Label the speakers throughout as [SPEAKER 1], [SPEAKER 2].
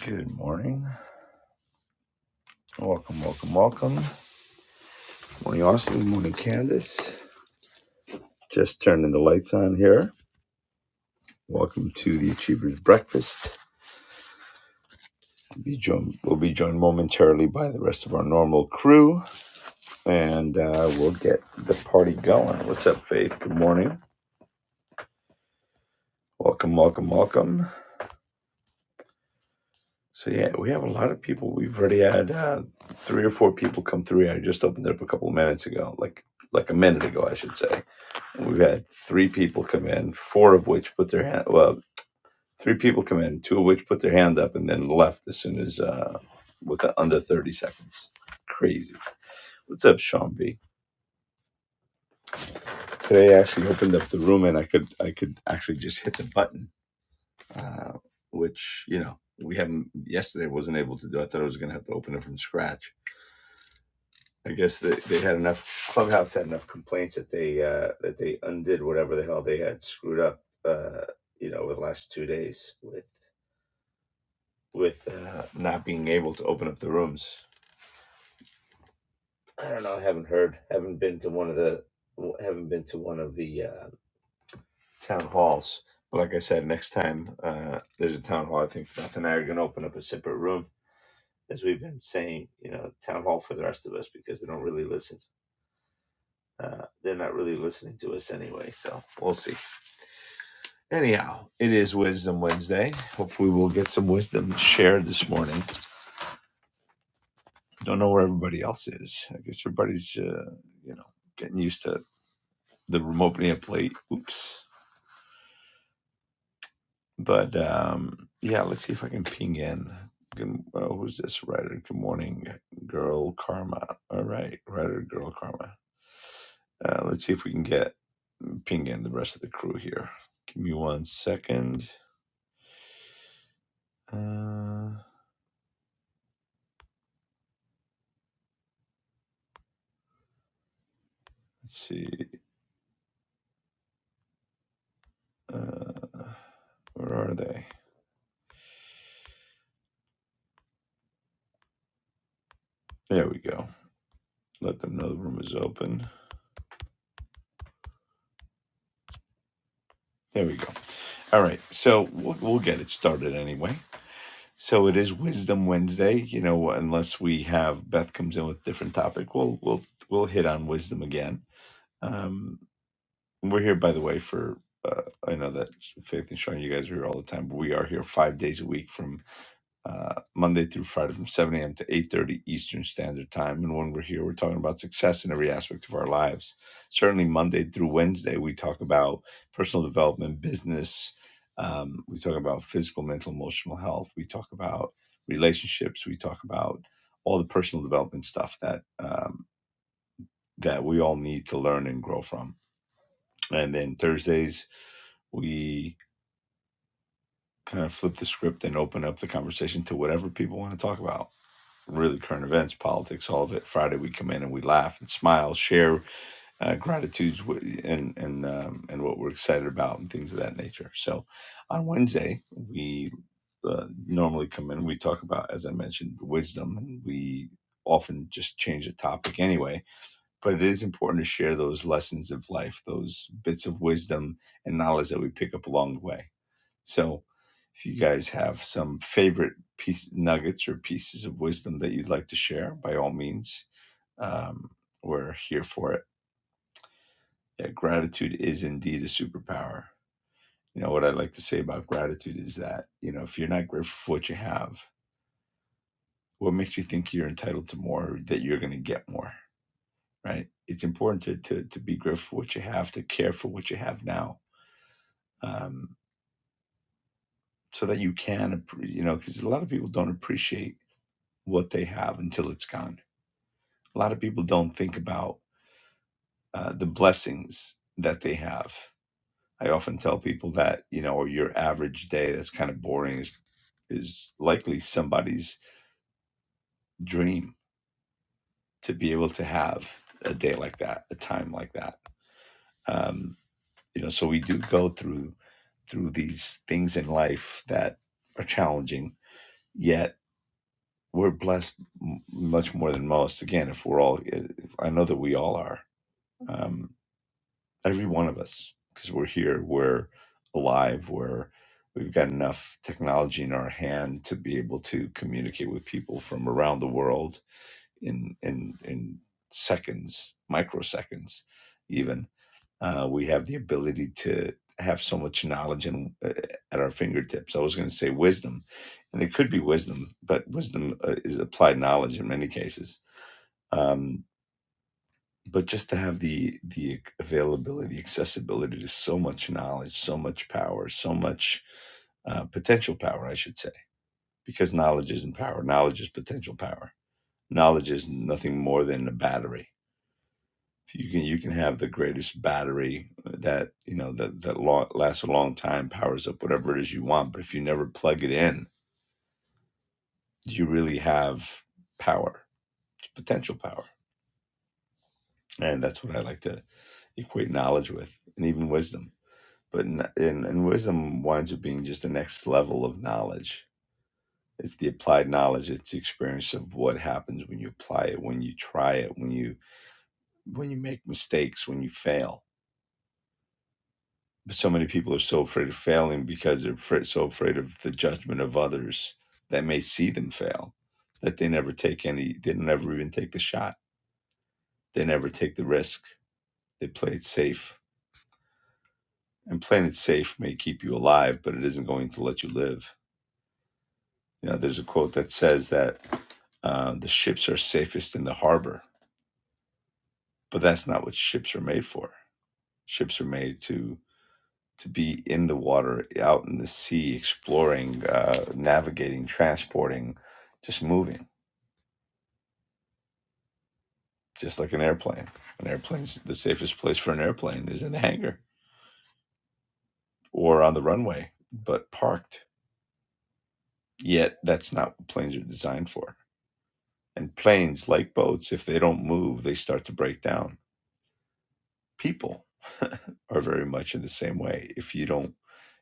[SPEAKER 1] Good morning. Welcome, welcome, welcome. Morning, Austin. Morning, Candace. Just turning the lights on here. Welcome to the Achievers Breakfast. We'll be joined, we'll be joined momentarily by the rest of our normal crew, and uh, we'll get the party going. What's up, Faith? Good morning. Welcome, welcome, welcome. So yeah, we have a lot of people. We've already had uh, three or four people come through. I just opened it up a couple of minutes ago, like like a minute ago, I should say. We've had three people come in, four of which put their hand. Well, three people come in, two of which put their hand up and then left as soon as uh, with the, under thirty seconds. Crazy. What's up, Sean B? Today I actually opened up the room and I could I could actually just hit the button, uh, which you know we haven't. Yesterday wasn't able to do. I thought I was going to have to open it from scratch. I guess they, they had enough. Clubhouse had enough complaints that they uh, that they undid whatever the hell they had screwed up. Uh, you know, over the last two days with with uh, not being able to open up the rooms. I don't know. I haven't heard. Haven't been to one of the. Haven't been to one of the uh, town halls. But like I said, next time uh, there's a town hall, I think Beth and I are going to open up a separate room, as we've been saying. You know, town hall for the rest of us because they don't really listen. Uh, they're not really listening to us anyway, so we'll see. Anyhow, it is Wisdom Wednesday. Hopefully, we'll get some wisdom shared this morning. Don't know where everybody else is. I guess everybody's, uh, you know, getting used to the remote being a plate. Oops. But um, yeah, let's see if I can ping in. Good, uh, who's this writer? Good morning, girl Karma. All right, writer girl Karma. Uh, let's see if we can get ping in the rest of the crew here. Give me one second. Uh, let's see. Uh, where are they? There we go. Let them know the room is open. There we go. All right, so we'll, we'll get it started anyway. So it is Wisdom Wednesday, you know. Unless we have Beth comes in with a different topic, we'll we'll we'll hit on wisdom again. Um, we're here, by the way, for uh, I know that Faith and Sean, you guys are here all the time, but we are here five days a week from uh, Monday through Friday from 7 a.m. to 8:30 Eastern Standard Time. And when we're here, we're talking about success in every aspect of our lives. Certainly, Monday through Wednesday, we talk about personal development, business. Um, we talk about physical, mental, emotional health. We talk about relationships. We talk about all the personal development stuff that um, that we all need to learn and grow from. And then Thursdays, we kind of flip the script and open up the conversation to whatever people want to talk about really current events, politics, all of it. Friday we come in and we laugh and smile, share uh, gratitudes wi- and and um, and what we're excited about and things of that nature. So on Wednesday we uh, normally come in. and We talk about, as I mentioned, wisdom, and we often just change the topic anyway. But it is important to share those lessons of life, those bits of wisdom and knowledge that we pick up along the way so, if you guys have some favorite piece nuggets or pieces of wisdom that you'd like to share, by all means, um, we're here for it. Yeah, gratitude is indeed a superpower. You know what I like to say about gratitude is that you know if you're not grateful for what you have, what makes you think you're entitled to more, or that you're going to get more, right? It's important to, to to be grateful for what you have, to care for what you have now, um, so that you can, appre- you know, because a lot of people don't appreciate what they have until it's gone a lot of people don't think about uh, the blessings that they have. I often tell people that you know, your average day that's kind of boring is is likely somebody's dream to be able to have a day like that, a time like that. Um, you know, so we do go through through these things in life that are challenging, yet we're blessed m- much more than most. Again, if we're all, eh, I know that we all are. Um, every one of us because we're here we're alive we're we've got enough technology in our hand to be able to communicate with people from around the world in in in seconds microseconds even uh, we have the ability to have so much knowledge and uh, at our fingertips i was going to say wisdom and it could be wisdom but wisdom uh, is applied knowledge in many cases um, but just to have the the availability, the accessibility to so much knowledge, so much power, so much uh, potential power, I should say, because knowledge isn't power. Knowledge is potential power. Knowledge is nothing more than a battery. You can you can have the greatest battery that you know that that lo- lasts a long time, powers up whatever it is you want. But if you never plug it in, do you really have power, it's potential power, and that's what I like to equate knowledge with, and even wisdom but in, in, and wisdom winds up being just the next level of knowledge it's the applied knowledge it's the experience of what happens when you apply it when you try it when you when you make mistakes when you fail but so many people are so afraid of failing because they're afraid, so afraid of the judgment of others that may see them fail that they never take any they never even take the shot they never take the risk they play it safe and playing it safe may keep you alive but it isn't going to let you live You know, there's a quote that says that uh, the ships are safest in the harbor, but that's not what ships are made for. Ships are made to to be in the water, out in the sea, exploring, uh, navigating, transporting, just moving, just like an airplane. An airplane's the safest place for an airplane is in the hangar or on the runway, but parked. Yet that's not what planes are designed for. And planes, like boats, if they don't move, they start to break down people are very much in the same way. If you don't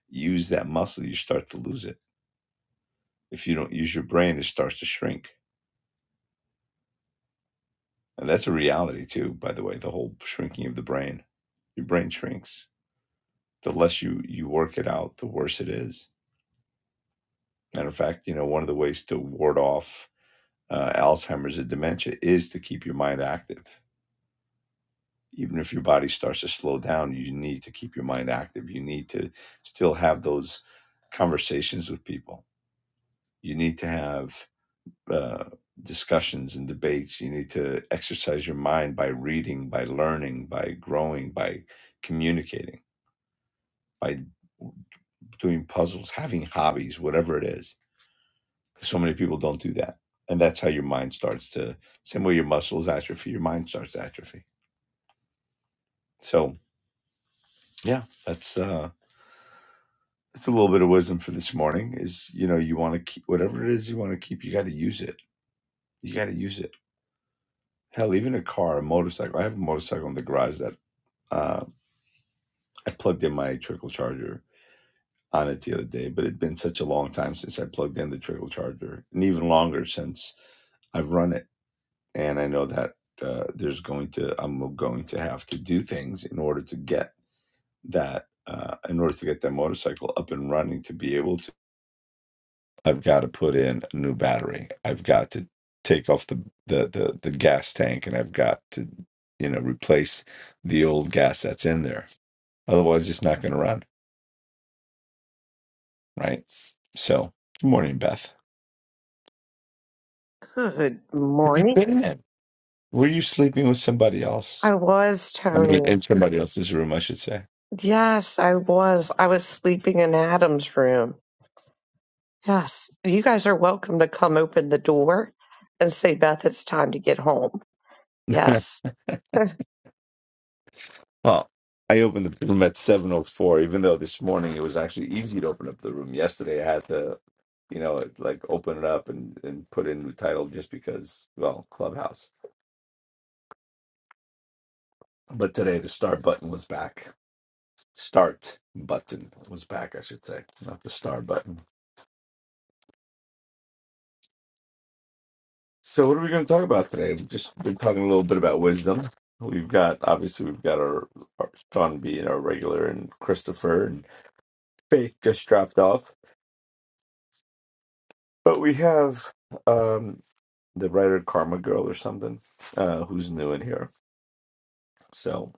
[SPEAKER 1] use that muscle, you start to lose it. If you don't use your brain, it starts to shrink. And that's a reality too, by the way, the whole shrinking of the brain. Your brain shrinks. The less you, you work it out, the worse it is. Matter of fact, you know, one of the ways to ward off uh, Alzheimer's and dementia is to keep your mind active. Even if your body starts to slow down, you need to keep your mind active. You need to still have those conversations with people. You need to have uh, discussions and debates. You need to exercise your mind by reading, by learning, by growing, by communicating, by doing puzzles, having hobbies, whatever it is. So many people don't do that. And that's how your mind starts to, same way your muscles atrophy, your mind starts to atrophy. So, yeah, that's, uh, that's a little bit of wisdom for this morning is, you know, you want to keep whatever it is you want to keep, you got to use it. You got to use it. Hell, even a car, a motorcycle. I have a motorcycle in the garage that uh I plugged in my trickle charger on it the other day, but it'd been such a long time since I plugged in the trickle charger, and even longer since I've run it. And I know that uh, there's going to I'm going to have to do things in order to get that uh, in order to get that motorcycle up and running to be able to. I've got to put in a new battery. I've got to take off the the the, the gas tank, and I've got to you know replace the old gas that's in there. Otherwise, it's not going to run right? So, good morning, Beth.
[SPEAKER 2] Good
[SPEAKER 1] Where you
[SPEAKER 2] morning.
[SPEAKER 1] been? at? Were you sleeping with somebody else?
[SPEAKER 2] I was,
[SPEAKER 1] I mean,
[SPEAKER 2] Tony.
[SPEAKER 1] in somebody else's room, I should say.
[SPEAKER 2] Yes, I was. I was sleeping in Adam's room. Yes, you guys are welcome to come open the door and say, Beth, it's time to get home. Yes.
[SPEAKER 1] well, I opened the room at seven oh four, even though this morning it was actually easy to open up the room. Yesterday, I had to, you know, like open it up and and put in the title just because, well, Clubhouse. But today, the star button was back. Start button was back, I should say, not the star button. So, what are we going to talk about today? We've just been talking a little bit about wisdom. We've got obviously we've got our, our Sean B and our regular and Christopher and Faith just dropped off, but we have um the writer Karma Girl or something uh, who's new in here. So,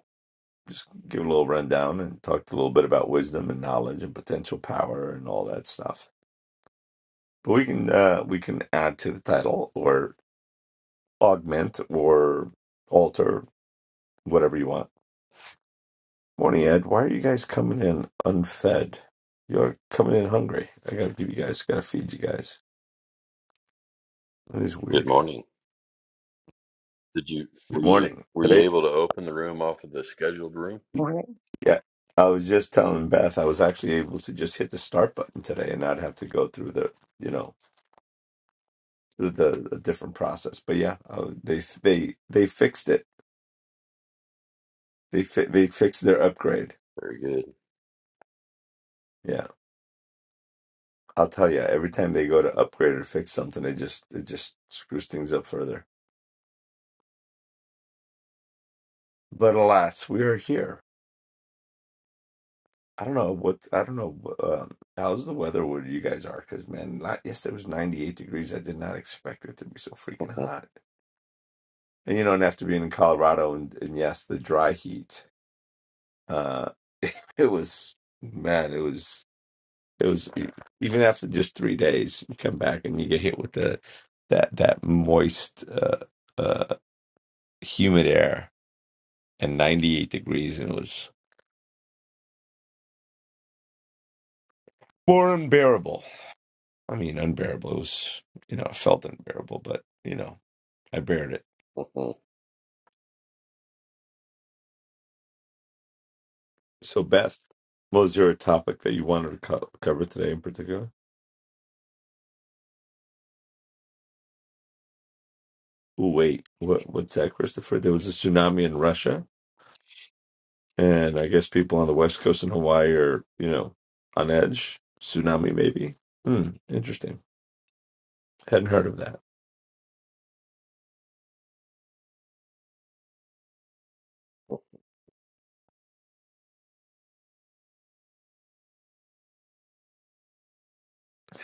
[SPEAKER 1] just give a little rundown and talk a little bit about wisdom and knowledge and potential power and all that stuff. But we can uh, we can add to the title or augment or alter whatever you want Morning, Ed. Why are you guys coming in unfed? You're coming in hungry. I gotta give you guys, gotta feed you guys. That is
[SPEAKER 3] Good
[SPEAKER 1] weird.
[SPEAKER 3] morning. Did you
[SPEAKER 1] Good
[SPEAKER 3] were you
[SPEAKER 1] morning.
[SPEAKER 3] were you
[SPEAKER 1] Today,
[SPEAKER 3] able to open the room off of the scheduled room?
[SPEAKER 2] Morning.
[SPEAKER 1] yeah, I was just telling Beth I was actually able to just hit the start button today and not have to go through the, you know, through the, the different process. But yeah, uh, they they they fixed it. They fi- they fixed their upgrade.
[SPEAKER 3] Very good.
[SPEAKER 1] Yeah, I'll tell you. Every time they go to upgrade or fix something, it just it just screws things up further. But alas, we are here. I don't know what I don't know um, how's the weather where you guys are because man, la- yesterday was 98 degrees. I did not expect it to be so freaking hot. And you know, and after being in Colorado and, and yes, the dry heat, uh, it was man, it was it was e, even after just three days, you come back and you get hit with the that that moist, uh, uh, humid air and 98 degrees, and it was more unbearable. I mean, unbearable. It was you know, it felt unbearable, but you know. I buried it. So, Beth, what was your topic that you wanted to co- cover today in particular? Oh, wait, what, what's that, Christopher? There was a tsunami in Russia, and I guess people on the West Coast in Hawaii are, you know, on edge. Tsunami, maybe. Hmm, interesting. Hadn't heard of that.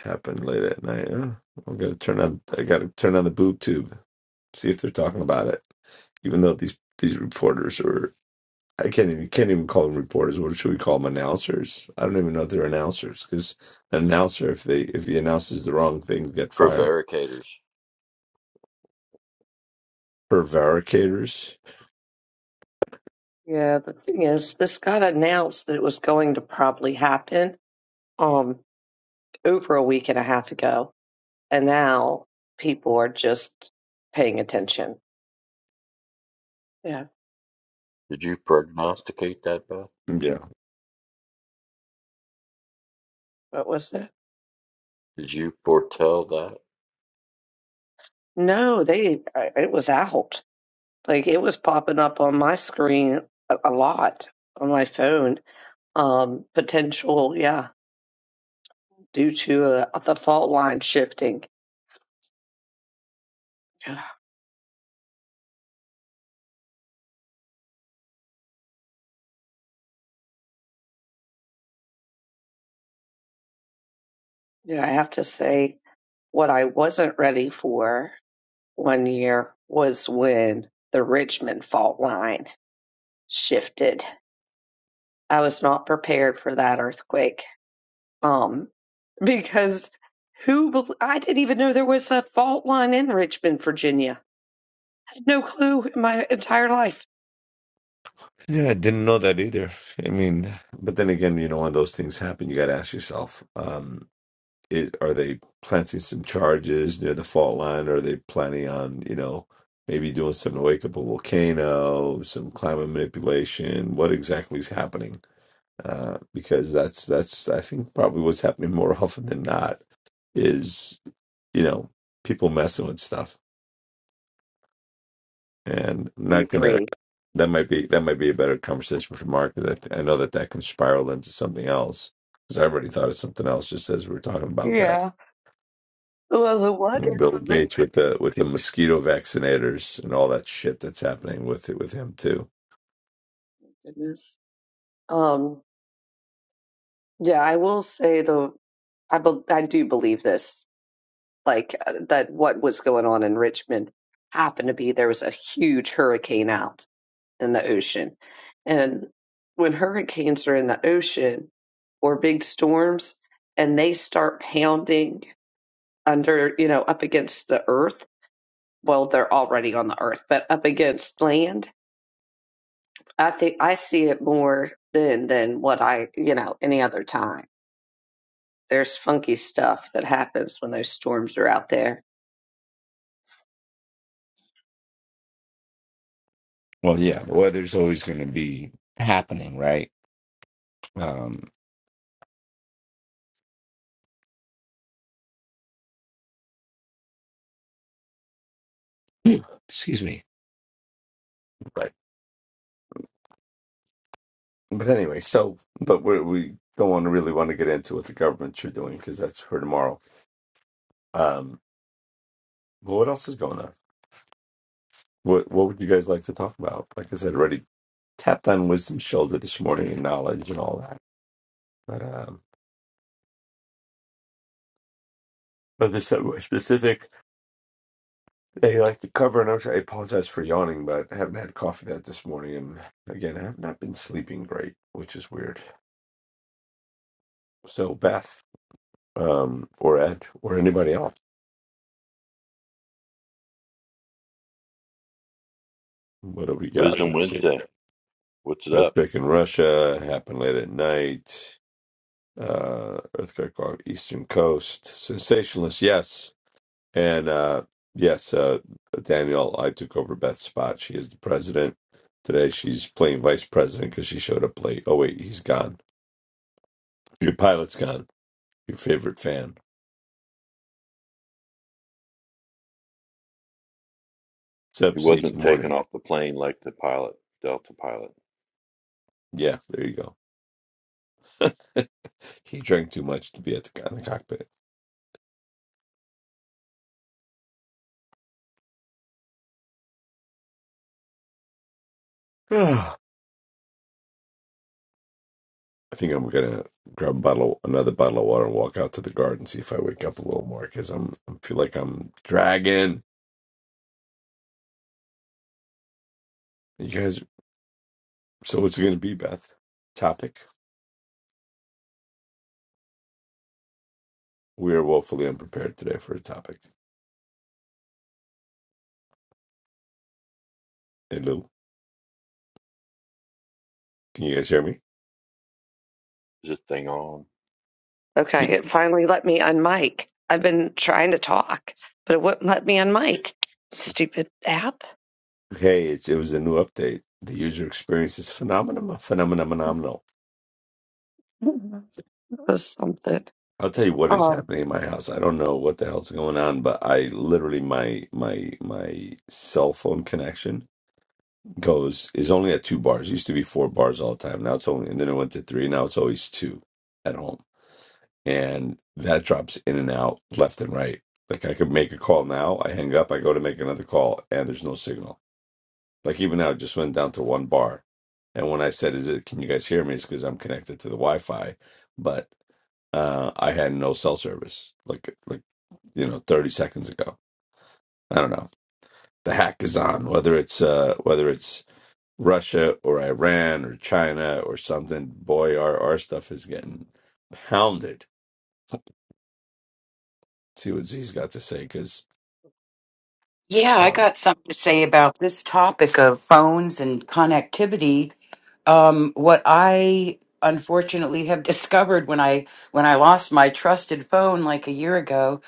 [SPEAKER 1] Happened late at night. Huh? I'm gonna turn on. I gotta turn on the boob tube. See if they're talking about it. Even though these these reporters are I can't even can't even call them reporters. What should we call them? Announcers? I don't even know if they're announcers because an announcer, if they if he announces the wrong thing, get fired.
[SPEAKER 3] Prevaricators.
[SPEAKER 1] Prevaricators.
[SPEAKER 2] Yeah, the thing is, this got announced that it was going to probably happen um over a week and a half ago. And now people are just paying attention. Yeah.
[SPEAKER 3] Did you prognosticate that, Beth?
[SPEAKER 1] Yeah.
[SPEAKER 2] What was it?
[SPEAKER 3] Did you foretell that?
[SPEAKER 2] No, they, I- it was out. Like it was popping up on my screen a, a lot on my phone. Um, potential, yeah, due to uh, the fault line shifting. Yeah, Yeah, I have to say, what I wasn't ready for one year was when the Richmond fault line shifted. I was not prepared for that earthquake. Um, because who bel I didn't even know there was a fault line in Richmond, Virginia. I had no clue in my entire life.
[SPEAKER 1] Yeah, I didn't know that either. I mean, but then again, you know, when those things happen, you got to ask yourself: um, is, Are they planting some charges near the fault line? Or are they planning on you know maybe doing some to wake up a volcano, some climate manipulation? What exactly is happening? uh, because that's that's I think probably what's happening more often than not is you know people messing with stuff, and I'm
[SPEAKER 2] I
[SPEAKER 1] not gonna
[SPEAKER 2] agree.
[SPEAKER 1] that might be that might be a better conversation for Mark. 'cause I, th- I know that that can spiral into something else because I already thought of something else just as we were talking about that
[SPEAKER 2] Yeah. Well, the one
[SPEAKER 1] And
[SPEAKER 2] in
[SPEAKER 1] Bill
[SPEAKER 2] Brit-
[SPEAKER 1] Gates with the with the mosquito vaccinators and all that shit that's happening with it with him too.
[SPEAKER 2] goodness. Um, yeah, I will say though, I bel I do believe this, like uh, that what was going on in Richmond happened to be there was a huge hurricane out in the ocean, and when hurricanes are in the ocean or big storms, and they start pounding under, you know, up against the earth. Well, they're already on the earth, but up against land I think I see it more than than what I, you know, any other time. There's funky stuff that happens when those storms are out there.
[SPEAKER 1] Well, yeah, the weather's always going to be happening, right? Um, excuse me. right. But anyway, so but we we don't want to really want to get into what the governments are doing because that's for tomorrow. Um, but what else is going on? What what would you guys like to talk about? Like I said, already tapped on wisdom shoulder this morning and knowledge and all that. But um, but there's something more specific they like to cover. And I'm sorry, I apologize for yawning, but I haven't had coffee that this morning, and again, I have not been sleeping great, which is weird. So Beth, um, or Ed, or anybody else, what do we got?
[SPEAKER 3] Wisdom
[SPEAKER 1] Let's see.
[SPEAKER 3] Wednesday. What's up?
[SPEAKER 1] Earthquake in Russia happened late at night. Uh, earthquake off Eastern Coast. Sensationalist, yes. And uh, yes, uh, Daniel, I took over Beth's spot. She is the president. Today she's playing vice president because she showed up late. Oh, wait, he's gone. Your pilot's gone. Your favorite fan.
[SPEAKER 3] He
[SPEAKER 1] Sub C,
[SPEAKER 3] wasn't taken
[SPEAKER 1] morning.
[SPEAKER 3] off the plane like the pilot, Delta pilot.
[SPEAKER 1] Yeah, there you go. He drank too much to be at the, in the cockpit. I think I'm gonna grab a bottle, another bottle of water, and walk out to the garden see if I wake up a little more because I'm I feel like I'm dragging. You guys, so what's it gonna be, Beth? Topic? We are woefully unprepared today for a topic. Hey Lou, can you guys hear me?
[SPEAKER 3] Is this thing on?
[SPEAKER 2] Okay,
[SPEAKER 1] Can-
[SPEAKER 2] it finally let me unmic. I've been trying to talk, but it wouldn't let me unmic. Stupid app.
[SPEAKER 1] Hey, it's, it was a new update. The user experience is phenomenal, phenomenal, phenomenal.
[SPEAKER 2] Mhm. It was something.
[SPEAKER 1] I'll tell you what is
[SPEAKER 2] Um,
[SPEAKER 1] happening in my house. I don't know what the hell's going on, but I literally my my my cell phone connection goes is only at two bars. It used to be four bars all the time. Now it's only, and then it went to three. Now it's always two at home. And that drops in and out left and right. Like I could make a call now, I hang up, I go to make another call, and there's no signal. Like even now, it just went down to one bar. And when I said, "Is it? Can you guys hear me?" It's because I'm connected to the Wi-Fi, but uh, I had no cell service. Like like you know, 30 seconds ago. I don't know. The hack is on. Whether it's uh, whether it's Russia or Iran or China or something, boy, our our stuff is getting pounded. See what Z's got to say, because
[SPEAKER 4] Yeah, I
[SPEAKER 1] um,
[SPEAKER 4] got something to say about this topic of phones and connectivity. Um, what I unfortunately have discovered when I when I lost my trusted phone like a year ago,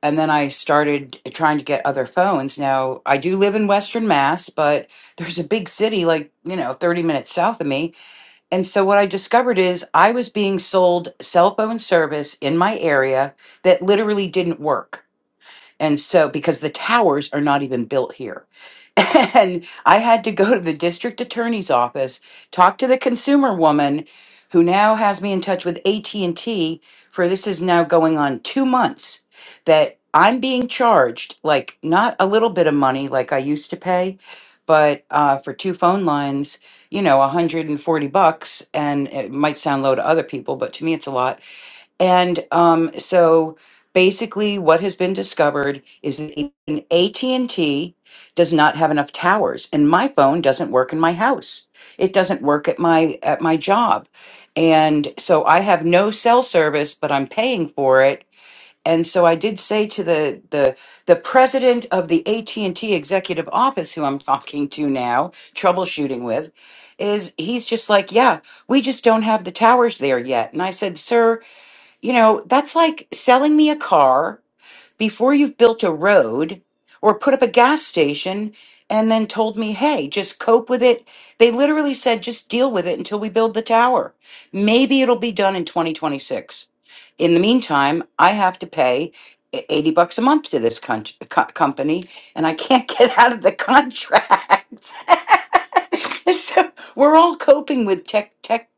[SPEAKER 4] and then I started trying to get other phones. Now I do live in Western Mass, but there's a big city like you know 30 minutes south of me, and so what I discovered is I was being sold cell phone service in my area that literally didn't work. And so, because the towers are not even built here. And I had to go to the district attorney's office, talk to the consumer woman who now has me in touch with AT&T for this is now going on 2 months that I'm being charged like not a little bit of money like I used to pay, but uh, for two phone lines, you know, 140 bucks and it might sound low to other people, but to me it's a lot and um, so basically what has been discovered is that even AT&T does not have enough towers and my phone doesn't work in my house. It doesn't work at my at my job. And so I have no cell service but I'm paying for it. And so I did say to the the the president of the AT&T executive office who I'm talking to now, troubleshooting with, is he's just like, "Yeah, we just don't have the towers there yet." And I said, "Sir, you know, that's like selling me a car before you've built a road or put up a gas station and then told me, hey, just cope with it. They literally said, just deal with it until we build the tower. Maybe it'll be done in 2026. In the meantime, I have to pay e- 80 bucks a month to this con- co- company and I can't get out of the contract. so we're all coping with tech, tech,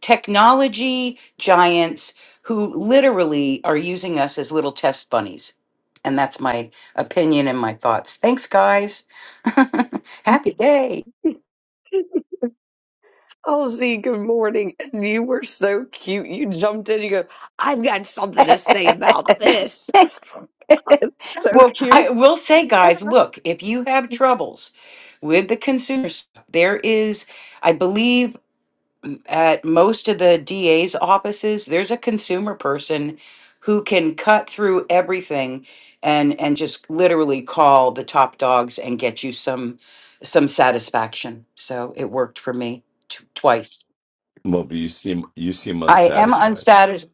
[SPEAKER 4] technology giants who literally are using us as little test bunnies. And that's my opinion and my thoughts. Thanks, guys. Happy day.
[SPEAKER 2] oh, Z, good morning. And you were so cute. You jumped in. You go, I've got something to say about this. It's so
[SPEAKER 4] Well, I
[SPEAKER 2] cute.
[SPEAKER 4] will say, guys, look, if you have troubles with the consumers, there is, I believe, at most of the DA's offices, there's a consumer person who can cut through everything and and just literally call the top dogs and get you some some satisfaction. So it worked for me t- twice.
[SPEAKER 1] Moby, you seem you seem
[SPEAKER 4] I am
[SPEAKER 1] unsatisfied
[SPEAKER 4] unsatisfied.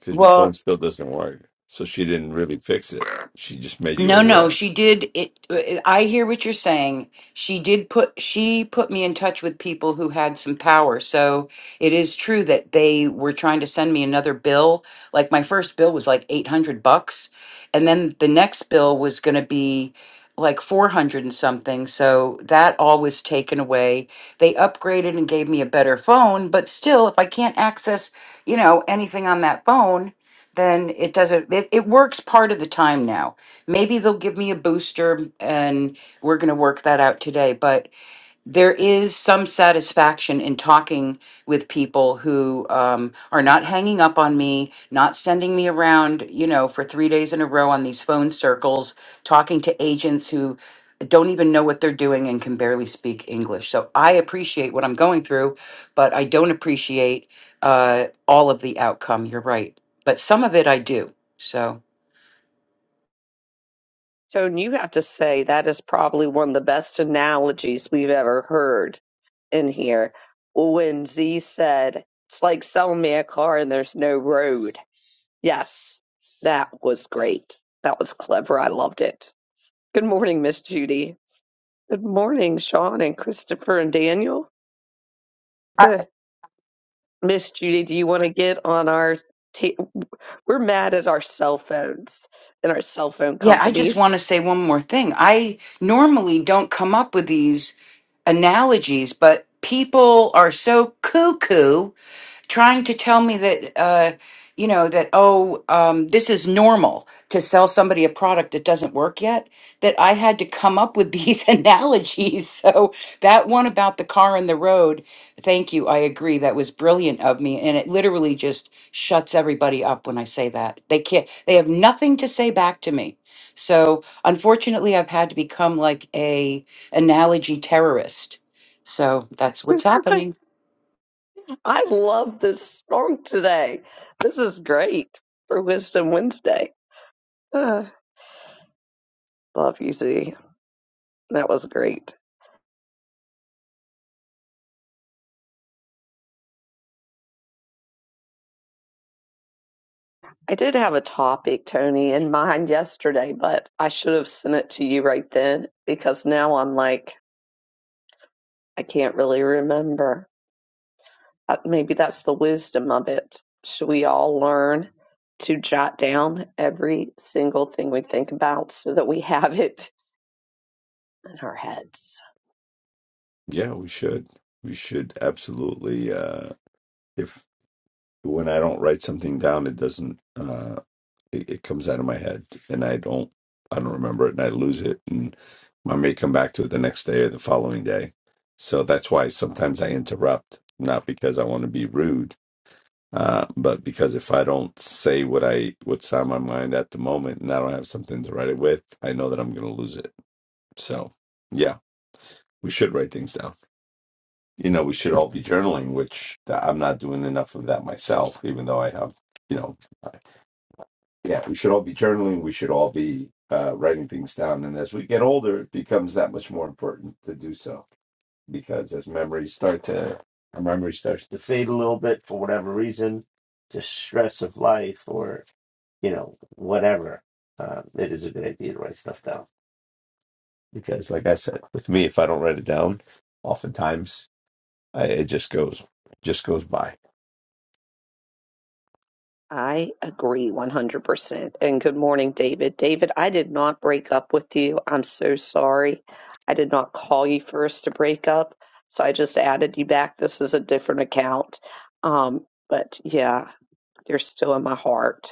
[SPEAKER 1] because your
[SPEAKER 4] Well,
[SPEAKER 1] phone still doesn't work. So she didn't really fix it. She just made you
[SPEAKER 4] No, no,
[SPEAKER 1] aware.
[SPEAKER 4] she did it. I hear what you're saying. She did put she put me in touch with people who had some power. So it is true that they were trying to send me another bill. Like my first bill was like 800 bucks, and then the next bill was going to be like 400 and something. So that all was taken away. They upgraded and gave me a better phone, but still if I can't access, you know, anything on that phone, then it doesn't it, it works part of the time now Maybe they'll give me a booster and we're going to work that out today. But there is some satisfaction in talking with people who um, are not hanging up on me, not sending me around, you know, for three days in a row on these phone circles, talking to agents who don't even know what they're doing and can barely speak English. So I appreciate what I'm going through, but I don't appreciate uh, all of the outcome. You're right. But some of it I do. So.
[SPEAKER 2] Tone, you have to say that is probably one of the best analogies we've ever heard in here. When Z said, it's like selling me a car and there's no road. Yes, that was great. That was clever. I loved it. Good morning, Miss Judy. Good morning, Sean and Christopher and Daniel. Eh, Miss Judy, do you want to get on our. Ta- we're mad at our cell phones and our cell phone
[SPEAKER 4] Yeah, I just want
[SPEAKER 2] companies.
[SPEAKER 4] to say one more thing. I normally don't come up with these analogies, but people are so cuckoo trying to tell me that uh you know that oh um this is normal to sell somebody a product that doesn't work yet that i had to come up with these analogies so that one about the car and the road thank you i agree that was brilliant of me and it literally just shuts everybody up when i say that they can't they have nothing to say back to me so unfortunately i've had to become like a analogy terrorist so that's what's happening
[SPEAKER 2] I love this song today. This is great for Wisdom Wednesday. Ah, love you, Z. That was great. I did have a topic, Tony, in mind yesterday, but I should have sent it to you right then because now I'm like, I can't really remember. Uh, Maybe that's the wisdom of it. Should we all learn to jot down every single thing we think about so that we have it in our heads?
[SPEAKER 1] Yeah, we should. We should absolutely. Uh, if when I don't write something down, it doesn't. Uh, it, it comes out of my head and I don't I don't remember it and I lose it and I may come back to it the next day or the following day. So that's why sometimes I interrupt, not because I want to be rude, uh, but because if I don't say what I what's on my mind at the moment and I don't have something to write it with, I know that I'm going to lose it. So yeah, we should write things down. You know, we should all be journaling, which th- I'm not doing enough of that myself, even though I have, you know. yeah, we should all be journaling. We should all be uh, writing things down. And as we get older, it becomes that much more important to do so because as memories start to, our memory starts to fade a little bit for whatever reason, just for, you know, whatever. Uh, good idea to write stuff down because, like I said, with me, if I don't write it down, oftentimes I, it just goes, just goes by.
[SPEAKER 2] I agree 100%. And good morning, David. David, I did not break up with you. I'm so sorry. I did not call you for us to break up. So I just added you back. This is a different account. Um, but yeah, you're still in my heart.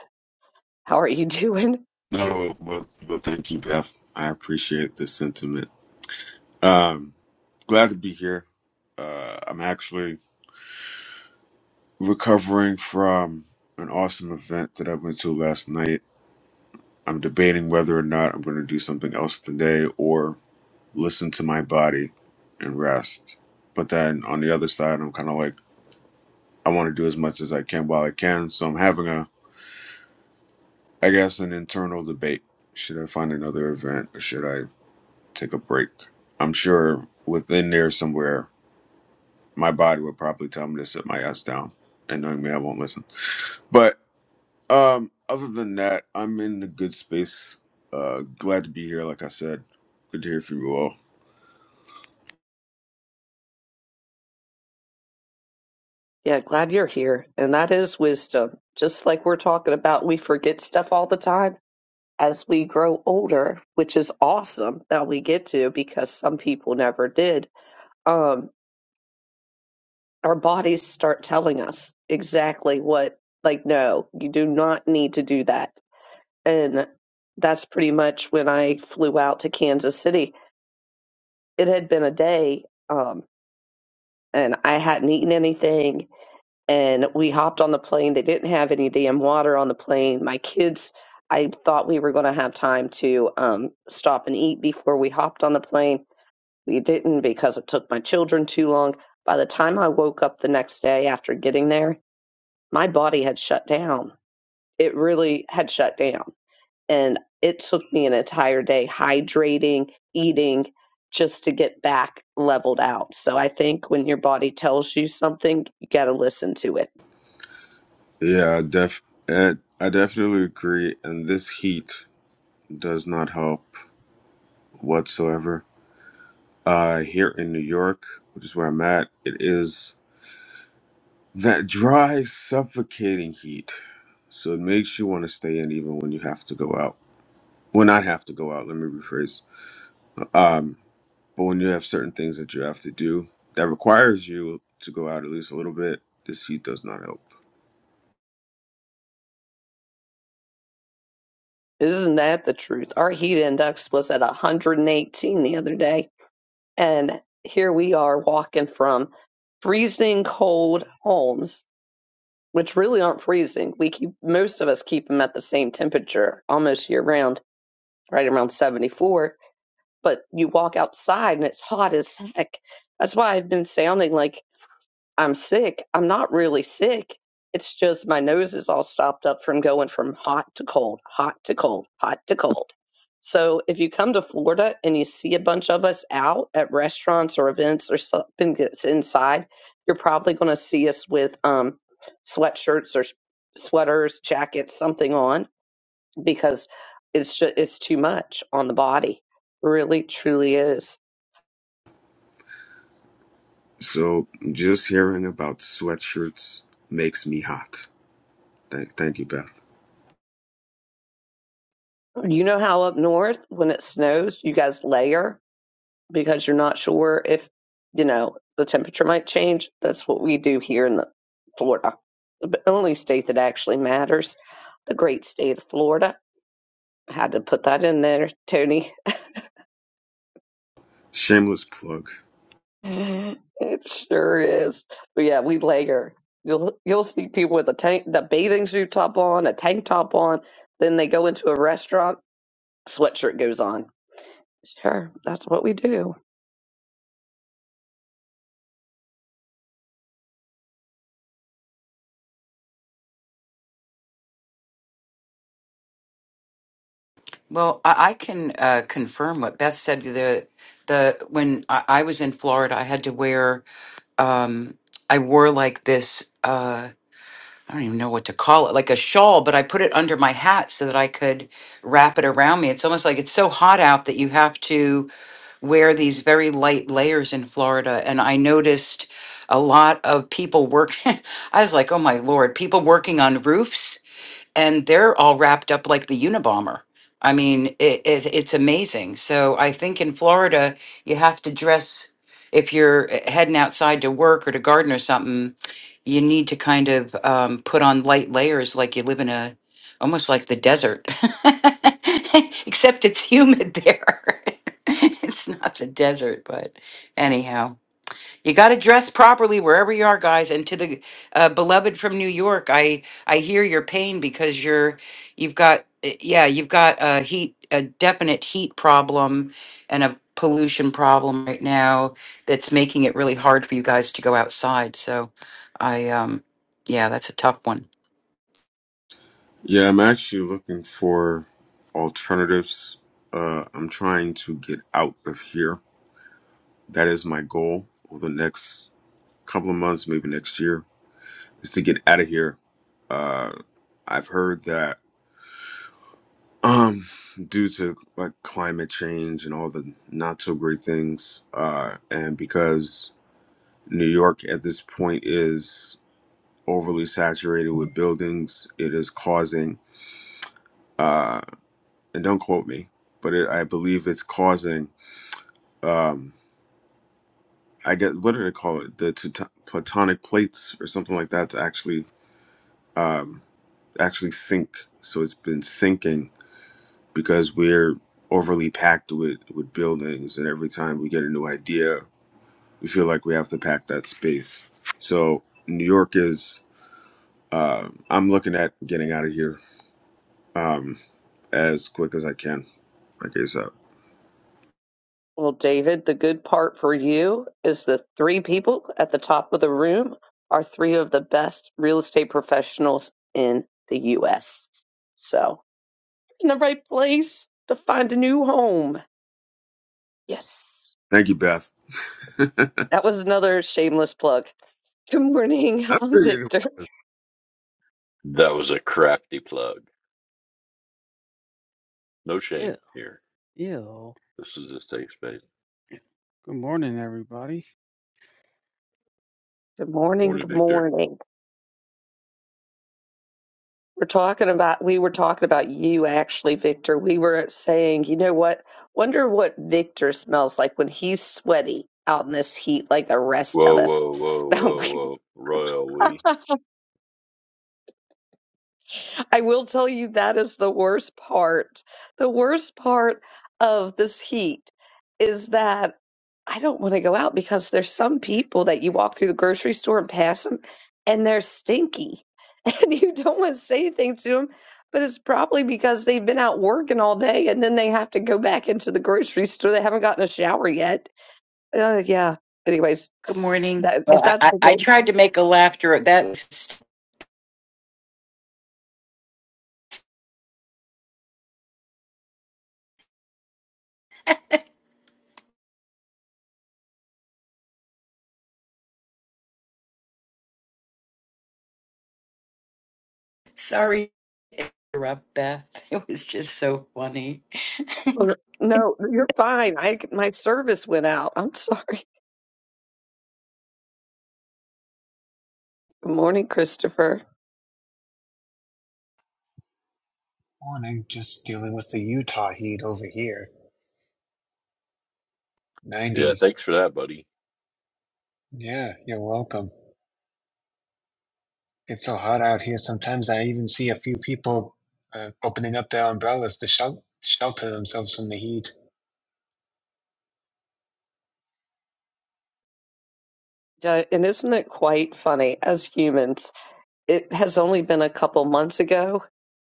[SPEAKER 2] How are you doing?
[SPEAKER 5] No, well, well, thank you, Beth. I appreciate the sentiment. Um, glad to be here. Uh, I'm actually recovering from an awesome event that I went to last night. I'm debating whether or not I'm going to do something else today or listen to my body and rest. But then on the other side, I'm kind of like, I want to do as much as I can while I can. So I'm having a, I guess, an internal debate. Should I find another event or should I? take a break. I'm sure within there somewhere, my body would probably tell me to sit my ass down, and knowing me, I won't listen. But um, other than that, I'm in a good space. Uh, glad to be here. Like I said, good to hear from you all.
[SPEAKER 2] Yeah, glad you're here. And that is wisdom. Just like we're talking about, we forget stuff all the time as we grow older, which is awesome that we get to because some people never did. Um, our bodies start telling us exactly what like no you do not need to do that and that's pretty much when i flew out to kansas city it had been a day um, and i hadn't eaten anything and we hopped on the plane they didn't have any damn water on the plane my kids i thought we were going to have time to um, stop and eat before we hopped on the plane we didn't because it took my children too long by the time i woke up the next day after getting there my body had shut down. It really had shut down. And it took me an entire day hydrating, eating, just to get back leveled out. So I think when your body tells you something, you got to listen to it.
[SPEAKER 5] Yeah, I def Ed, I definitely agree. And this heat does not help whatsoever. Uh, here in New York, which is where I'm at, it is. That dry, suffocating heat. So it makes you want to stay in even when you have to go out. Well, not have to go out, let me rephrase. Um, but when you have certain things that you have to do that requires you to go out at least a little bit, this heat does not help.
[SPEAKER 2] Isn't that the truth? Our heat index was at 118 the other day. And here we are walking from freezing cold homes, which really aren't freezing. We keep most of us keep them at the same temperature almost year round, right around 74. But you walk outside and it's hot as heck. That's why I've been sounding like I'm sick. I'm not really sick. It's just my nose is all stopped up from going from hot to cold, hot to cold, hot to cold. So if you come to Florida and you see a bunch of us out at restaurants or events or something that's inside, you're probably going to see us with um, sweatshirts or sweaters, jackets, something on because it's just, it's too much on the body. Really, truly is.
[SPEAKER 5] So just hearing about sweatshirts makes me hot. Thank, thank you, Beth.
[SPEAKER 2] You know how up north when it snows, you guys layer because you're not sure if, you know, the temperature might change. That's what we do here in the Florida, the only state that actually matters, the great state of Florida. I had to put that in there, Tony.
[SPEAKER 5] Shameless plug.
[SPEAKER 2] It sure is. But yeah, we layer. You'll you'll see people with a tank, the bathing suit top on, a tank top on. Then they go into a restaurant, sweatshirt goes on. Sure, that's what we do.
[SPEAKER 4] Well, I, I can uh, confirm what Beth said. The the when I, I was in Florida, I had to wear um, I wore like this. Uh, I don't even know what to call it, like a shawl, but I put it under my hat so that I could wrap it around me. It's almost like it's so hot out that you have to wear these very light layers in Florida. And I noticed a lot of people work. I was like, oh my Lord, people working on roofs and they're all wrapped up like the Unabomber. I mean, it, it, it's amazing. So I think in Florida, you have to dress if you're eh, heading outside to work or to garden or something. You need to kind of um, put on light layers, like you live in a almost like the desert, except it's humid there. it's not the desert, but anyhow. You got to dress properly wherever you are, guys. And to the uh, beloved from New York, I I hear your pain because you're you've got uh, yeah you've got a heat a definite heat problem and a pollution problem right now that's making it really hard for you guys to go outside. So I um yeah that's a tough one.
[SPEAKER 5] Yeah, I'm actually looking for alternatives. Uh, I'm trying to get out of here. That is my goal over the next couple of months, maybe next year, is to get out of here. Uh, I've heard that um, due to like climate change and all the not so great things, uh, and because New York at this point is overly saturated with buildings, it is causing, uh, and don't quote me, but it, I believe it's causing um, I get what do they call it? The t- platonic plates or something like that to actually. Um, actually sink. So it's been sinking because we're overly packed with, with buildings. And every time we get a new idea, we feel like we have to pack that space. So New York is, uh, I'm looking at getting out of here um, as quick as I can, like ASAP.
[SPEAKER 2] Well, David, the good part for you is the three people at the top of the room are three of the best real estate professionals in the US. So, in the right place to find a new home. Yes.
[SPEAKER 5] Thank you, Beth. I
[SPEAKER 2] That was another shameless plug. Good morning. I'm
[SPEAKER 5] figured it
[SPEAKER 2] Victor.
[SPEAKER 5] was.
[SPEAKER 3] That was a crafty plug. No
[SPEAKER 6] Yeah,
[SPEAKER 3] shame here.
[SPEAKER 6] yeah. well,
[SPEAKER 3] This is a safe space.
[SPEAKER 6] Good morning, everybody.
[SPEAKER 2] Good morning.
[SPEAKER 3] Morning,
[SPEAKER 2] Good
[SPEAKER 3] Victor.
[SPEAKER 2] morning. We're talking about, we were talking about you actually, Victor. We were saying, you know what? Wonder what Victor smells like when he's sweaty out in this heat like the rest of
[SPEAKER 3] Whoa,
[SPEAKER 2] us.
[SPEAKER 3] whoa, whoa,
[SPEAKER 2] Now
[SPEAKER 3] whoa, whoa. Royal we.
[SPEAKER 2] I will tell you that is the worst part. The worst part of this heat is that I don't want to go out because there's some people that you walk through the grocery store and pass them and they're stinky and you don't want to say anything to them, but it's probably because they've been out working all day and then they have to go back into the grocery store. They haven't gotten a shower yet. Uh, yeah. Anyways,
[SPEAKER 4] Good morning.
[SPEAKER 2] that
[SPEAKER 4] Well,
[SPEAKER 2] if
[SPEAKER 4] I, I
[SPEAKER 2] that's
[SPEAKER 4] I tried to make a laughter that. was Sorry to interrupt, Beth. It was just so funny. Nothing
[SPEAKER 2] no, you're fine. I my service went out. I'm sorry. Good morning, Christopher.
[SPEAKER 7] Morning, just dealing with the Utah heat over here.
[SPEAKER 3] Yeah,
[SPEAKER 7] 90s.
[SPEAKER 3] thanks for that, buddy.
[SPEAKER 7] Yeah, you're welcome. It's so hot out here. Sometimes I even see a few people uh, opening up their umbrellas to shel- shelter themselves from the heat.
[SPEAKER 2] Yeah, and isn't it quite funny as humans? It has only been a couple months ago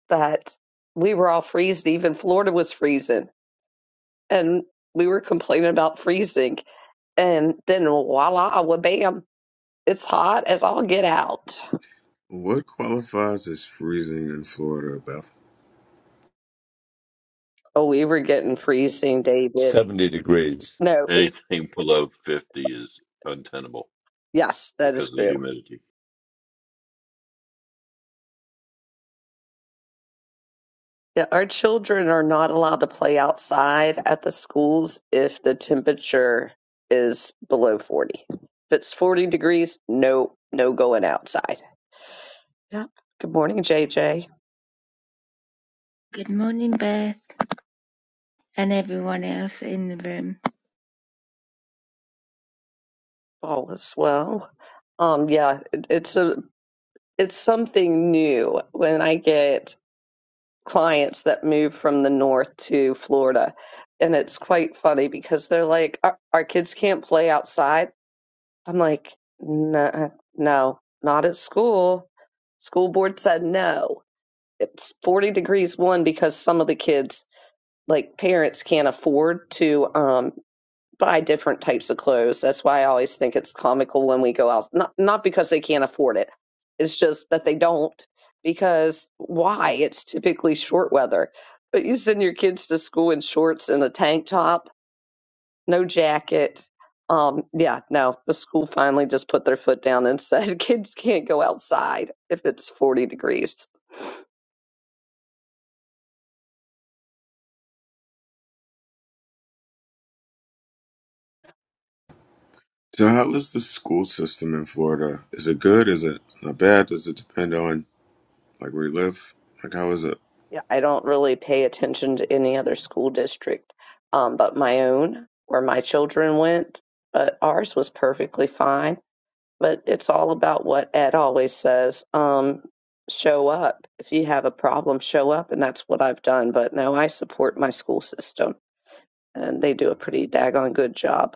[SPEAKER 2] that we were all freezing, even Florida was freezing, and we were complaining about freezing. And then voila, wa bam, it's hot as all get out.
[SPEAKER 5] What qualifies as freezing in Florida, Beth?
[SPEAKER 2] Oh, we were getting freezing, David.
[SPEAKER 1] Seventy degrees
[SPEAKER 2] No, it,
[SPEAKER 3] Anything below 50 is untenable
[SPEAKER 2] yes, that
[SPEAKER 3] because
[SPEAKER 2] is
[SPEAKER 3] of the
[SPEAKER 2] true.
[SPEAKER 3] humidity.
[SPEAKER 2] Yeah, our children are not allowed to play outside at the schools if the temperature is below 40. If it's 40 degrees, no, no going outside. Yep. Good morning, JJ.
[SPEAKER 8] Good morning, Beth, and everyone else in the room.
[SPEAKER 2] All is well. Um, yeah, it, it's a, it's something new when I get clients that move from the north to Florida. And it's quite funny because they're like, our, our kids can't play outside I'm like, nah, no, not at school. School board said no. It's 40 degrees one because some of the kids, like parents, can't afford to um, buy different types of clothes. That's why I always think it's comical when we go out. Not not because they can't afford it. It's just that they don't. Because why? It's typically short weather. But you send your kids to school in shorts and a tank top no jacket. Um, yeah, no, the school finally just put their foot down and said kids can't go outside if it's 40 degrees.
[SPEAKER 5] So, how is the school system in Florida? Is it good? Is it not bad? Does it depend on Like where you live? Like how is it?
[SPEAKER 2] Yeah, I don't really pay attention to any other school district, um, but my own, where my children went, but ours was perfectly fine. But it's all about what Ed always says. Um, show up. If you have a problem, show up. And that's what I've done. But no, I support my school system and they do a pretty daggone good job.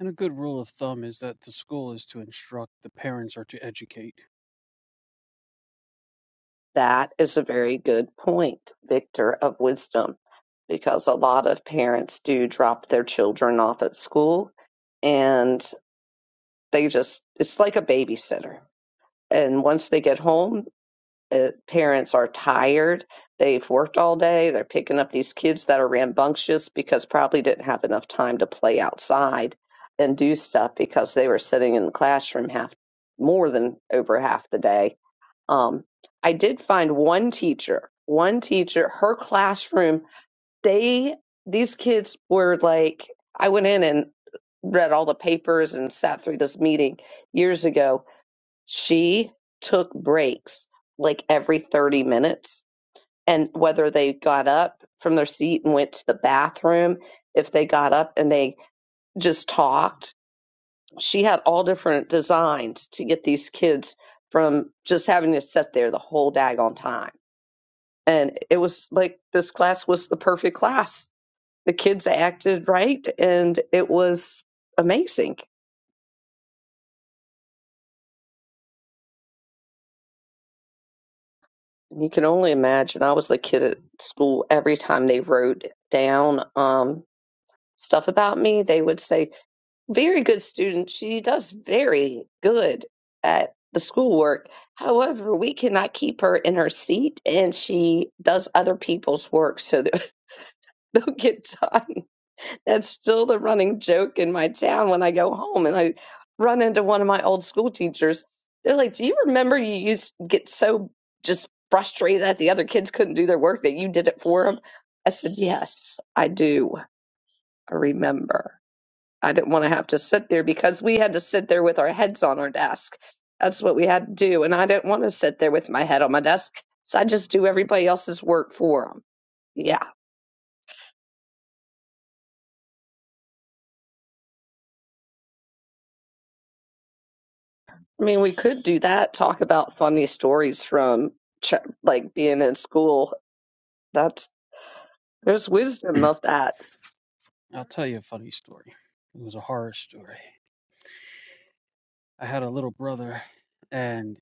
[SPEAKER 6] And a good rule of thumb is that the school is to instruct, the parents are to educate.
[SPEAKER 2] That is a very good point, Victor of Wisdom, because a lot of parents do drop their children off at school and they just, it's like a babysitter. And once they get home, uh, parents are tired. They've worked all day. They're picking up these kids that are rambunctious because probably didn't have enough time to play outside and do stuff because they were sitting in the classroom half more than over half the day um, I did find one teacher, one teacher, her classroom, they, these kids were like, I went in and read all the papers and sat through this meeting years ago. She took breaks like every 30 minutes. And whether they got up from their seat and went to the bathroom, if they got up and they just talked, she had all different designs to get these kids from just having to sit there the whole daggone time and it was like this class was the perfect class. The kids acted right, and it was amazing. You can only imagine. I was the kid at school. Every time they wrote down um, stuff about me, they would say, "Very good student. She does very good at the schoolwork. However, we cannot keep her in her seat, and she does other people's work, so that they'll get done." That's still the running joke in my town when I go home and I run into one of my old school teachers. They're like, Do you remember you used to get so just frustrated that the other kids couldn't do their work that you did it for them? I said, Yes, I do. I remember. I didn't want to have to sit there because we had to sit there with our heads on our desk. That's what we had to do. And I didn't want to sit there with my head on my desk. So I just do everybody else's work for them. Yeah. I mean, we could do that. Talk about funny stories from ch like being in school. That's there's wisdom of that.
[SPEAKER 6] I'll tell you a funny story. It was a horror story. I had a little brother, and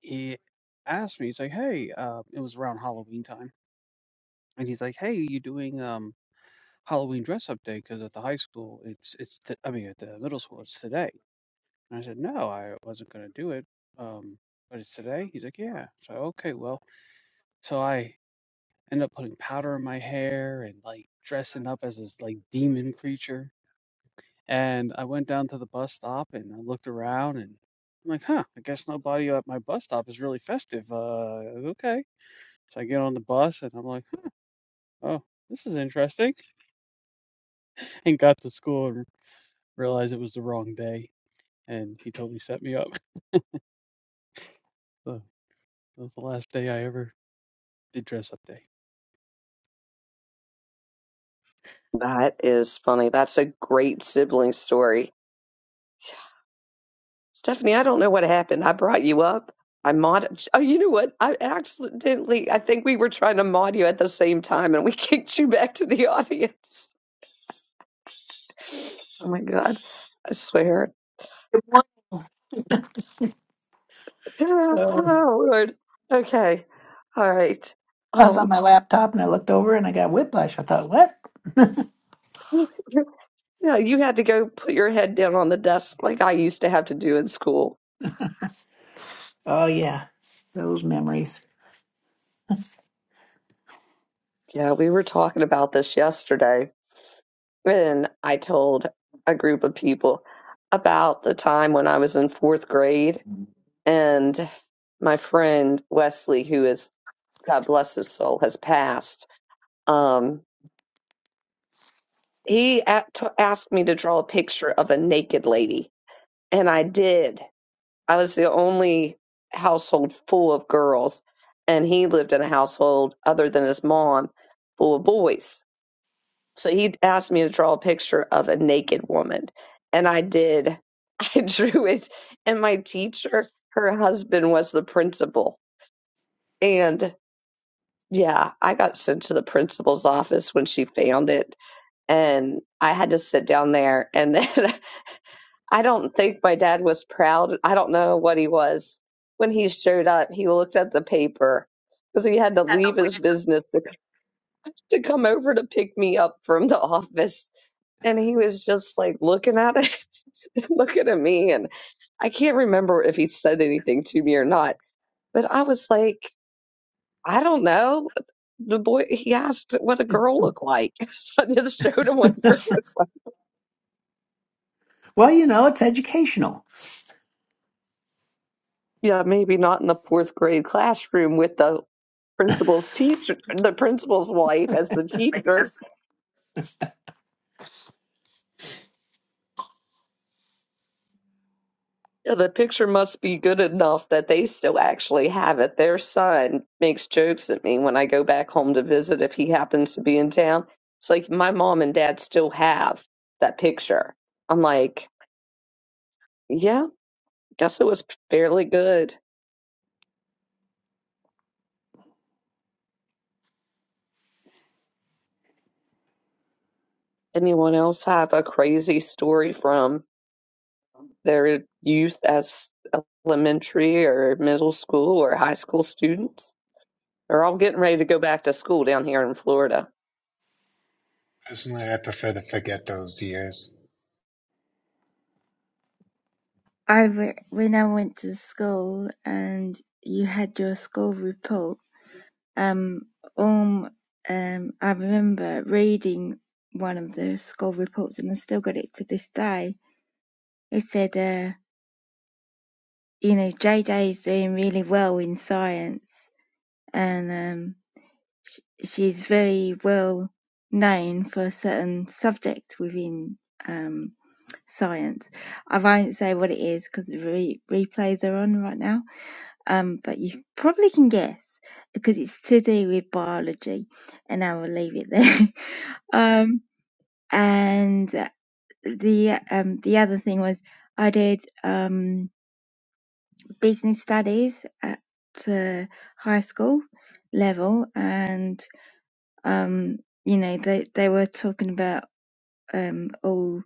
[SPEAKER 6] he asked me, he's like, "Hey," uh, it was around Halloween time, and he's like, "Hey, you doing um Halloween dress up day? Because at the high school, it's it's t- I mean at the middle school, it's today." And I said, "No, I wasn't gonna do it." Um, but it's today. He's like, "Yeah." So okay, well, so I End up putting powder in my hair and like dressing up as this like demon creature. And I went down to the bus stop and I looked around and I'm like, huh, I guess nobody at my bus stop is really festive. Uh, okay. So I get on the bus and I'm like, oh, this is interesting. And got to school and realized it was the wrong day. And he totally set me up. So that was the last day I ever did dress up day.
[SPEAKER 2] That is funny. That's a great sibling story. Stephanie, I don't know what happened. I brought you up. I mod. Oh, you know what? I accidentally. I think we were trying to mod you at the same time, and we kicked you back to the audience. Oh my God! I swear.
[SPEAKER 9] So
[SPEAKER 2] Oh Lord. Okay. All right.
[SPEAKER 9] I was on
[SPEAKER 2] Um.
[SPEAKER 9] my laptop and I looked over and I got whiplash. I thought, what?
[SPEAKER 2] Yeah, you had to go put your head down on the desk like I used to have to do in school.
[SPEAKER 9] Oh, yeah, those memories.
[SPEAKER 2] Yeah, we were talking about this yesterday, and I told a group of people about the time when I was in fourth grade, and my friend Wesley, who is God bless his soul, has passed. Um, he a- t- asked me to draw a picture of a naked lady, and I did. I was the only household full of girls, and he lived in a household other than his mom full of boys. So he asked me to draw a picture of a naked woman, and I did. I drew it, and my teacher, her husband was the principal. And yeah, I got sent to the principal's office when she found it, and I had to sit down there. And then I don't think my dad was proud. I don't know what he was. When he showed up, he looked at the paper because he had to leave his business to, to come over to pick me up from the office. And he was just like looking at it, looking at me. And I can't remember if he said anything to me or not, but I was like, I don't know. The boy, he asked what a girl looked like. So I just showed him what a girl looked like.
[SPEAKER 9] Well, you know, it's educational.
[SPEAKER 2] Yeah, maybe not in the fourth grade classroom with the principal's teacher, the principal's wife as the teacher. Yeah, The picture must be good enough that they still actually have it. Their son makes jokes at me when I go back home to visit if he happens to be in town. It's like my mom and dad still have that picture. I'm like, yeah, guess it was fairly good. Anyone else have a crazy story from their youth as elementary or middle school or high school students? They're all getting ready to go back to school down here in Florida.
[SPEAKER 7] Personally, I prefer to forget those years,
[SPEAKER 8] I re- when I went to school and you had your school report, um, um, um, I remember reading one of the school reports, and I still got it to this day. It said, uh, you know, JJ's doing really well in science, and um, sh- she's very well known for a certain subject within um science. I won't say what it is because the re- replays are on right now, um, but you probably can guess because it's to do with biology, and I will leave it there. um, and uh, the um, the other thing was I did um, business studies at uh, high school level, and um, you know they they were talking about um, all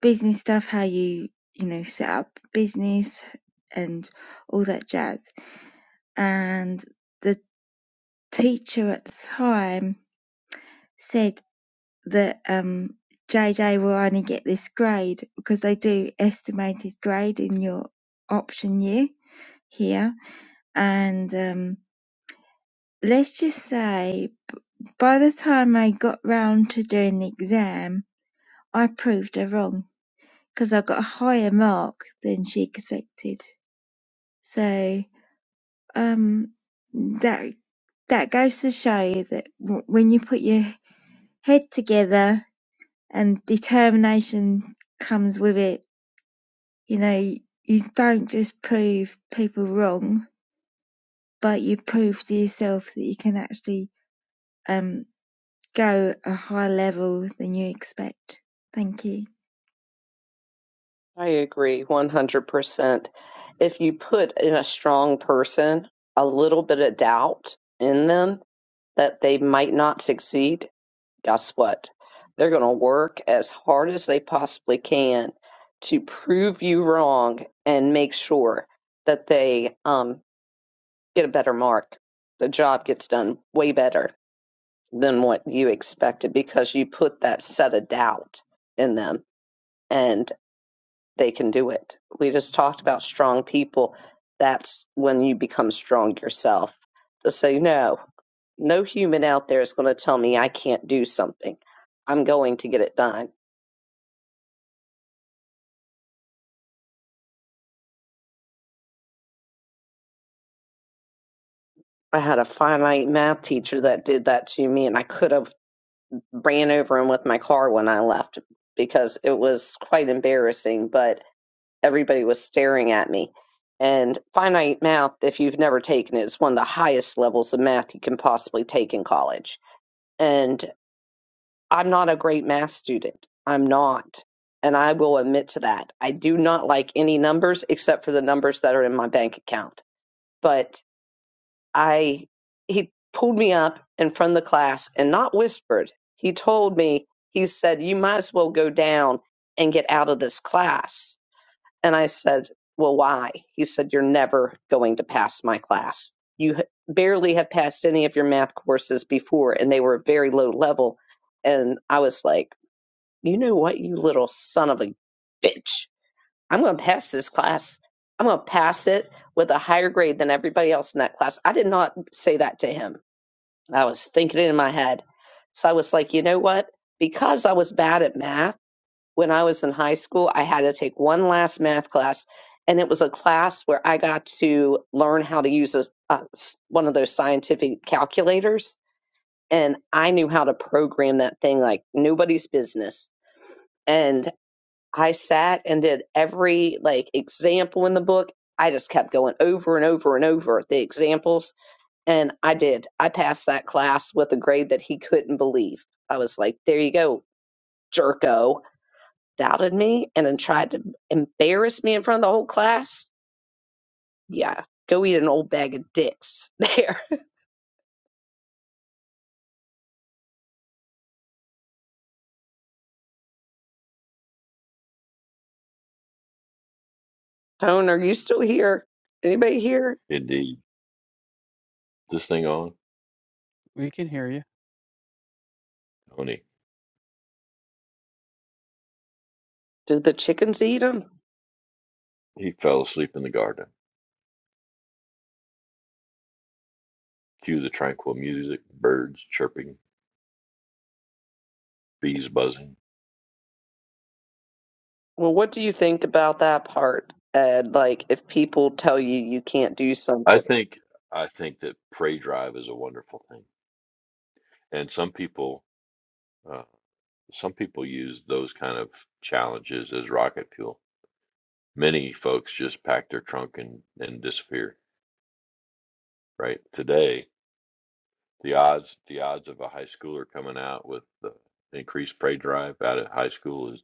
[SPEAKER 8] business stuff, how you, you know, set up business and all that jazz. And the teacher at the time said that um, JJ will only get this grade because they do estimated grade in your option year here. And um, let's just say by the time I got round to doing the exam, I proved her wrong because I got a higher mark than she expected. So Um, that that goes to show you that w- when you put your head together and determination comes with it, you know, you, you don't just prove people wrong, but you prove to yourself that you can actually um go a higher level than you expect. Thank you.
[SPEAKER 2] I agree 100%. If you put in a strong person a little bit of doubt in them that they might not succeed, guess what? They're going to work as hard as they possibly can to prove you wrong and make sure that they um, get a better mark. The job gets done way better than what you expected because you put that set of doubt in them and they can do it. We just talked about strong people. That's when you become strong yourself. Just say, no, no human out there is going to tell me I can't do something. I'm going to get it done. I had a finite math teacher that did that to me, and I could have ran over him with my car when I left because it was quite embarrassing, but everybody was staring at me. And finite math, if you've never taken it, is one of the highest levels of math you can possibly take in college and I'm not a great math student. I'm not. And I will admit to that. I do not like any numbers except for the numbers that are in my bank account. But I, he pulled me up in front of the class and not whispered. He told me, he said, you might as well go down and get out of this class and I said, Well, why? He said, You're never going to pass my class. You barely have passed any of your math courses before, and they were very low level. And I was like, You know what, you little son of a bitch. I'm going to pass this class. I'm going to pass it with a higher grade than everybody else in that class. I did not say that to him. I was thinking it in my head. So I was like, You know what? Because I was bad at math, when I was in high school, I had to take one last math class, and it was a class where I got to learn how to use a a, one of those scientific calculators, and I knew how to program that thing like nobody's business. And I sat and did every like example in the book. I just kept going over and over and over the examples, and I did. I passed that class with a grade that he couldn't believe. I was like, "There you go, jerko." doubted me and then tried to embarrass me in front of the whole class, yeah, go eat an old bag of dicks there. Tone, are you still here? Anybody here?
[SPEAKER 3] Indeed. This thing on?
[SPEAKER 6] We can hear you.
[SPEAKER 3] Tony.
[SPEAKER 2] Did the chickens eat them?
[SPEAKER 3] He fell asleep in the garden. Cue the tranquil music, birds chirping, bees buzzing.
[SPEAKER 2] Well, what do you think about that part, Ed? Like, if people tell you you can't do
[SPEAKER 3] I
[SPEAKER 2] something,
[SPEAKER 3] think I think that prey drive is a wonderful thing, and some people uh, some people use those kind of challenges as rocket fuel. Many folks just pack their trunk and and disappear. Right today, The odds the odds of a high schooler coming out with the increased pay drive out of high school is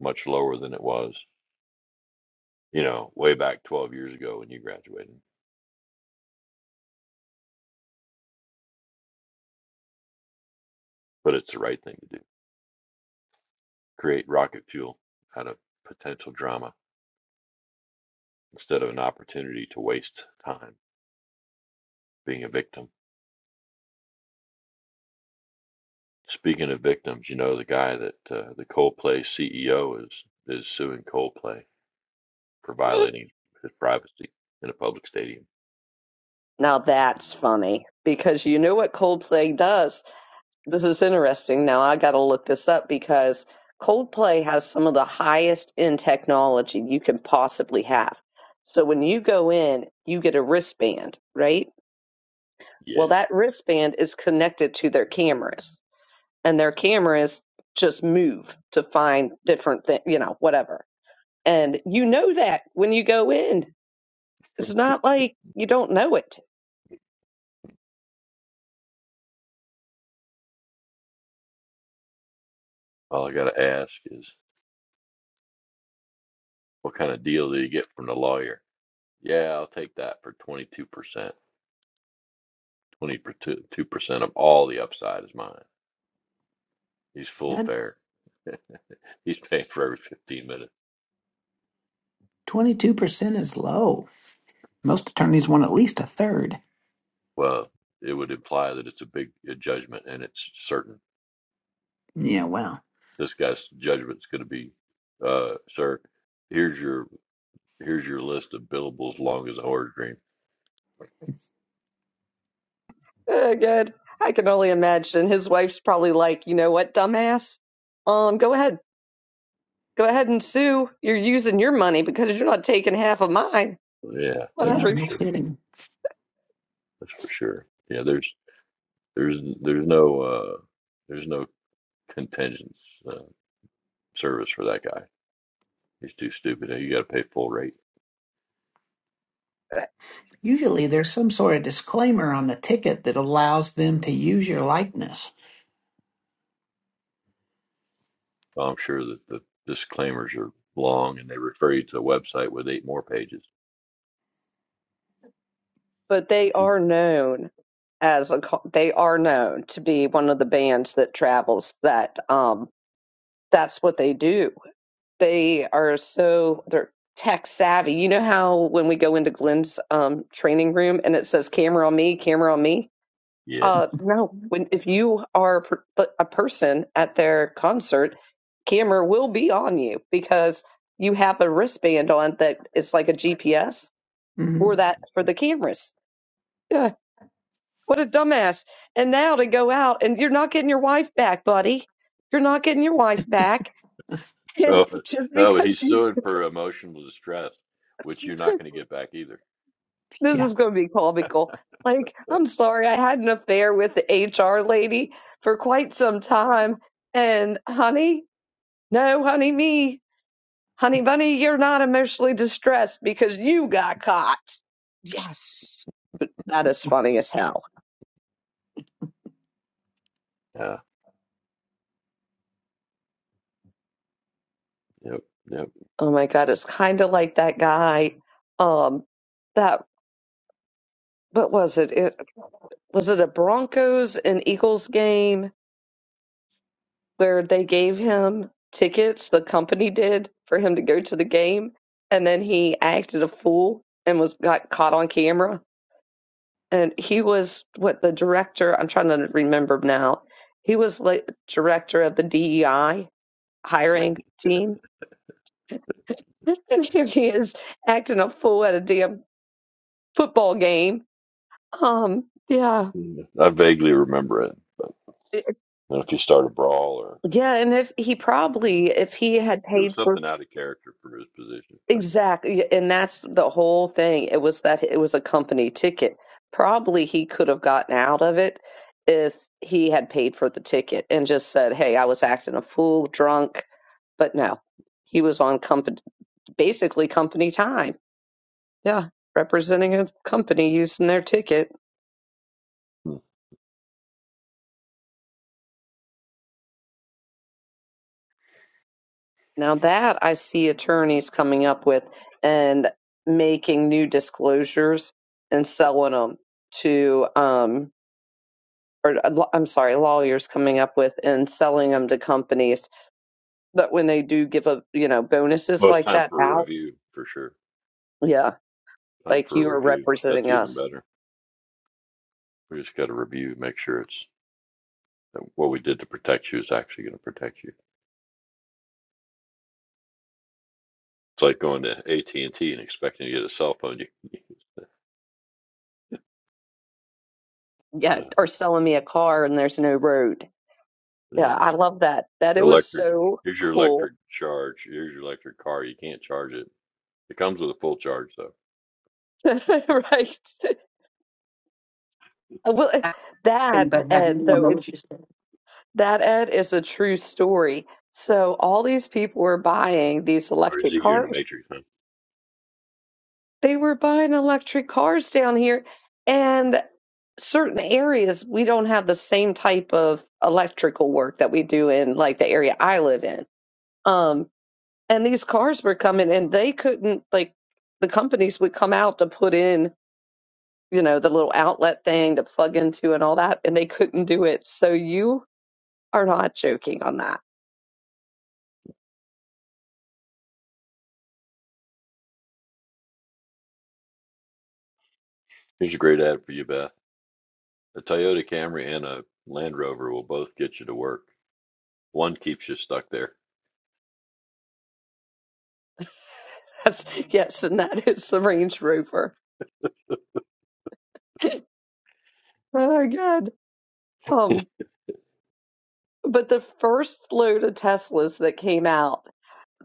[SPEAKER 3] much lower than it was, you know, way back 12 years ago when you graduated. But it's the right thing to do. Create rocket fuel out of potential drama instead of an opportunity to waste time being a victim. Speaking of victims, you know the guy that uh, the Coldplay CEO is is suing Coldplay for violating his privacy in a public stadium.
[SPEAKER 2] now that's funny because you know what Coldplay does? This is interesting. Now I got to look this up because Coldplay has some of the highest in technology you can possibly have. So when you go in, you get a wristband, right?
[SPEAKER 3] Yeah.
[SPEAKER 2] Well, that wristband is connected to their cameras, and their cameras just move to find different things, you know, whatever. And you know that when you go in. It's not like you don't know it.
[SPEAKER 3] All I gotta ask is What kind of deal do you get from the lawyer? Yeah, I'll take that for 22%. 22% of all the upside is mine. He's full fare.
[SPEAKER 9] That's
[SPEAKER 3] He's paying for every 15 minutes.
[SPEAKER 9] 22% is low. Most attorneys want at least a third.
[SPEAKER 3] Well, it would imply that it's a big uh judgment and it's certain.
[SPEAKER 9] Yeah, well,
[SPEAKER 3] This guy's judgment's going to be, uh, sir, here's your here's your list of billables long as a horse dream.
[SPEAKER 2] Uh, good. I can only imagine his wife's probably like, you know what, dumbass? Um, go ahead Go ahead and sue. You're using your money because you're not taking half of mine.
[SPEAKER 3] Yeah, that's
[SPEAKER 9] yeah,
[SPEAKER 2] Whatever.
[SPEAKER 3] for
[SPEAKER 9] no
[SPEAKER 3] sure.
[SPEAKER 9] kidding.
[SPEAKER 3] That's for sure. Yeah, there's there's there's no uh there's no contingent uh, service for that guy. He's too stupid. You got to pay full rate.
[SPEAKER 9] Usually there's some sort of disclaimer on the ticket that allows them to use your likeness.
[SPEAKER 3] So I'm sure that the disclaimers are long and they refer you to a website with eight more pages.
[SPEAKER 2] But they are known as a co- they are known to be one of the bands that travels that um that's what they do they are so they're tech savvy you know how when we go into glenn's um training room and it says camera on me camera on me
[SPEAKER 3] Yes.
[SPEAKER 2] Uh, no. When if you are per- a person at their concert, camera will be on you because you have a wristband on that is like a GPS
[SPEAKER 9] hmm
[SPEAKER 2] for that for the cameras. Yeah, what a dumbass! And now to go out and you're not getting your wife back, buddy. You're not getting your wife back, and
[SPEAKER 3] Oh,
[SPEAKER 2] just
[SPEAKER 3] no, but
[SPEAKER 2] because
[SPEAKER 3] he's
[SPEAKER 2] she's
[SPEAKER 3] suing for emotional distress, which you're not going to get back either.
[SPEAKER 2] this
[SPEAKER 9] Yeah.
[SPEAKER 2] is going to be comical. Like, I'm sorry, I had an affair with the HR lady for quite some time, and honey. No, honey, me. Honey bunny, you're not emotionally distressed because you got caught. Yes. That is funny as hell.
[SPEAKER 3] Yeah. Yep. Yep.
[SPEAKER 2] Oh my god, it's kind of like that guy. Um that what was it? It was it a Broncos and Eagles game where they gave him tickets, the company did, for him to go to the game, and then he acted a fool and was got caught on camera and he was what the director i'm trying to remember now he was like director of the dei hiring team and here he is acting a fool at a damn football game um yeah
[SPEAKER 3] Mm. I vaguely remember it, but you know, if you start a brawl or
[SPEAKER 2] yeah and if he probably if he had
[SPEAKER 3] it was
[SPEAKER 2] paid for
[SPEAKER 3] something out of character for his position. I think.
[SPEAKER 2] exactly yeah, and that's the whole thing it was that it was a company ticket probably he could have gotten out of it if he had paid for the ticket and just said hey i was acting a fool drunk But no, he was on company, basically company time. Yeah, representing a company using their ticket.
[SPEAKER 3] Hmm.
[SPEAKER 2] Now that I see attorneys coming up with and making new disclosures and selling them to, um, or uh, I'm sorry, lawyers coming up with and selling them to companies. But when they do give a, you know, bonuses
[SPEAKER 3] Well, it's
[SPEAKER 2] like
[SPEAKER 3] time
[SPEAKER 2] that
[SPEAKER 3] for a
[SPEAKER 2] out,
[SPEAKER 3] review for sure.
[SPEAKER 2] yeah,
[SPEAKER 3] Time
[SPEAKER 2] like
[SPEAKER 3] for
[SPEAKER 2] you
[SPEAKER 3] a
[SPEAKER 2] are
[SPEAKER 3] review.
[SPEAKER 2] representing
[SPEAKER 3] That's even
[SPEAKER 2] us.
[SPEAKER 3] better. We just got to review, make sure it's what we did to protect you is actually going to protect you. It's like going to AT and T and expecting to get a cell phone. You, can use the,
[SPEAKER 2] Yeah,
[SPEAKER 3] uh,
[SPEAKER 2] or selling me a car and there's no road Yeah,
[SPEAKER 3] yeah,
[SPEAKER 2] I love that. That it was
[SPEAKER 3] electric.
[SPEAKER 2] so
[SPEAKER 3] Here's your
[SPEAKER 2] cool.
[SPEAKER 3] electric charge. Here's your electric car. You can't charge it. It comes with a full charge though.
[SPEAKER 2] Right. Well, eh, that
[SPEAKER 4] But had
[SPEAKER 2] Ed
[SPEAKER 4] no
[SPEAKER 2] though, it's
[SPEAKER 4] emotions.
[SPEAKER 2] that Ed is a true story. So all these people were buying these
[SPEAKER 3] Or is
[SPEAKER 2] electric
[SPEAKER 3] it you're in the
[SPEAKER 2] cars.
[SPEAKER 3] matrix? Huh?
[SPEAKER 2] They were buying electric cars down here, and certain areas we don't have the same type of electrical work that we do in like the area I live in. Um, and these cars were coming, and they couldn't like the companies would come out to put in you know, the little outlet thing to plug into and all that, and they couldn't do it. So you are not joking on that.
[SPEAKER 3] Here's a great ad for you, Beth. A Toyota Camry and a Land Rover will both get you to work. One keeps you stuck there.
[SPEAKER 2] That's, yes, and that is the Range Rover. Oh my God. Um, but the first load of Teslas that came out,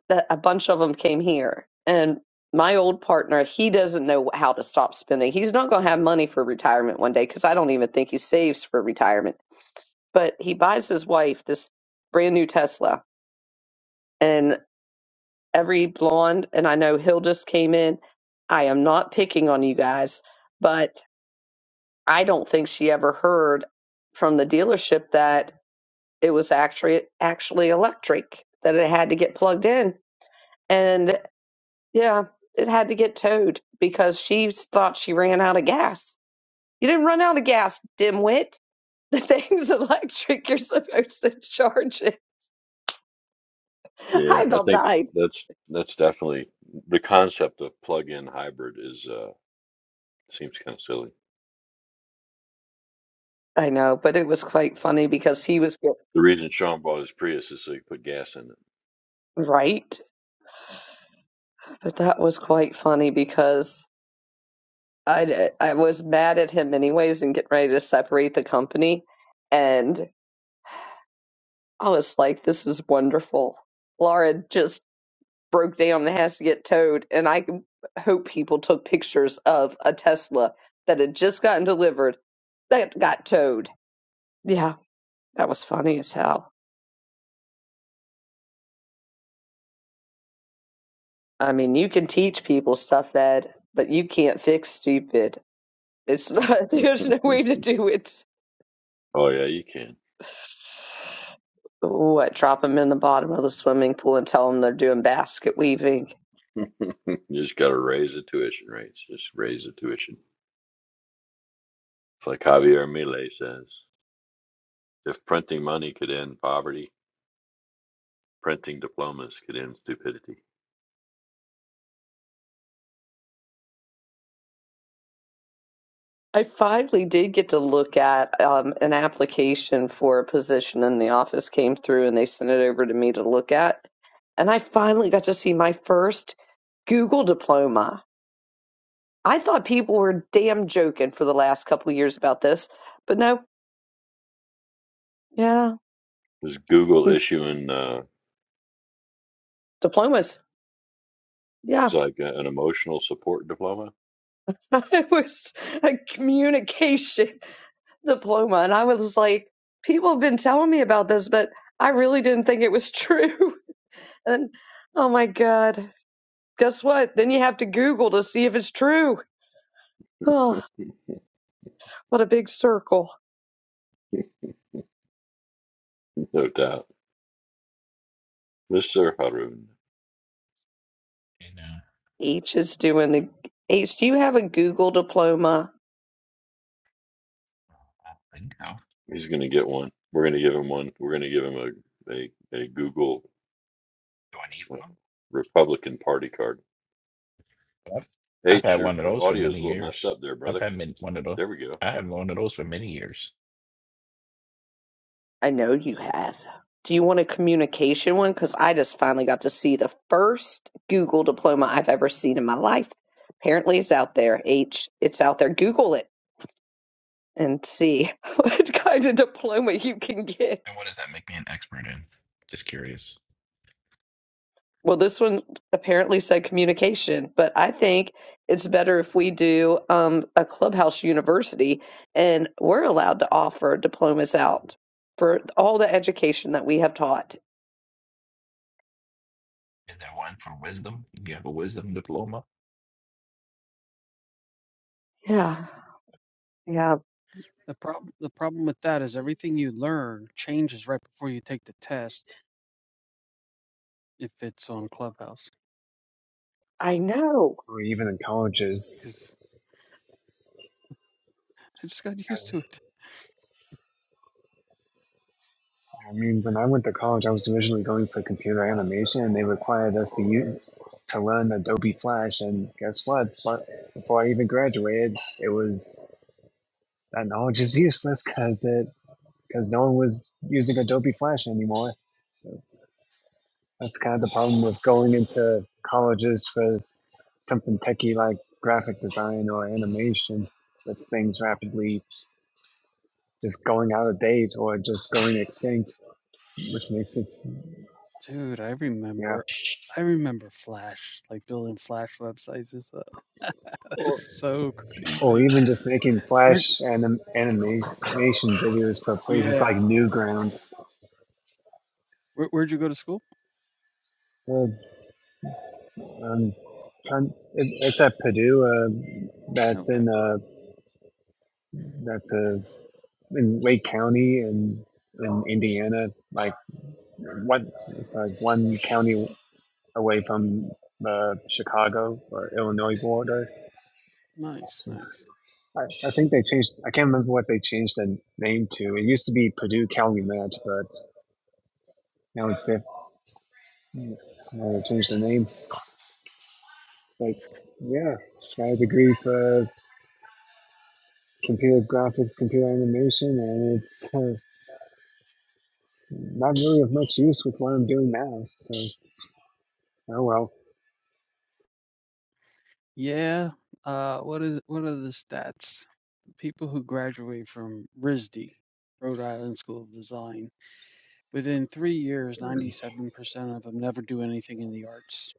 [SPEAKER 2] that a bunch of them came here, and my old partner, he doesn't know how to stop spending. He's not going to have money for retirement one day because I don't even think he saves for retirement. But he buys his wife this brand new Tesla, and. every blonde, and I know Hill just came in. I am not picking on you guys, but I don't think she ever heard from the dealership that it was actually actually electric, that it had to get plugged in. And yeah, it had to get towed because she thought she ran out of gas. You didn't run out of gas, dimwit. The thing's electric. You're supposed to charge it. I
[SPEAKER 3] Yeah, I
[SPEAKER 2] about
[SPEAKER 3] think
[SPEAKER 2] died.
[SPEAKER 3] that's that's definitely the concept of plug-in hybrid is uh seems kind of silly.
[SPEAKER 2] I know, but it was quite funny because he was get-
[SPEAKER 3] The reason Sean bought his Prius is so he could put gas
[SPEAKER 2] right. But that was quite funny because I I was mad at him anyways and getting ready to separate the company, and I was like, "This is wonderful." Laura just broke down and has to get towed, and I hope people took pictures of a Tesla that had just gotten delivered that got towed. Yeah, that was funny as hell. I mean, you can teach people stuff, Ed, but you can't fix stupid. It's not. There's
[SPEAKER 3] in
[SPEAKER 2] no way to
[SPEAKER 3] it.
[SPEAKER 2] do it.
[SPEAKER 3] oh yeah, you can.
[SPEAKER 2] What, drop them in the bottom of the swimming pool and tell them they're doing basket weaving?
[SPEAKER 3] You just got to raise the tuition rates. Just raise the tuition. It's like Javier Milei says, if printing money could end poverty, printing diplomas could end stupidity.
[SPEAKER 2] I finally did get to look at um, an application for a position in the office came through and they sent it over to me to look at. And I finally got to see my first Google diploma. I thought people were damn joking for the last couple of years about this, but no, yeah,
[SPEAKER 3] Is Google
[SPEAKER 2] mm,
[SPEAKER 3] issuing uh,
[SPEAKER 2] diplomas.
[SPEAKER 3] it's
[SPEAKER 2] Yeah,
[SPEAKER 3] like a- an emotional support diploma?
[SPEAKER 2] it was a communication. diploma. And I was like, people have been telling me about this, but I really didn't think it was true. And oh my God, guess what? Then you have to Google to see if it's true. Oh, what a big circle.
[SPEAKER 3] no doubt. Mr. Harun,
[SPEAKER 10] in uh,
[SPEAKER 2] H is doing the. H, do you have a Google diploma?
[SPEAKER 10] Lingo.
[SPEAKER 3] he's going to get one. We're going to give him one. We're going to give him a, a, a Google
[SPEAKER 10] Do I need
[SPEAKER 3] uh,
[SPEAKER 10] one?
[SPEAKER 3] Republican Party card.
[SPEAKER 10] I've, I've
[SPEAKER 3] H,
[SPEAKER 10] had
[SPEAKER 3] your
[SPEAKER 10] one of those for
[SPEAKER 3] audio is
[SPEAKER 10] many
[SPEAKER 3] a little messed
[SPEAKER 10] years.
[SPEAKER 3] up there,
[SPEAKER 10] I've
[SPEAKER 3] brother.
[SPEAKER 10] had min- one of those.
[SPEAKER 3] There we go.
[SPEAKER 10] I had one of those for many years.
[SPEAKER 2] I know you have. Do you want a communication one? Because I just finally got to see the first Google diploma I've ever seen in my life. Apparently, it's out there. H, it's out there. Google it and see what kind of diploma you can get.
[SPEAKER 10] And what does that make me an expert in? Just curious.
[SPEAKER 2] Well, this one apparently said communication, but I think it's better if we do um, a clubhouse university and we're allowed to offer diplomas out for all the education that we have taught.
[SPEAKER 10] Is there one for wisdom? You have a wisdom diploma?
[SPEAKER 2] Yeah, yeah,
[SPEAKER 6] The problem the problem with that is everything you learn changes right before you take the test. if it's on Clubhouse
[SPEAKER 2] I know.
[SPEAKER 7] or even in colleges.
[SPEAKER 6] because I just got
[SPEAKER 7] I
[SPEAKER 6] used to it.
[SPEAKER 7] I mean, when I went to college, I was originally going for computer animation, and they required us to use, to learn Adobe Flash. And guess what? But before I even graduated, it was that knowledge is useless because it because no one was using Adobe Flash anymore. So that's kind of the problem with going into colleges for something techy like graphic design or animation. That things rapidly just going out of date or just going extinct, which makes it
[SPEAKER 6] Dude, I
[SPEAKER 7] yeah,
[SPEAKER 6] remember I remember Flash, like building Flash websites is uh, so
[SPEAKER 7] or
[SPEAKER 6] crazy.
[SPEAKER 7] even just making
[SPEAKER 6] Where'd
[SPEAKER 7] Flash anim- animation videos for places
[SPEAKER 6] yeah.
[SPEAKER 7] like Newgrounds.
[SPEAKER 6] Where where'd you go to school?
[SPEAKER 7] Uh, um, it, it's at Purdue. Uh, that's
[SPEAKER 6] Okay.
[SPEAKER 7] in uh, that's a in Lake County and in, in Indiana, like what it's like one county away from the Chicago or Illinois border.
[SPEAKER 6] Nice, nice.
[SPEAKER 7] I, I think they changed. I can't remember what they changed the name to. It used to be Purdue Calumet, but now it's diff- now they changed the name. But yeah, I had a degree for computer graphics, computer animation, and it's uh, not really of much use with what I'm doing now. So oh well.
[SPEAKER 6] Yeah. Uh, what is what are the stats? People who graduate from RISD, Rhode Island School of Design, within three years, 97% of them never do anything in the arts,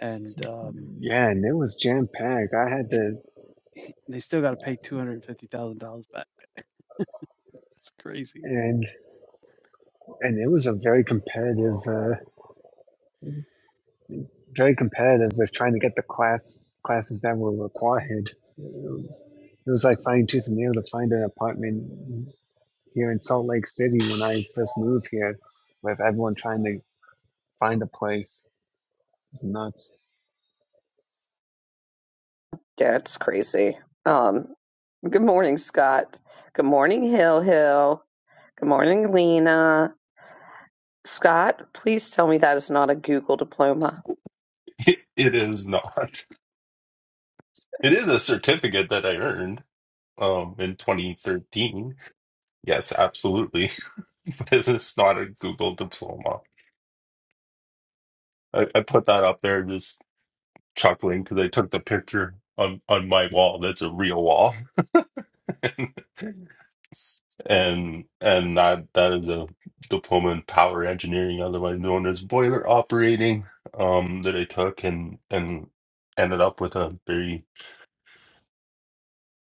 [SPEAKER 6] and um,
[SPEAKER 7] Yeah, and it was jam packed. I had
[SPEAKER 6] and
[SPEAKER 7] to,
[SPEAKER 6] they still got to pay $250,000 back. It's crazy.
[SPEAKER 7] and and it was a very competitive, uh, very competitive with trying to get the class classes that were required. It was like finding tooth and nail to find an apartment here in Salt Lake City when I first moved here, with everyone trying to find a place. It was nuts.
[SPEAKER 2] Yeah, it's crazy. Um, good morning, Scott. Good morning, Hill Hill. Good morning, Lena. Scott, please tell me that is not a Google diploma.
[SPEAKER 11] It, it is not. It is a certificate that I earned um in 2013. Yes, absolutely. But it's not a Google diploma. I, I put that up there just chuckling because I took the picture on on my wall. That's a real wall, and and that that is a diploma in power engineering, otherwise known as boiler operating, um, that I took and and ended up with a very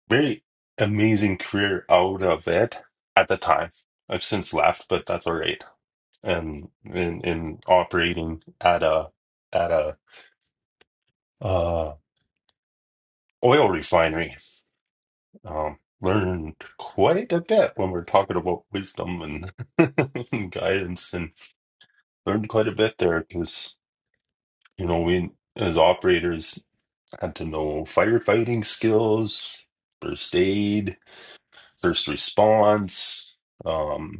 [SPEAKER 11] Very amazing career out of it at the time. I've since left, but that's all right. And in in operating at a at a uh oil refinery, um, learned quite a bit when we're talking about wisdom and, and guidance, and learned quite a bit there because you know we as operators had to know firefighting skills, first aid, first response. um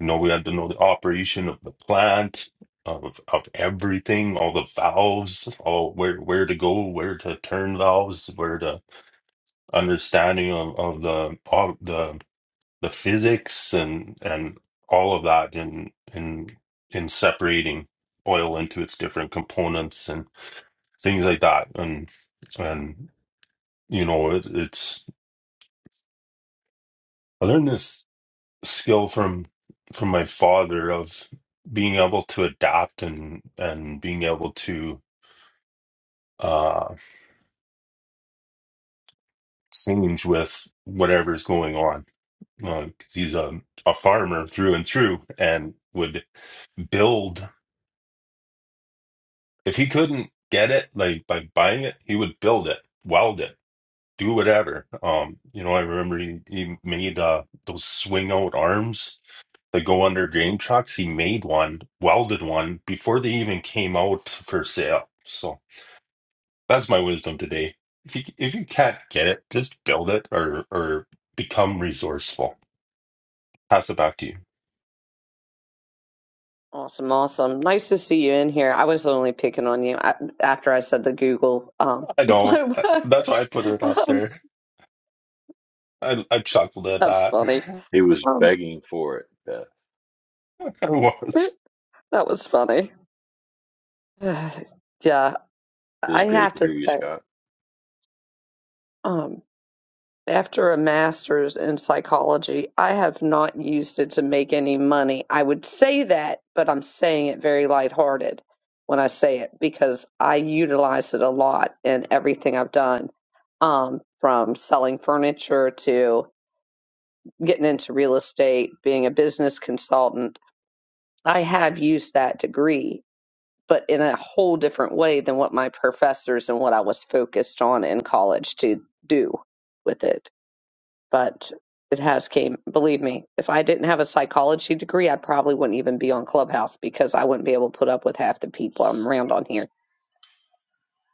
[SPEAKER 11] You know, we had to know the operation of the plant, of of everything, all the valves, all where where to go, where to turn valves, where to understanding of, of the all the the physics and and all of that in in in separating oil into its different components and things like that. And and you know, it, it's I learned this skill from from my father of being able to adapt and and being able to uh change with whatever's going on because he's a, a farmer through and through and would build if he couldn't get it like by buying it he would build it weld it do whatever um you know i remember he, he made uh those swing out arms the go under drain trucks. He made one, welded one before they even came out for sale. So that's my wisdom today. If you if you can't get it, just build it or or become resourceful. Pass it back to you.
[SPEAKER 2] Awesome, awesome. Nice to see you in here. I was only picking on you a- after I said the Google um,
[SPEAKER 11] I know uh,
[SPEAKER 2] diploma.
[SPEAKER 11] that's why I put it up
[SPEAKER 2] um,
[SPEAKER 11] there. I I chuckled at
[SPEAKER 2] that's funny.
[SPEAKER 11] that.
[SPEAKER 3] He was
[SPEAKER 2] Um,
[SPEAKER 3] begging for it, Beth.
[SPEAKER 11] I was.
[SPEAKER 2] that was funny. yeah,
[SPEAKER 3] It
[SPEAKER 2] I
[SPEAKER 3] is great
[SPEAKER 2] have
[SPEAKER 3] to
[SPEAKER 2] to
[SPEAKER 3] hear you,
[SPEAKER 2] say.
[SPEAKER 3] Scott.
[SPEAKER 2] um, After a master's in psychology, I have not used it to make any money. I would say that, but I'm saying it very lighthearted when I say it because I utilize it a lot in everything I've done, um, from selling furniture to getting into real estate, being a business consultant. I have used that degree, but in a whole different way than what my professors and what I was focused on in college to do with it but it has came. Believe me, if I didn't have a psychology degree, I probably wouldn't even be on Clubhouse because I wouldn't be able to put up with half the people I'm around on here.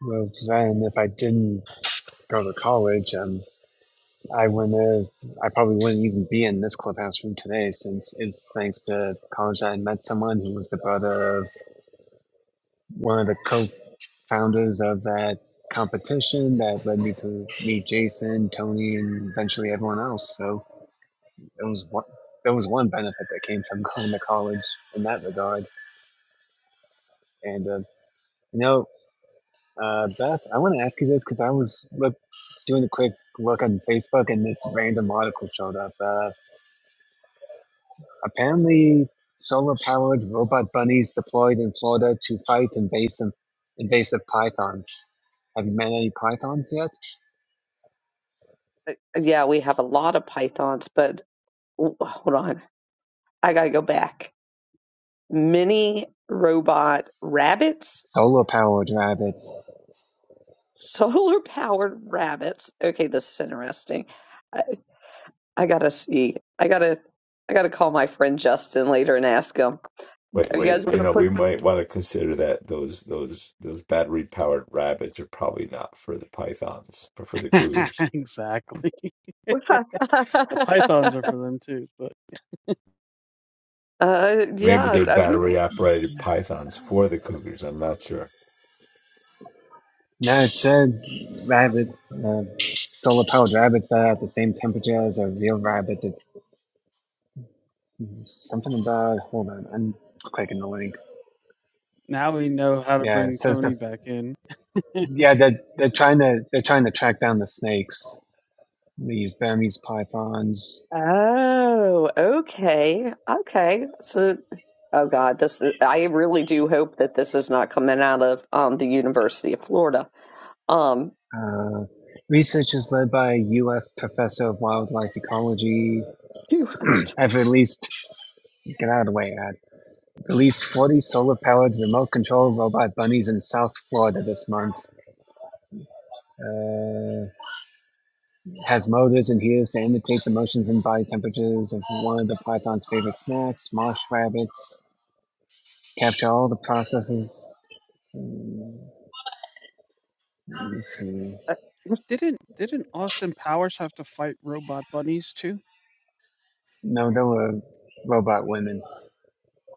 [SPEAKER 7] Well, then if I didn't go to college, um, I wouldn't have, I probably wouldn't even be in this clubhouse room today since it's thanks to college I met someone who was the brother of one of the co founders of that competition that led me to meet Jason, Tony, and eventually everyone else. So it was one, there was one benefit that came from going to college in that regard. And, uh, you know, uh, Beth, I want to ask you this because I was look, doing a quick look on Facebook and this random article showed up. Uh, Apparently, solar-powered robot bunnies deployed in Florida to fight invasive invasive pythons. Have you met any pythons yet?
[SPEAKER 2] Yeah, we have a lot of pythons, but oh, hold on, I gotta go back. Mini robot rabbits,
[SPEAKER 7] Solar-powered rabbits.
[SPEAKER 2] solar powered rabbits. Okay, this is interesting. I, I gotta see. I gotta. I gotta call my friend Justin later and ask him.
[SPEAKER 1] Wait,
[SPEAKER 2] Are you
[SPEAKER 1] wait.
[SPEAKER 2] guys
[SPEAKER 1] You
[SPEAKER 2] gonna
[SPEAKER 1] know,
[SPEAKER 2] put?
[SPEAKER 1] we might want to consider that those those those battery powered rabbits are probably not for the pythons, but for the cougars.
[SPEAKER 6] Exactly. The Pythons are for them too, but
[SPEAKER 2] uh,
[SPEAKER 1] Maybe
[SPEAKER 2] yeah,
[SPEAKER 1] they're
[SPEAKER 2] we
[SPEAKER 1] battery operated pythons for the cougars. I'm not sure.
[SPEAKER 7] No, it said rabbit. Uh, solar-powered rabbits that are at the same temperature as a real rabbit. It, something about. Hold on, I'm clicking the link.
[SPEAKER 6] now we know how to
[SPEAKER 7] Yeah, it
[SPEAKER 6] bring
[SPEAKER 7] says
[SPEAKER 6] Tony
[SPEAKER 7] the.
[SPEAKER 6] back in.
[SPEAKER 7] Yeah, they're, they're trying to they're trying to track down the snakes. These Burmese pythons,
[SPEAKER 2] Oh, okay. Okay. So, oh God, this is, I really do hope that this is not coming out of um the University of Florida. Um,
[SPEAKER 7] Uh, research is led by UF professor of wildlife ecology.
[SPEAKER 2] phew.
[SPEAKER 7] I've released, get out of the way, Ad. Released 40 solar powered remote controlled robot bunnies in South Florida this month. Uh, has motors and hears to imitate the motions and body temperatures of one of the python's favorite snacks, marsh rabbits. Capture all the processes. Let me see.
[SPEAKER 2] Uh, yes,
[SPEAKER 6] Didn't didn't Austin Powers have to fight robot bunnies too?
[SPEAKER 7] No, there were robot women.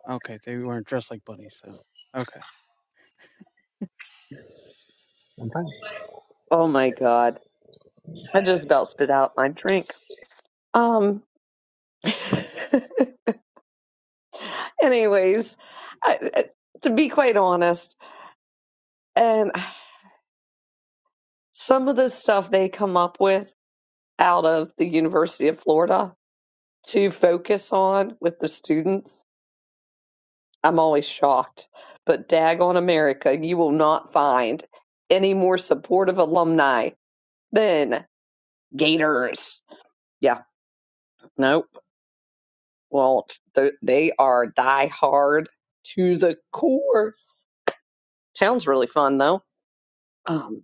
[SPEAKER 6] Okay, they weren't dressed like bunnies though. Okay.
[SPEAKER 7] I'm fine.
[SPEAKER 2] Oh my God. I just about spit out my drink. Um, Anyways, I, I- to be quite honest, and some of the stuff they come up with out of the University of Florida to focus on with the students, I'm always shocked. But dag on America, you will not find any more supportive alumni than Gators. Yeah, nope, won't. Th- They are die hard to the core. Sounds really fun though. Um,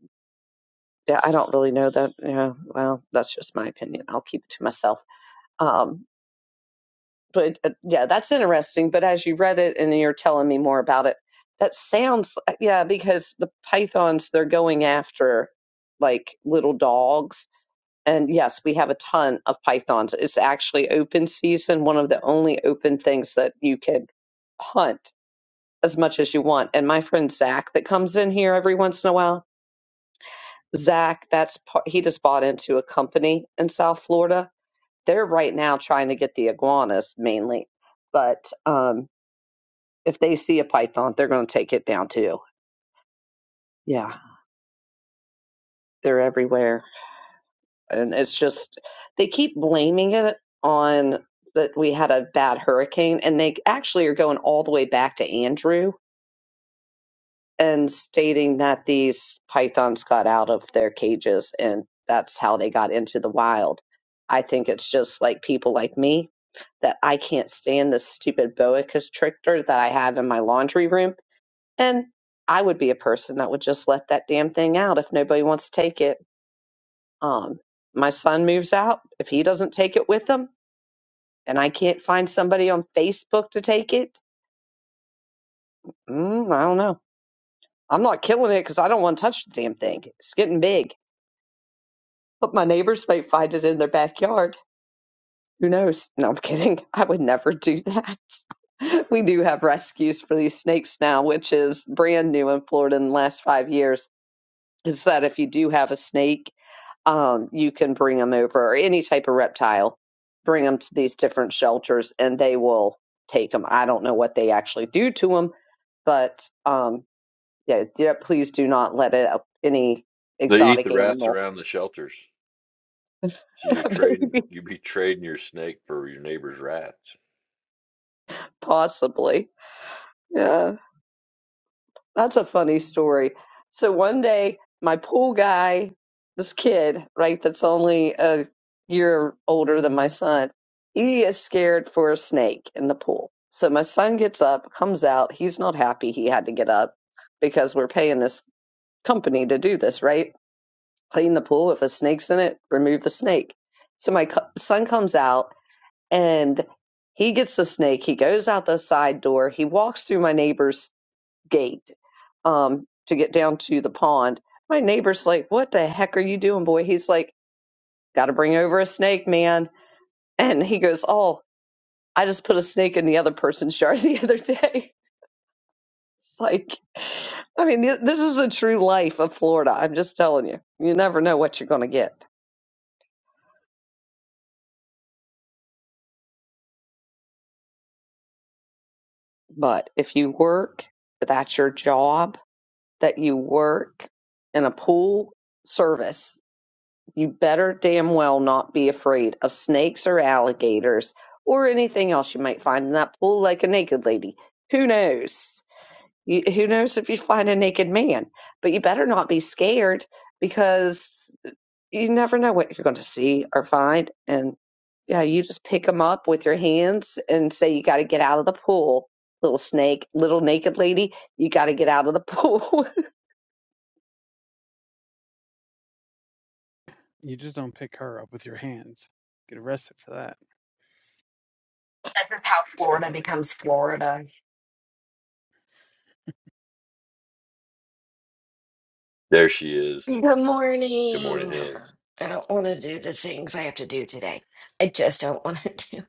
[SPEAKER 2] yeah, I don't really know that. Yeah, well, that's just my opinion. I'll keep it to myself. Um, but uh, yeah, that's interesting. But as you read it and you're telling me more about it, that sounds uh, yeah, because the pythons they're going after like little dogs. And yes, we have a ton of pythons. It's actually open season, one of the only open things that you could hunt as much as you want. And my friend Zach that comes in here every once in a while, Zach, that's part, he just bought into a company in South Florida. They're right now trying to get the iguanas mainly, but um, if they see a python, they're going to take it down too. Yeah, they're everywhere, and it's just they keep blaming it on that we had a bad hurricane, and they actually are going all the way back to Andrew and stating that these pythons got out of their cages and that's how they got into the wild. I think it's just like people like me that I can't stand this stupid boa constrictor that I have in my laundry room. And I would be a person that would just let that damn thing out if nobody wants to take it. Um, my son moves out. If he doesn't take it with him and I can't find somebody on Facebook to take it, mm, I don't know. I'm not killing it because I don't want to touch the damn thing. It's getting big. But my neighbors may find it in their backyard. Who knows? No, I'm kidding. I would never do that. We do have rescues for these snakes now, which is brand new in Florida in the last five years. Is that if you do have a snake, um, you can bring them over or any type of reptile, bring them to these different shelters and they will take them. I don't know what they actually do to them, but um, yeah, yeah, please do not let it, up any
[SPEAKER 3] They eat
[SPEAKER 2] exotic
[SPEAKER 3] the rats
[SPEAKER 2] animal,
[SPEAKER 3] around the shelters. So you're trading,
[SPEAKER 2] maybe,
[SPEAKER 3] you be trading your snake for your neighbor's rats.
[SPEAKER 2] possibly. Yeah. That's a funny story. So one day, my pool guy, this kid, right, that's only a year older than my son, he is scared for a snake in the pool. So my son gets up, comes out. He's not happy he had to get up because we're paying this company to do this, right? Clean the pool. If a snake's in it, remove the snake. So my co- son comes out and he gets the snake. He goes out the side door. He walks through my neighbor's gate um, to get down to the pond. My neighbor's like, What the heck are you doing, boy? He's like, Got to bring over a snake, man. And he goes, Oh, I just put a snake in the other person's yard the other day. It's like, I mean, th- this is the true life of Florida. I'm just telling you, you never know what you're going to get. But if you work, that's your job, that you work in a pool service You better damn well not be afraid of snakes or alligators or anything else you might find in that pool, like a naked lady. Who knows? You, who knows if you find a naked man? But you better not be scared because you never know what you're going to see or find. And yeah, you just pick them up with your hands and say, You got to get out of the pool, little snake, little naked lady. You got to get out of the pool.
[SPEAKER 6] You just don't pick her up with your hands. Get arrested for that.
[SPEAKER 12] This is how
[SPEAKER 6] Just
[SPEAKER 12] Florida
[SPEAKER 6] gotta like
[SPEAKER 12] becomes Florida.
[SPEAKER 3] There she is.
[SPEAKER 12] Good
[SPEAKER 3] Good morning,
[SPEAKER 12] morning.
[SPEAKER 3] Hills.
[SPEAKER 12] I don't want to do the things I have to do today. I just don't want to do.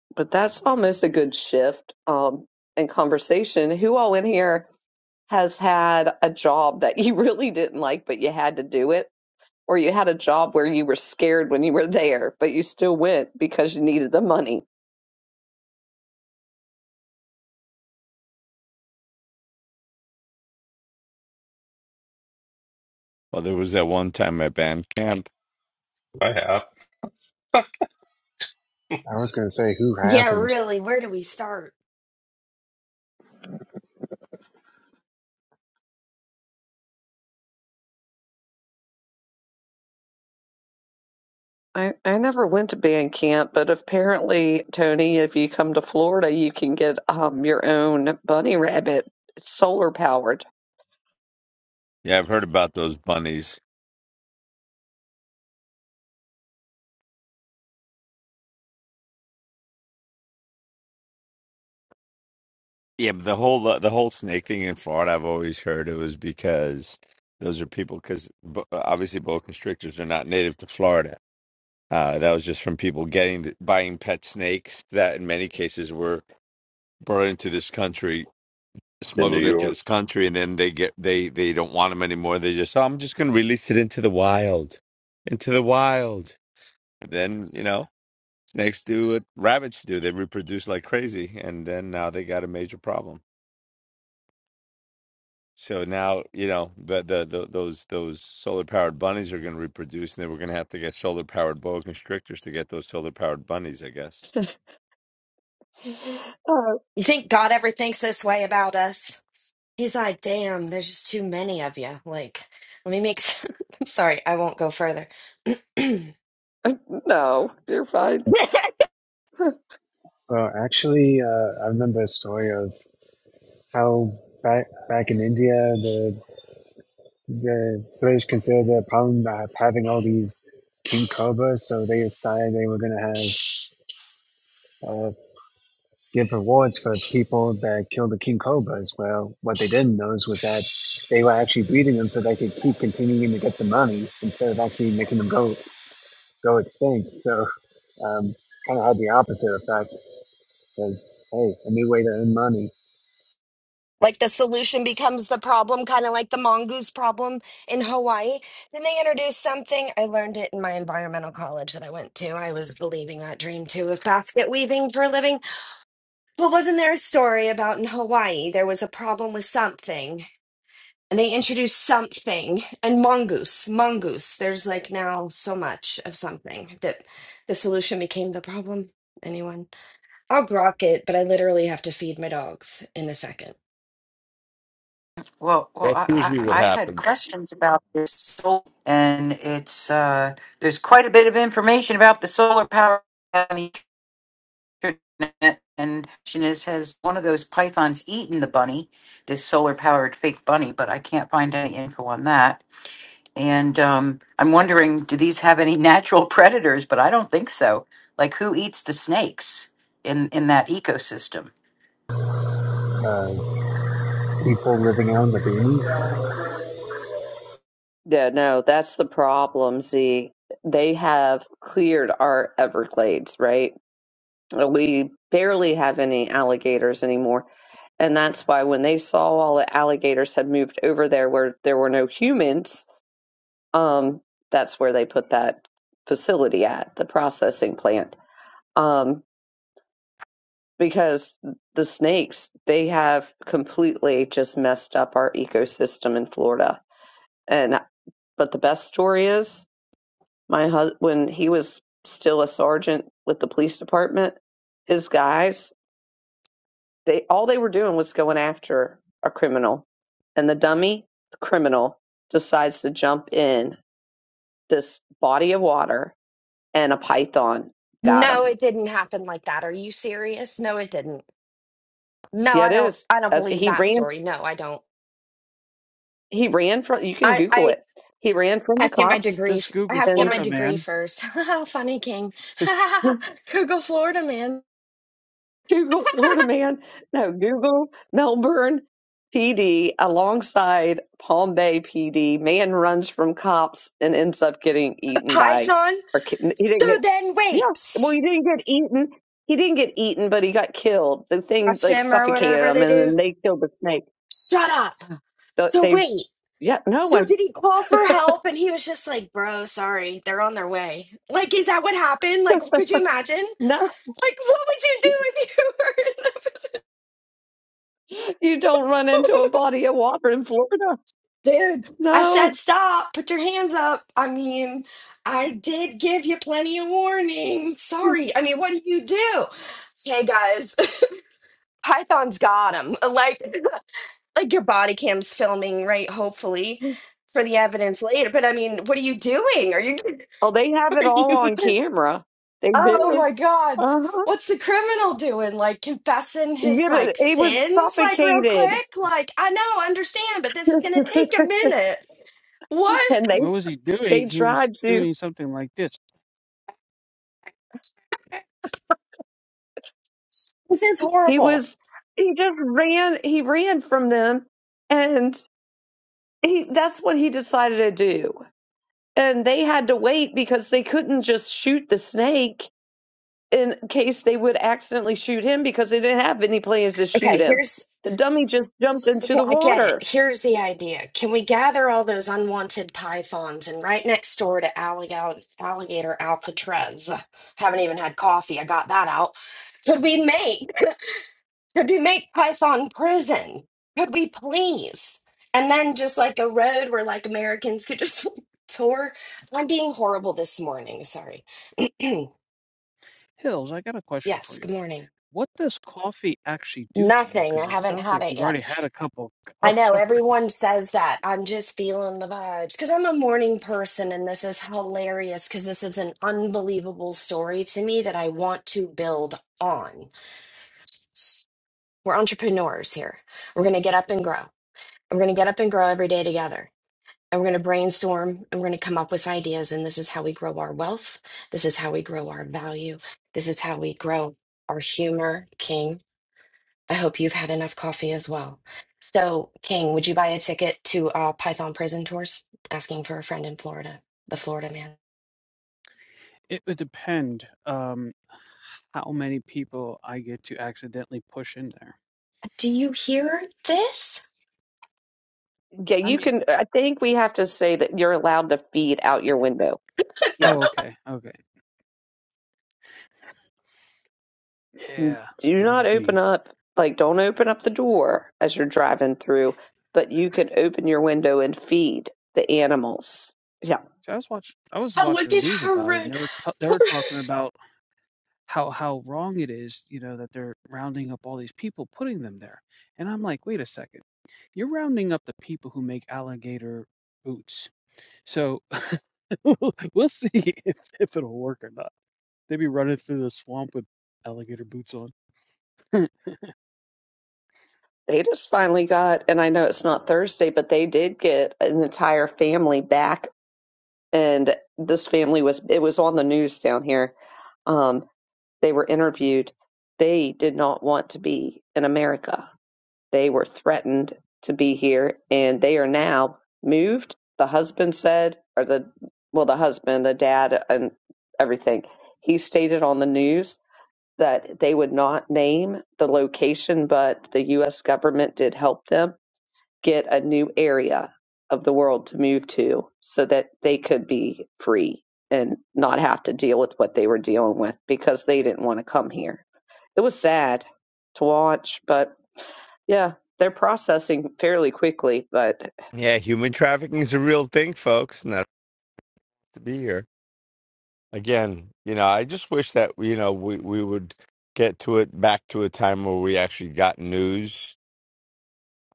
[SPEAKER 2] but that's almost a good shift um, in conversation. Who all in here? has had a job that you really didn't like, but you had to do it, or you had a job where you were scared when you were there, but you still went because you needed the money.
[SPEAKER 1] Well, they're,
[SPEAKER 11] I have.
[SPEAKER 7] I was going to say, who
[SPEAKER 12] Yeah,
[SPEAKER 7] hasn't?
[SPEAKER 12] really. Where do we start?
[SPEAKER 2] I, I never went to band camp, but apparently, Tony, if you come to Florida, you can get um, your own bunny rabbit. It's solar powered.
[SPEAKER 1] yeah, I've heard about those bunnies. Yeah, but the whole the whole snake thing in Florida, I've always heard it was because those are people because obviously boa constrictors are not native to Florida. Uh, that was just from people getting buying pet snakes that in many cases were brought into this country
[SPEAKER 3] In New
[SPEAKER 1] smuggled into
[SPEAKER 3] York.
[SPEAKER 1] this country and then they get they they don't want them anymore they just oh, i'm just going to release it into the wild into the wild and then you know snakes do what rabbits do they reproduce like crazy and then now they got a major problem so now you know the, the, the those those solar powered bunnies are going to reproduce and then we're going to have to get solar powered boa constrictors to get those solar powered bunnies i guess
[SPEAKER 2] Uh,
[SPEAKER 12] You think God ever thinks this way about us? He's like, damn, there's just too many of you. Like, let me make. s- I'm sorry, I won't go further.
[SPEAKER 2] no, you're fine.
[SPEAKER 7] Well, actually, uh, I remember a story of how back back in India, the the British considered the problem of having all these king cobras, so they decided they were going to have uh, give rewards for people that killed the king cobras. Well, what they didn't know is was that they were actually breeding them so they could keep continuing to get the money instead of actually making them go go extinct. So um, kind of had the opposite effect because hey, a new way to earn money.
[SPEAKER 12] like the solution becomes the problem, kind of like the mongoose problem in Hawaii. Then they introduced something. I learned it in my environmental college that I went to. I was believing that dream too of basket weaving for a living. But wasn't there a story about in Hawaii there was a problem with something? And they introduced something and mongoose, mongoose. There's like now so much of something that the solution became the problem. Anyone? I'll grok it, but I literally have to feed my dogs in a second.
[SPEAKER 4] Well, well,
[SPEAKER 1] that's
[SPEAKER 4] I,
[SPEAKER 1] usually what
[SPEAKER 4] I I had
[SPEAKER 1] happens
[SPEAKER 4] questions about this soul, and it's uh, there's quite a bit of information about the solar power. internet and the question is has one of those pythons eaten the bunny this solar powered fake bunny but i can't find any info on that and um, i'm wondering do these have any natural predators but i don't think so like who eats the snakes in in that ecosystem
[SPEAKER 7] Uh, people living out in the beans,
[SPEAKER 2] Yeah, no, that's the problem. See, they have cleared our Everglades, right? we barely have any alligators anymore. And that's why when they saw all the alligators had moved over there where there were no humans, um, that's where they put that facility at, the processing plant. Um, because the snakes, they have completely just messed up our ecosystem in Florida. And but the best story is my husband, when he was still a sergeant with the police department, his guys They all they were doing was going after a criminal, and the dummy criminal decides to jump in this body of water, and a python got
[SPEAKER 12] No,
[SPEAKER 2] him.
[SPEAKER 12] it didn't happen like that. Are you serious? No, it didn't. No,
[SPEAKER 2] Yeah,
[SPEAKER 12] I
[SPEAKER 2] it
[SPEAKER 12] don't
[SPEAKER 2] is.
[SPEAKER 12] I don't
[SPEAKER 2] That's,
[SPEAKER 12] believe
[SPEAKER 2] he
[SPEAKER 12] that
[SPEAKER 2] ran.
[SPEAKER 12] story. No, I don't.
[SPEAKER 2] He ran from. You can
[SPEAKER 12] I
[SPEAKER 2] Google
[SPEAKER 12] I
[SPEAKER 2] it. He ran from
[SPEAKER 12] I
[SPEAKER 2] the
[SPEAKER 12] have to get my
[SPEAKER 2] cops,
[SPEAKER 12] degree.
[SPEAKER 6] just
[SPEAKER 12] f- I
[SPEAKER 6] Google
[SPEAKER 12] have to get
[SPEAKER 2] and
[SPEAKER 12] my
[SPEAKER 6] Florida
[SPEAKER 12] degree
[SPEAKER 6] man.
[SPEAKER 12] first. Funny King.
[SPEAKER 6] Just
[SPEAKER 12] Google Florida man.
[SPEAKER 2] Google Florida man. No, Google Melbourne PD alongside Palm Bay PD. Man runs from cops and ends up getting
[SPEAKER 12] The
[SPEAKER 2] eaten by
[SPEAKER 12] Python.
[SPEAKER 2] or ki- he
[SPEAKER 12] So
[SPEAKER 2] didn't get
[SPEAKER 12] then wait.
[SPEAKER 2] yeah. Well, he didn't get eaten. He didn't get eaten, but he got killed. The thing
[SPEAKER 12] Trust
[SPEAKER 2] like
[SPEAKER 12] him or
[SPEAKER 2] suffocated
[SPEAKER 12] whatever
[SPEAKER 2] him,
[SPEAKER 12] they
[SPEAKER 2] and
[SPEAKER 12] do.
[SPEAKER 2] then they killed the snake.
[SPEAKER 12] Shut up.
[SPEAKER 2] They,
[SPEAKER 12] So
[SPEAKER 2] they
[SPEAKER 12] wait.
[SPEAKER 2] yeah, no
[SPEAKER 12] So
[SPEAKER 2] one,
[SPEAKER 12] did he call for help and he was just like, "Bro, sorry. They're on their way." Like is that what happened? Like could you imagine?
[SPEAKER 2] no.
[SPEAKER 12] Like what would you do if you were in that position?
[SPEAKER 2] You don't run into a body of water in Florida.
[SPEAKER 12] Dude, I
[SPEAKER 2] No.
[SPEAKER 12] said stop. Put your hands up. I mean, I did give you plenty of warning. Sorry. I mean, what do you do? Hey guys, Python's got him. Like like your body cam's filming, right? Hopefully for the evidence later. But I mean, what are you doing? Are you
[SPEAKER 2] Oh, they have
[SPEAKER 12] are
[SPEAKER 2] it all
[SPEAKER 12] you?
[SPEAKER 2] on camera. They
[SPEAKER 12] Oh
[SPEAKER 2] do.
[SPEAKER 12] my God.
[SPEAKER 2] Uh huh.
[SPEAKER 12] What's the criminal doing? Like confessing his
[SPEAKER 2] Get it?
[SPEAKER 12] like
[SPEAKER 2] He was
[SPEAKER 12] sins like real
[SPEAKER 2] suffocated,
[SPEAKER 12] quick? Like I know, I understand, but this is gonna take a minute. What?
[SPEAKER 2] and they
[SPEAKER 6] what was he
[SPEAKER 2] they
[SPEAKER 6] doing? He was
[SPEAKER 2] tried to.
[SPEAKER 6] doing something like this.
[SPEAKER 12] This is
[SPEAKER 2] He
[SPEAKER 12] horrible.
[SPEAKER 2] was he just ran. He ran from them, and he that's what he decided to do. And they had to wait because they couldn't just shoot the snake in case they would accidentally shoot him because they didn't have any plans to shoot
[SPEAKER 12] Okay,
[SPEAKER 2] him.
[SPEAKER 12] here's
[SPEAKER 2] The dummy just jumped into
[SPEAKER 12] Okay,
[SPEAKER 2] the
[SPEAKER 12] I get it.
[SPEAKER 2] water.
[SPEAKER 12] Here's the idea. Can we gather all those unwanted pythons and right next door to alligator, alligator Alcatraz? Haven't even had coffee. I got that out. Could we make Could we make Python prison? Could we please? And then just like a road where like Americans could just tour. I'm being horrible this morning. Sorry.
[SPEAKER 6] Hills, I got a question for
[SPEAKER 12] yes,
[SPEAKER 6] you.
[SPEAKER 12] good morning.
[SPEAKER 6] What does coffee actually do to you?
[SPEAKER 12] Nothing.
[SPEAKER 6] Because
[SPEAKER 12] I
[SPEAKER 6] it
[SPEAKER 12] haven't
[SPEAKER 6] sounds
[SPEAKER 12] had
[SPEAKER 6] like
[SPEAKER 12] it
[SPEAKER 6] you've
[SPEAKER 12] yet.
[SPEAKER 6] already had a couple
[SPEAKER 12] I
[SPEAKER 6] cups
[SPEAKER 12] know
[SPEAKER 6] already.
[SPEAKER 12] everyone says that. I'm just feeling the vibes because I'm a morning person and this is hilarious because this is an unbelievable story to me that I want to build on. We're entrepreneurs here. We're going to get up and grow. We're going to get up and grow every day together. and we're going to brainstorm and we're going to come up with ideas and this is how we grow our wealth this is how we grow our value this is how we grow our humor king i hope you've had enough coffee as well so king would you buy a ticket to uh, python prison tours asking for a friend in florida the florida man
[SPEAKER 6] It would depend um, how many people I get to accidentally push in there.
[SPEAKER 12] do you hear this
[SPEAKER 2] Yeah,
[SPEAKER 6] I
[SPEAKER 2] you
[SPEAKER 6] mean,
[SPEAKER 2] can. I think we have to say that you're allowed to feed out your window. Yeah.
[SPEAKER 6] oh, okay, okay, yeah,
[SPEAKER 2] do
[SPEAKER 6] that
[SPEAKER 2] not
[SPEAKER 6] would be.
[SPEAKER 2] open up like don't open up the door as you're driving through but you can open your window and feed the animals yeah
[SPEAKER 6] See, I was watch I was
[SPEAKER 12] oh
[SPEAKER 6] watching
[SPEAKER 12] look at
[SPEAKER 6] the news
[SPEAKER 12] her
[SPEAKER 6] about it, and they
[SPEAKER 12] rude
[SPEAKER 6] were ta they were talking about how how wrong it is, you know, that they're rounding up all these people, putting them there. And I'm like, wait a second, you're rounding up the people who make alligator boots. So we'll see if, if it'll work or not. They be running through the swamp with alligator boots on.
[SPEAKER 2] they just finally got and i know it's not thursday but they did get an entire family back and this family was it was on the news down here um, they were interviewed they did not want to be in america They were threatened to be here and they are now moved. The husband said, or the, well, the husband, the dad, and everything. He stated on the news that they would not name the location, but the U.S. government did help them get a new area of the world to move to so that they could be free and not have to deal with what they were dealing with because they didn't want to come here. It was sad to watch, but yeah, they're processing fairly quickly, but
[SPEAKER 1] yeah human trafficking is a real thing folks not to be here Again, you know, I just wish that you know we we would get to it back to a time where we actually got news,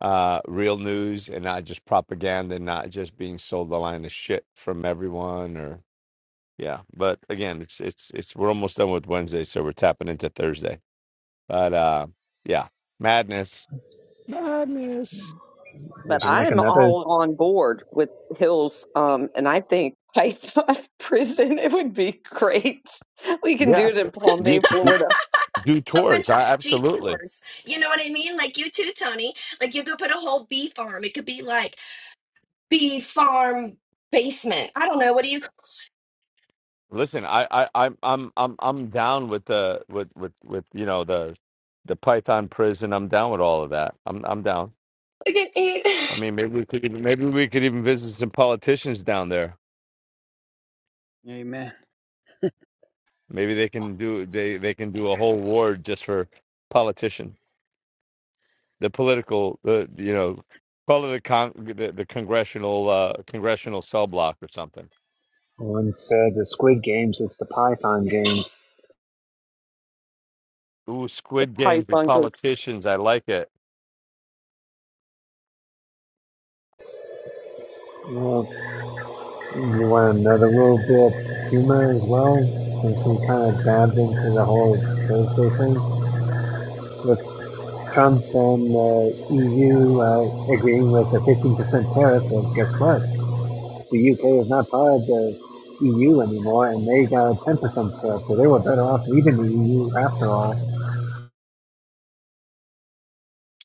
[SPEAKER 1] uh, real news, and not just propaganda, and not just being sold a line of shit from everyone. Or yeah, but again, it's it's it's we're almost done with Wednesday, so we're tapping into Thursday. But uh, yeah, madness, madness.
[SPEAKER 2] but
[SPEAKER 7] which is like
[SPEAKER 2] I'm
[SPEAKER 7] another
[SPEAKER 2] all on board with Hills, um, and I think I thought prison it would be great. We can do
[SPEAKER 1] Yeah,
[SPEAKER 2] it in Palm
[SPEAKER 1] do,
[SPEAKER 2] Bay,
[SPEAKER 1] do,
[SPEAKER 2] Florida,
[SPEAKER 1] do
[SPEAKER 12] open
[SPEAKER 1] tours. I,
[SPEAKER 12] top jeep
[SPEAKER 1] absolutely.
[SPEAKER 12] tours you know what i mean like you too tony like you could put a whole bee farm it could be like bee farm basement. I don't know. What do you call
[SPEAKER 1] Listen, I, I, I'm, I'm, I'm, I'm down with the, with, with, with, you know, the, the Python prison. I'm down with all of that. I'm, I'm down.
[SPEAKER 12] it?
[SPEAKER 1] I
[SPEAKER 12] It-
[SPEAKER 1] mean, maybe we could, even, maybe we could even visit some politicians down there.
[SPEAKER 6] Amen.
[SPEAKER 1] Maybe they can do, they, they can do a whole ward just for politician, the political, the, you know, call it the con, the, the congressional, uh, congressional cell block or something.
[SPEAKER 7] Instead of the Squid Games, it's the Python games.
[SPEAKER 1] Ooh,
[SPEAKER 2] with
[SPEAKER 1] Squid Games with
[SPEAKER 2] python groups.
[SPEAKER 1] politicians. I like it.
[SPEAKER 7] Well, you want another little bit of humor as well, since we kind of dived into the whole Thursday thing with Trump and the EU uh, agreeing with a 15% tariff. Well, guess what? The UK is not part of the EU anymore, and they got a 10% tariff, so they were better off leaving the EU after all.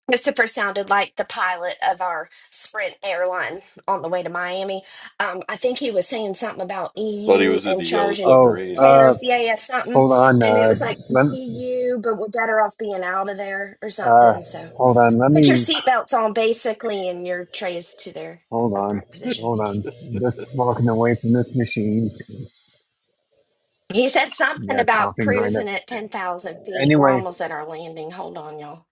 [SPEAKER 12] Christopher sounded like the pilot of our Sprint airline on the way to Miami. Um, I think he was saying something about
[SPEAKER 3] Thought he
[SPEAKER 12] EU
[SPEAKER 3] was in the
[SPEAKER 12] and
[SPEAKER 3] Yellow
[SPEAKER 12] charging
[SPEAKER 7] Oh,
[SPEAKER 3] Submarine, Hills.
[SPEAKER 7] uh,
[SPEAKER 12] tariffs, yeah, yeah, something.
[SPEAKER 7] hold on,
[SPEAKER 12] And it
[SPEAKER 7] uh,
[SPEAKER 12] was like
[SPEAKER 7] let,
[SPEAKER 12] EU, but we're better off being out of there or
[SPEAKER 7] uh,
[SPEAKER 12] something. So
[SPEAKER 7] hold on, let
[SPEAKER 12] put your
[SPEAKER 7] me
[SPEAKER 12] seatbelts on basically and your trays to their
[SPEAKER 7] Hold on,
[SPEAKER 12] upright position.
[SPEAKER 7] hold
[SPEAKER 12] Thank you.
[SPEAKER 7] on. Just walking away from this machine.
[SPEAKER 12] He said something
[SPEAKER 7] Yeah,
[SPEAKER 12] about
[SPEAKER 7] coughing grinder.
[SPEAKER 12] cruising at 10,000 feet. We're
[SPEAKER 7] Anyway,
[SPEAKER 12] almost at our landing. Hold on, y'all.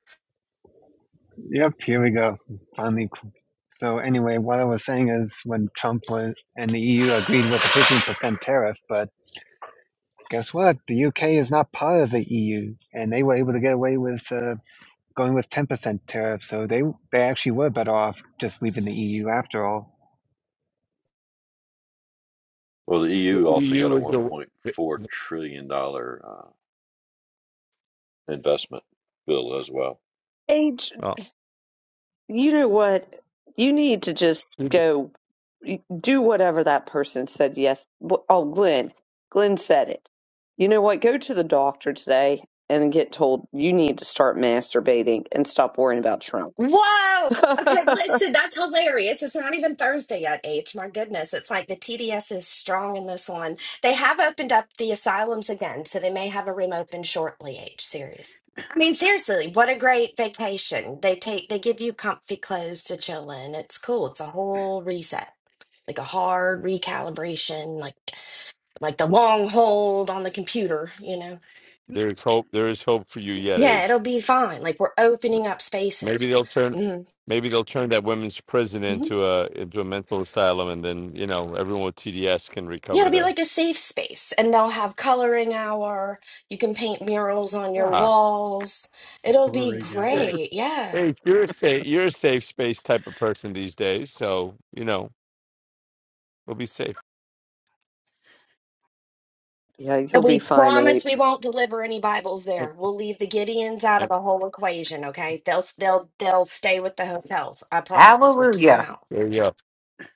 [SPEAKER 7] yep, here we go. Finally. So anyway, what I was saying is when Trump was, and the EU agreed with the 15% tariff, but guess what? The UK is not part of the EU, and they were able to get away with uh, going with 10% tariff. So they they actually were better off just leaving the EU after all.
[SPEAKER 3] Well, the
[SPEAKER 1] The
[SPEAKER 3] EU also got
[SPEAKER 1] EU
[SPEAKER 3] a
[SPEAKER 1] is the,
[SPEAKER 3] $1.4 trillion dollars uh, investment bill as well.
[SPEAKER 2] Age,
[SPEAKER 1] oh.
[SPEAKER 2] you know what? You need to just go y- do whatever that person said. Yes. Wh- Oh, Glenn. Glenn said it. You know what? Go to the doctor today and get told you need to start masturbating and stop worrying about Trump.
[SPEAKER 12] Whoa! Okay, listen, that's hilarious. It's not even Thursday yet, H. My goodness, it's like the TDS is strong in this one. They have opened up the asylums again, so they may have a room open shortly, H. Serious. I mean, seriously, what a great vacation. They take they give you comfy clothes to chill in. It's cool. It's a whole reset. Like a hard recalibration, like like the long hold on the computer, you know.
[SPEAKER 1] There is hope. There is hope for you yet,
[SPEAKER 12] Yeah,
[SPEAKER 1] Ace.
[SPEAKER 12] it'll be fine. Like we're opening up
[SPEAKER 1] Maybe
[SPEAKER 12] spaces.
[SPEAKER 1] they'll turn.
[SPEAKER 12] Mhm.
[SPEAKER 1] Maybe they'll turn that women's prison into a into a mental asylum, and then you know everyone with TDS can
[SPEAKER 12] Yeah,
[SPEAKER 1] recover
[SPEAKER 12] it'll be
[SPEAKER 1] there.
[SPEAKER 12] like a safe space, and they'll have coloring hour. You can paint murals on your
[SPEAKER 1] Yeah,
[SPEAKER 12] walls. It'll be
[SPEAKER 6] Glory hour.
[SPEAKER 1] Ace,
[SPEAKER 12] great. Yeah.
[SPEAKER 1] Ace, you're a safe, you're a safe space type of person these days, so you know we'll be safe.
[SPEAKER 2] Yeah, you'll
[SPEAKER 12] And
[SPEAKER 2] be
[SPEAKER 12] we
[SPEAKER 2] fine,
[SPEAKER 12] promise we
[SPEAKER 2] H.
[SPEAKER 12] won't deliver any Bibles
[SPEAKER 1] And,
[SPEAKER 12] there. We'll leave the Gideons out of
[SPEAKER 1] and
[SPEAKER 12] the whole equation, okay? They'll they'll they'll stay with the hotels. I promise. We'll keep them
[SPEAKER 4] hallelujah
[SPEAKER 12] out.
[SPEAKER 1] there you go.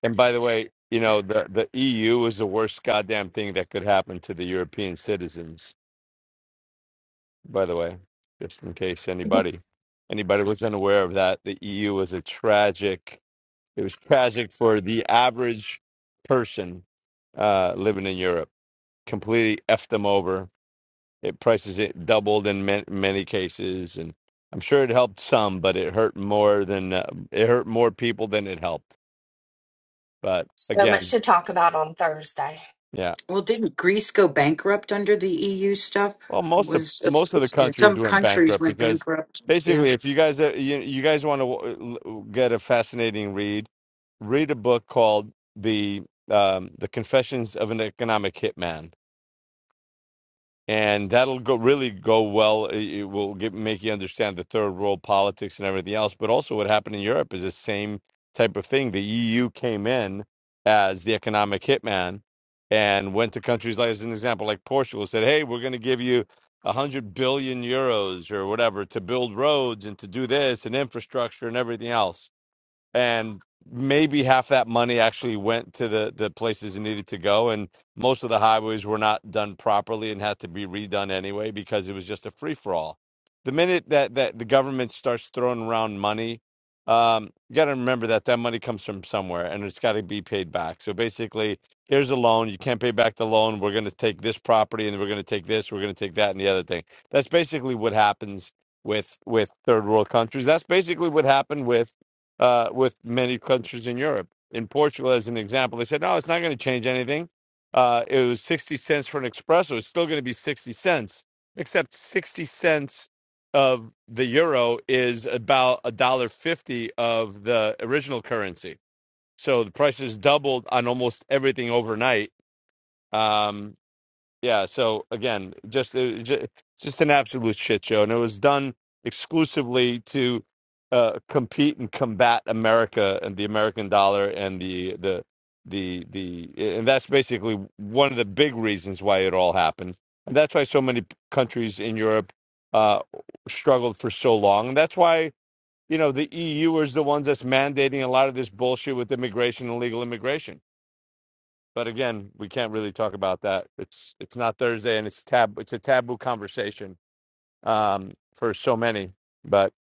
[SPEAKER 1] And by the way, you know the the EU is the worst goddamn thing that could happen to the European citizens. by the way, just in case anybody anybody was unaware of that, the EU was a tragic. It was tragic for the average person uh, living in Europe. Completely effed them over. It prices it doubled in ma- many cases, and I'm sure it helped some, but it hurt more than uh, it hurt more people than it helped. But
[SPEAKER 12] So much
[SPEAKER 1] again,
[SPEAKER 12] to talk about on Thursday.
[SPEAKER 1] yeah.
[SPEAKER 4] well didn't greece go bankrupt under the eu stuff
[SPEAKER 1] Well, most of
[SPEAKER 4] was
[SPEAKER 1] most of the countries
[SPEAKER 4] some
[SPEAKER 1] went
[SPEAKER 4] countries
[SPEAKER 1] bankrupt
[SPEAKER 4] went
[SPEAKER 1] because
[SPEAKER 4] bankrupt
[SPEAKER 1] basically, if you guys uh, you, you guys want to get a fascinating read, read a book called the um, the Confessions of an Economic Hitman and that'll go really go well. It it will get, make you understand the third world politics and everything else. But also, what happened in Europe is the same type of thing. The EU came in as the economic hitman and went to countries like, as an example, like Portugal, said, "Hey, we're going to give you." a 100 billion euros or whatever to build roads and to do this and infrastructure and everything else and maybe half that money actually went to the the places it needed to go and most of the highways were not done properly and had to be redone anyway because it was just a free for all the minute that that the government starts throwing around money um you got to remember that that money comes from somewhere and it's got to be paid back so basically here's a loan you can't pay back the loan we're going to take this property and we're going to take this we're going to take that and the other thing that's basically what happens with with third world countries that's basically what happened with uh, with many countries in Europe. In Portugal, as an example, they said, no, it's not going to change anything. Uh, it was 60 cents for an espresso. It's still going to be 60 cents, except 60 cents of the euro is about a dollar fifty of the original currency. So the price has doubled on almost everything overnight. Um, yeah so again just it, just, just an absolute shit show and it was done exclusively to uh, compete and combat america and the american dollar and the the the the and that's basically one of the big reasons why it all happened and that's why so many countries in europe uh struggled for so long and that's why you know the eu is the ones that's mandating a lot of this bullshit with immigration and illegal immigration but again, we can't really talk about that. It's it's not Thursday, and it's tab. It's a taboo conversation um, for so many. But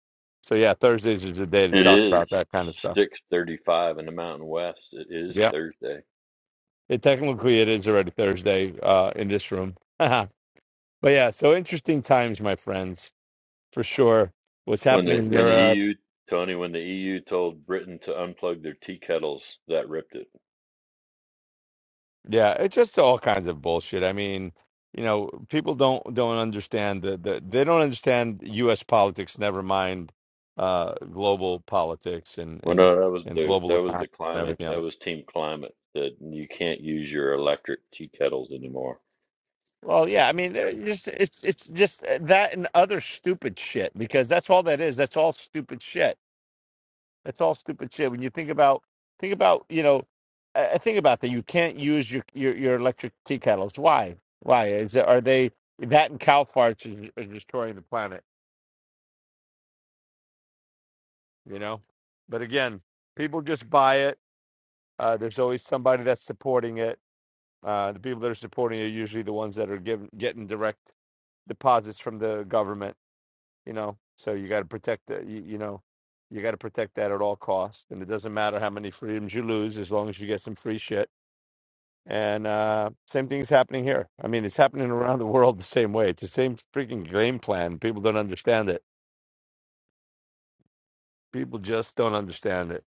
[SPEAKER 1] so yeah, Thursdays is the day to
[SPEAKER 3] It
[SPEAKER 1] talk
[SPEAKER 3] is
[SPEAKER 1] about that kind of stuff.
[SPEAKER 3] 6:35 in the Mountain West. It is
[SPEAKER 1] Yeah,
[SPEAKER 3] Thursday.
[SPEAKER 1] it technically it is already Thursday uh, in this room. but yeah, so interesting times, my friends, for sure. What's
[SPEAKER 3] When
[SPEAKER 1] happening
[SPEAKER 3] the
[SPEAKER 1] in
[SPEAKER 3] when the
[SPEAKER 1] Europe?
[SPEAKER 3] EU Tony, when the EU told Britain to unplug their tea kettles, that ripped it.
[SPEAKER 1] Yeah, it's just all kinds of bullshit. I mean, you know, people don't don't understand the, the they don't understand U.S. politics. Never mind uh, global politics and
[SPEAKER 3] Well,
[SPEAKER 1] and
[SPEAKER 3] no, that was
[SPEAKER 1] and
[SPEAKER 3] the
[SPEAKER 1] global
[SPEAKER 3] that was
[SPEAKER 1] economy
[SPEAKER 3] the
[SPEAKER 1] and
[SPEAKER 3] climate.
[SPEAKER 1] everything
[SPEAKER 3] That
[SPEAKER 1] else.
[SPEAKER 3] was Team Climate that you can't use your electric tea kettles anymore.
[SPEAKER 1] Well, yeah, I mean, it just it's it's just uh, that and other stupid shit because that's all that is. That's all stupid shit That's all stupid shit. When you think about think about you know, I, I think about that. You can't use your, your your electric tea kettles. Why? Why is it, are they that and cow farts is, is destroying the planet? You know, but again, people just buy it. Uh, there's always somebody that's supporting it. Uh, the people that are supporting it are usually the ones that are giving getting direct deposits from the government. You know, so you got to protect the you, you know. You got to protect that at all costs, and it doesn't matter how many freedoms you lose, as long as you get some free shit And uh, same thing's happening here. I mean, it's happening around the world the same way. It's the same freaking game plan. People don't understand it. People just don't understand it.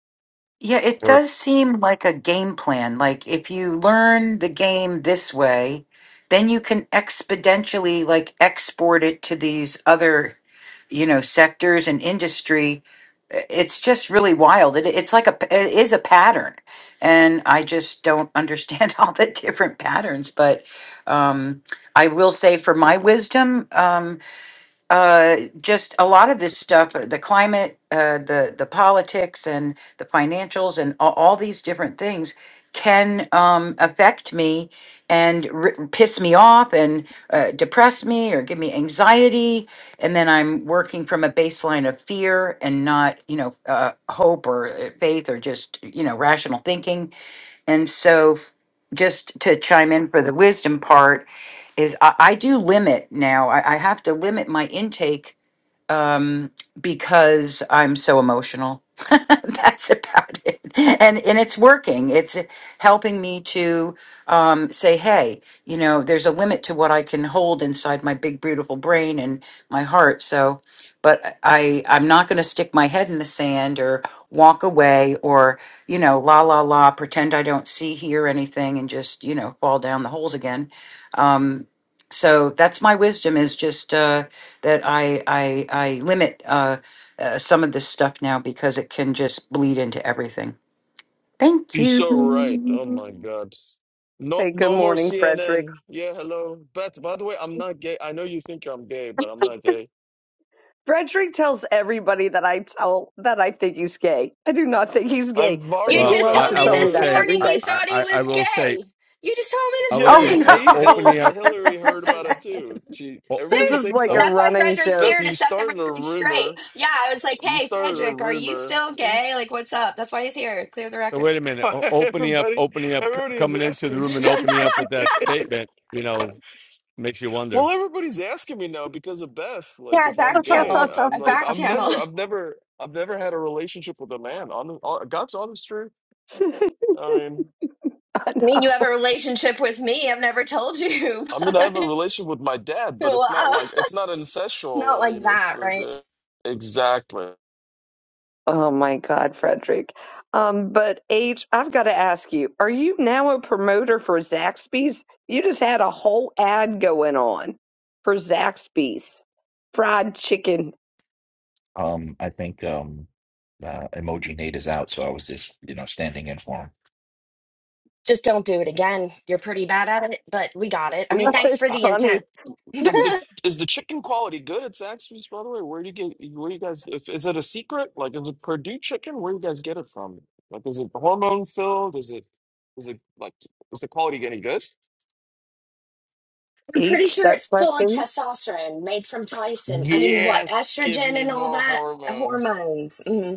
[SPEAKER 4] Yeah, it
[SPEAKER 1] Or,
[SPEAKER 4] does seem like a game plan. Like if you learn the game this way, then you can exponentially like export it to these other, you know, sectors and industry. It's just really wild. It, it's like a it is a pattern. And I just don't understand all the different patterns, but um I will say for my wisdom, um, uh, just a lot of this stuff, uh, the climate, uh, the the politics, and the financials, and all, all these different things can um, affect me and r- piss me off and uh, depress me or give me anxiety and then i'm working from a baseline of fear and not you know uh, hope or uh, faith or just you know rational thinking and so, just to chime in for the wisdom part, is I, I do limit now. I, I have to limit my intake um, because I'm so emotional. That's about it. And and it's working. It's helping me to um, say, hey, you know, there's a limit to what I can hold inside my big, beautiful brain and my heart. So, but I I'm not going to stick my head in the sand or walk away or you know, la la la, pretend I don't see, hear anything, and just you know, fall down the holes again. Um, so that's my wisdom is just. Uh, that I I I limit uh, uh, some of this stuff now because it can just bleed into everything. Thank
[SPEAKER 13] She's
[SPEAKER 4] you.
[SPEAKER 13] so right. Oh my God. No,
[SPEAKER 2] Hey, good
[SPEAKER 13] no more
[SPEAKER 2] morning, Frederick.
[SPEAKER 13] CNN. Yeah, hello. But by the way, I'm not gay. I know you think I'm gay, but I'm not gay.
[SPEAKER 2] Frederick tells everybody that I tell that I think he's gay. I do not think he's gay,
[SPEAKER 13] I'm far
[SPEAKER 2] but
[SPEAKER 12] You
[SPEAKER 2] he
[SPEAKER 1] well,
[SPEAKER 13] from
[SPEAKER 12] just
[SPEAKER 13] it.
[SPEAKER 1] I,
[SPEAKER 2] loves
[SPEAKER 12] told
[SPEAKER 2] to
[SPEAKER 13] I'm
[SPEAKER 1] I
[SPEAKER 12] me
[SPEAKER 2] tell
[SPEAKER 1] will
[SPEAKER 2] me
[SPEAKER 12] this
[SPEAKER 13] never.
[SPEAKER 2] that
[SPEAKER 1] say,
[SPEAKER 2] every
[SPEAKER 12] morning
[SPEAKER 1] I,
[SPEAKER 12] you
[SPEAKER 2] day.
[SPEAKER 1] I,
[SPEAKER 12] thought he
[SPEAKER 1] I I
[SPEAKER 12] was
[SPEAKER 1] will say,
[SPEAKER 12] gay. You just told me
[SPEAKER 1] I
[SPEAKER 12] this
[SPEAKER 13] Yeah,
[SPEAKER 1] will
[SPEAKER 4] Oh
[SPEAKER 13] you
[SPEAKER 1] say,
[SPEAKER 12] morning.
[SPEAKER 1] o-
[SPEAKER 13] see,
[SPEAKER 1] opening
[SPEAKER 13] Hill's
[SPEAKER 1] up.
[SPEAKER 4] no!
[SPEAKER 13] Hillary heard about it too. She,
[SPEAKER 1] O-
[SPEAKER 2] This
[SPEAKER 13] everybody
[SPEAKER 2] is
[SPEAKER 12] Serious.
[SPEAKER 13] thinks
[SPEAKER 2] like a
[SPEAKER 13] I'm.
[SPEAKER 1] op-
[SPEAKER 12] That's why
[SPEAKER 2] running
[SPEAKER 12] Frederick's
[SPEAKER 2] joke.
[SPEAKER 13] Beth,
[SPEAKER 12] here to
[SPEAKER 13] you
[SPEAKER 12] set the
[SPEAKER 13] started a
[SPEAKER 12] record straight.
[SPEAKER 13] rumor.
[SPEAKER 12] Yeah, I was like,
[SPEAKER 13] You
[SPEAKER 12] hey,
[SPEAKER 13] started a
[SPEAKER 12] Frederick, are you
[SPEAKER 13] rumor.
[SPEAKER 12] still gay? Like, what's up? That's why he's here. Clear the
[SPEAKER 1] no,
[SPEAKER 12] record.
[SPEAKER 1] wait a minute.
[SPEAKER 13] Why,
[SPEAKER 1] O- opening up,
[SPEAKER 13] Everybody,
[SPEAKER 1] opening up, c-
[SPEAKER 13] everybody is
[SPEAKER 1] coming into the
[SPEAKER 13] asking
[SPEAKER 12] yeah,
[SPEAKER 1] room and opening up
[SPEAKER 13] me.
[SPEAKER 1] with that statement. You know, Makes you wonder.
[SPEAKER 13] Well, everybody's asking me now because of Beth. Like,
[SPEAKER 12] I
[SPEAKER 13] if
[SPEAKER 12] back
[SPEAKER 13] I'm
[SPEAKER 12] Yeah.
[SPEAKER 13] gay,
[SPEAKER 12] channeled.
[SPEAKER 13] I'm
[SPEAKER 12] I
[SPEAKER 13] like,
[SPEAKER 12] back
[SPEAKER 13] I'm
[SPEAKER 12] channeled.
[SPEAKER 13] never, I've never, I've never had a relationship with a man. On on God's honest truth. I mean,
[SPEAKER 2] I
[SPEAKER 12] I mean,
[SPEAKER 2] know.
[SPEAKER 12] you have a relationship with me. I've never told you.
[SPEAKER 13] I mean, I have a relationship with my dad, but it's not
[SPEAKER 12] wow.
[SPEAKER 13] like it's not
[SPEAKER 12] It's
[SPEAKER 13] ancestral.
[SPEAKER 12] not
[SPEAKER 13] I
[SPEAKER 12] like
[SPEAKER 13] mean, it's
[SPEAKER 12] that,
[SPEAKER 13] uh,
[SPEAKER 12] right?
[SPEAKER 13] the- exactly.
[SPEAKER 2] Oh my God, Frederick. Um, but H, I've got to ask you, are you now a promoter for Zaxby's? You just had a whole ad going on for Zaxby's fried chicken.
[SPEAKER 10] Um, I think um, uh, emoji Nate is out, so I was just you know standing in for him.
[SPEAKER 12] Just don't do it again. You're pretty bad at it, but we got it. I
[SPEAKER 13] Well,
[SPEAKER 12] mean,
[SPEAKER 13] Yo, I,
[SPEAKER 12] thanks
[SPEAKER 2] It's
[SPEAKER 12] for
[SPEAKER 13] I,
[SPEAKER 12] the
[SPEAKER 2] funny.
[SPEAKER 12] intent.
[SPEAKER 13] is the is the chicken quality good at Zaxby's? By the way, where do you get? Where you guys? If, is it a secret? Like, is it Purdue chicken? Where do you guys get it from? Like, is it hormone filled? Is it is it like is the quality getting good?
[SPEAKER 12] I'm pretty
[SPEAKER 2] H,
[SPEAKER 12] sure
[SPEAKER 2] that
[SPEAKER 12] it's full of
[SPEAKER 2] question.
[SPEAKER 12] testosterone made from Tyson. I mean, what?
[SPEAKER 13] Yes, give
[SPEAKER 12] Estrogen
[SPEAKER 13] me
[SPEAKER 12] and all
[SPEAKER 13] more
[SPEAKER 12] that? The
[SPEAKER 13] hormones.
[SPEAKER 12] hormones. Mm-hmm.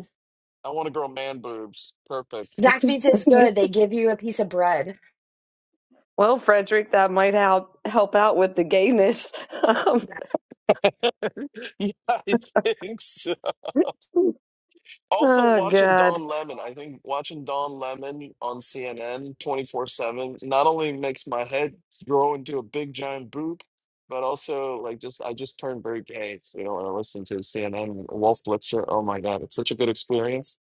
[SPEAKER 13] I want to grow man boobs. Perfect.
[SPEAKER 12] Zaxby's is good. They give you a piece of bread.
[SPEAKER 2] Well, Frederick, that might help help out with the gayness.
[SPEAKER 13] yeah, I think so. Also,
[SPEAKER 2] Um, oh
[SPEAKER 13] watching
[SPEAKER 2] God,
[SPEAKER 13] Don Lemon, I think watching Don Lemon on CNN 24 7 not only makes my head grow into a big giant boob, but also, like, just I just turned very gay, you know, when I listen to CNN Wolf Blitzer. Oh my God, it's such a good experience.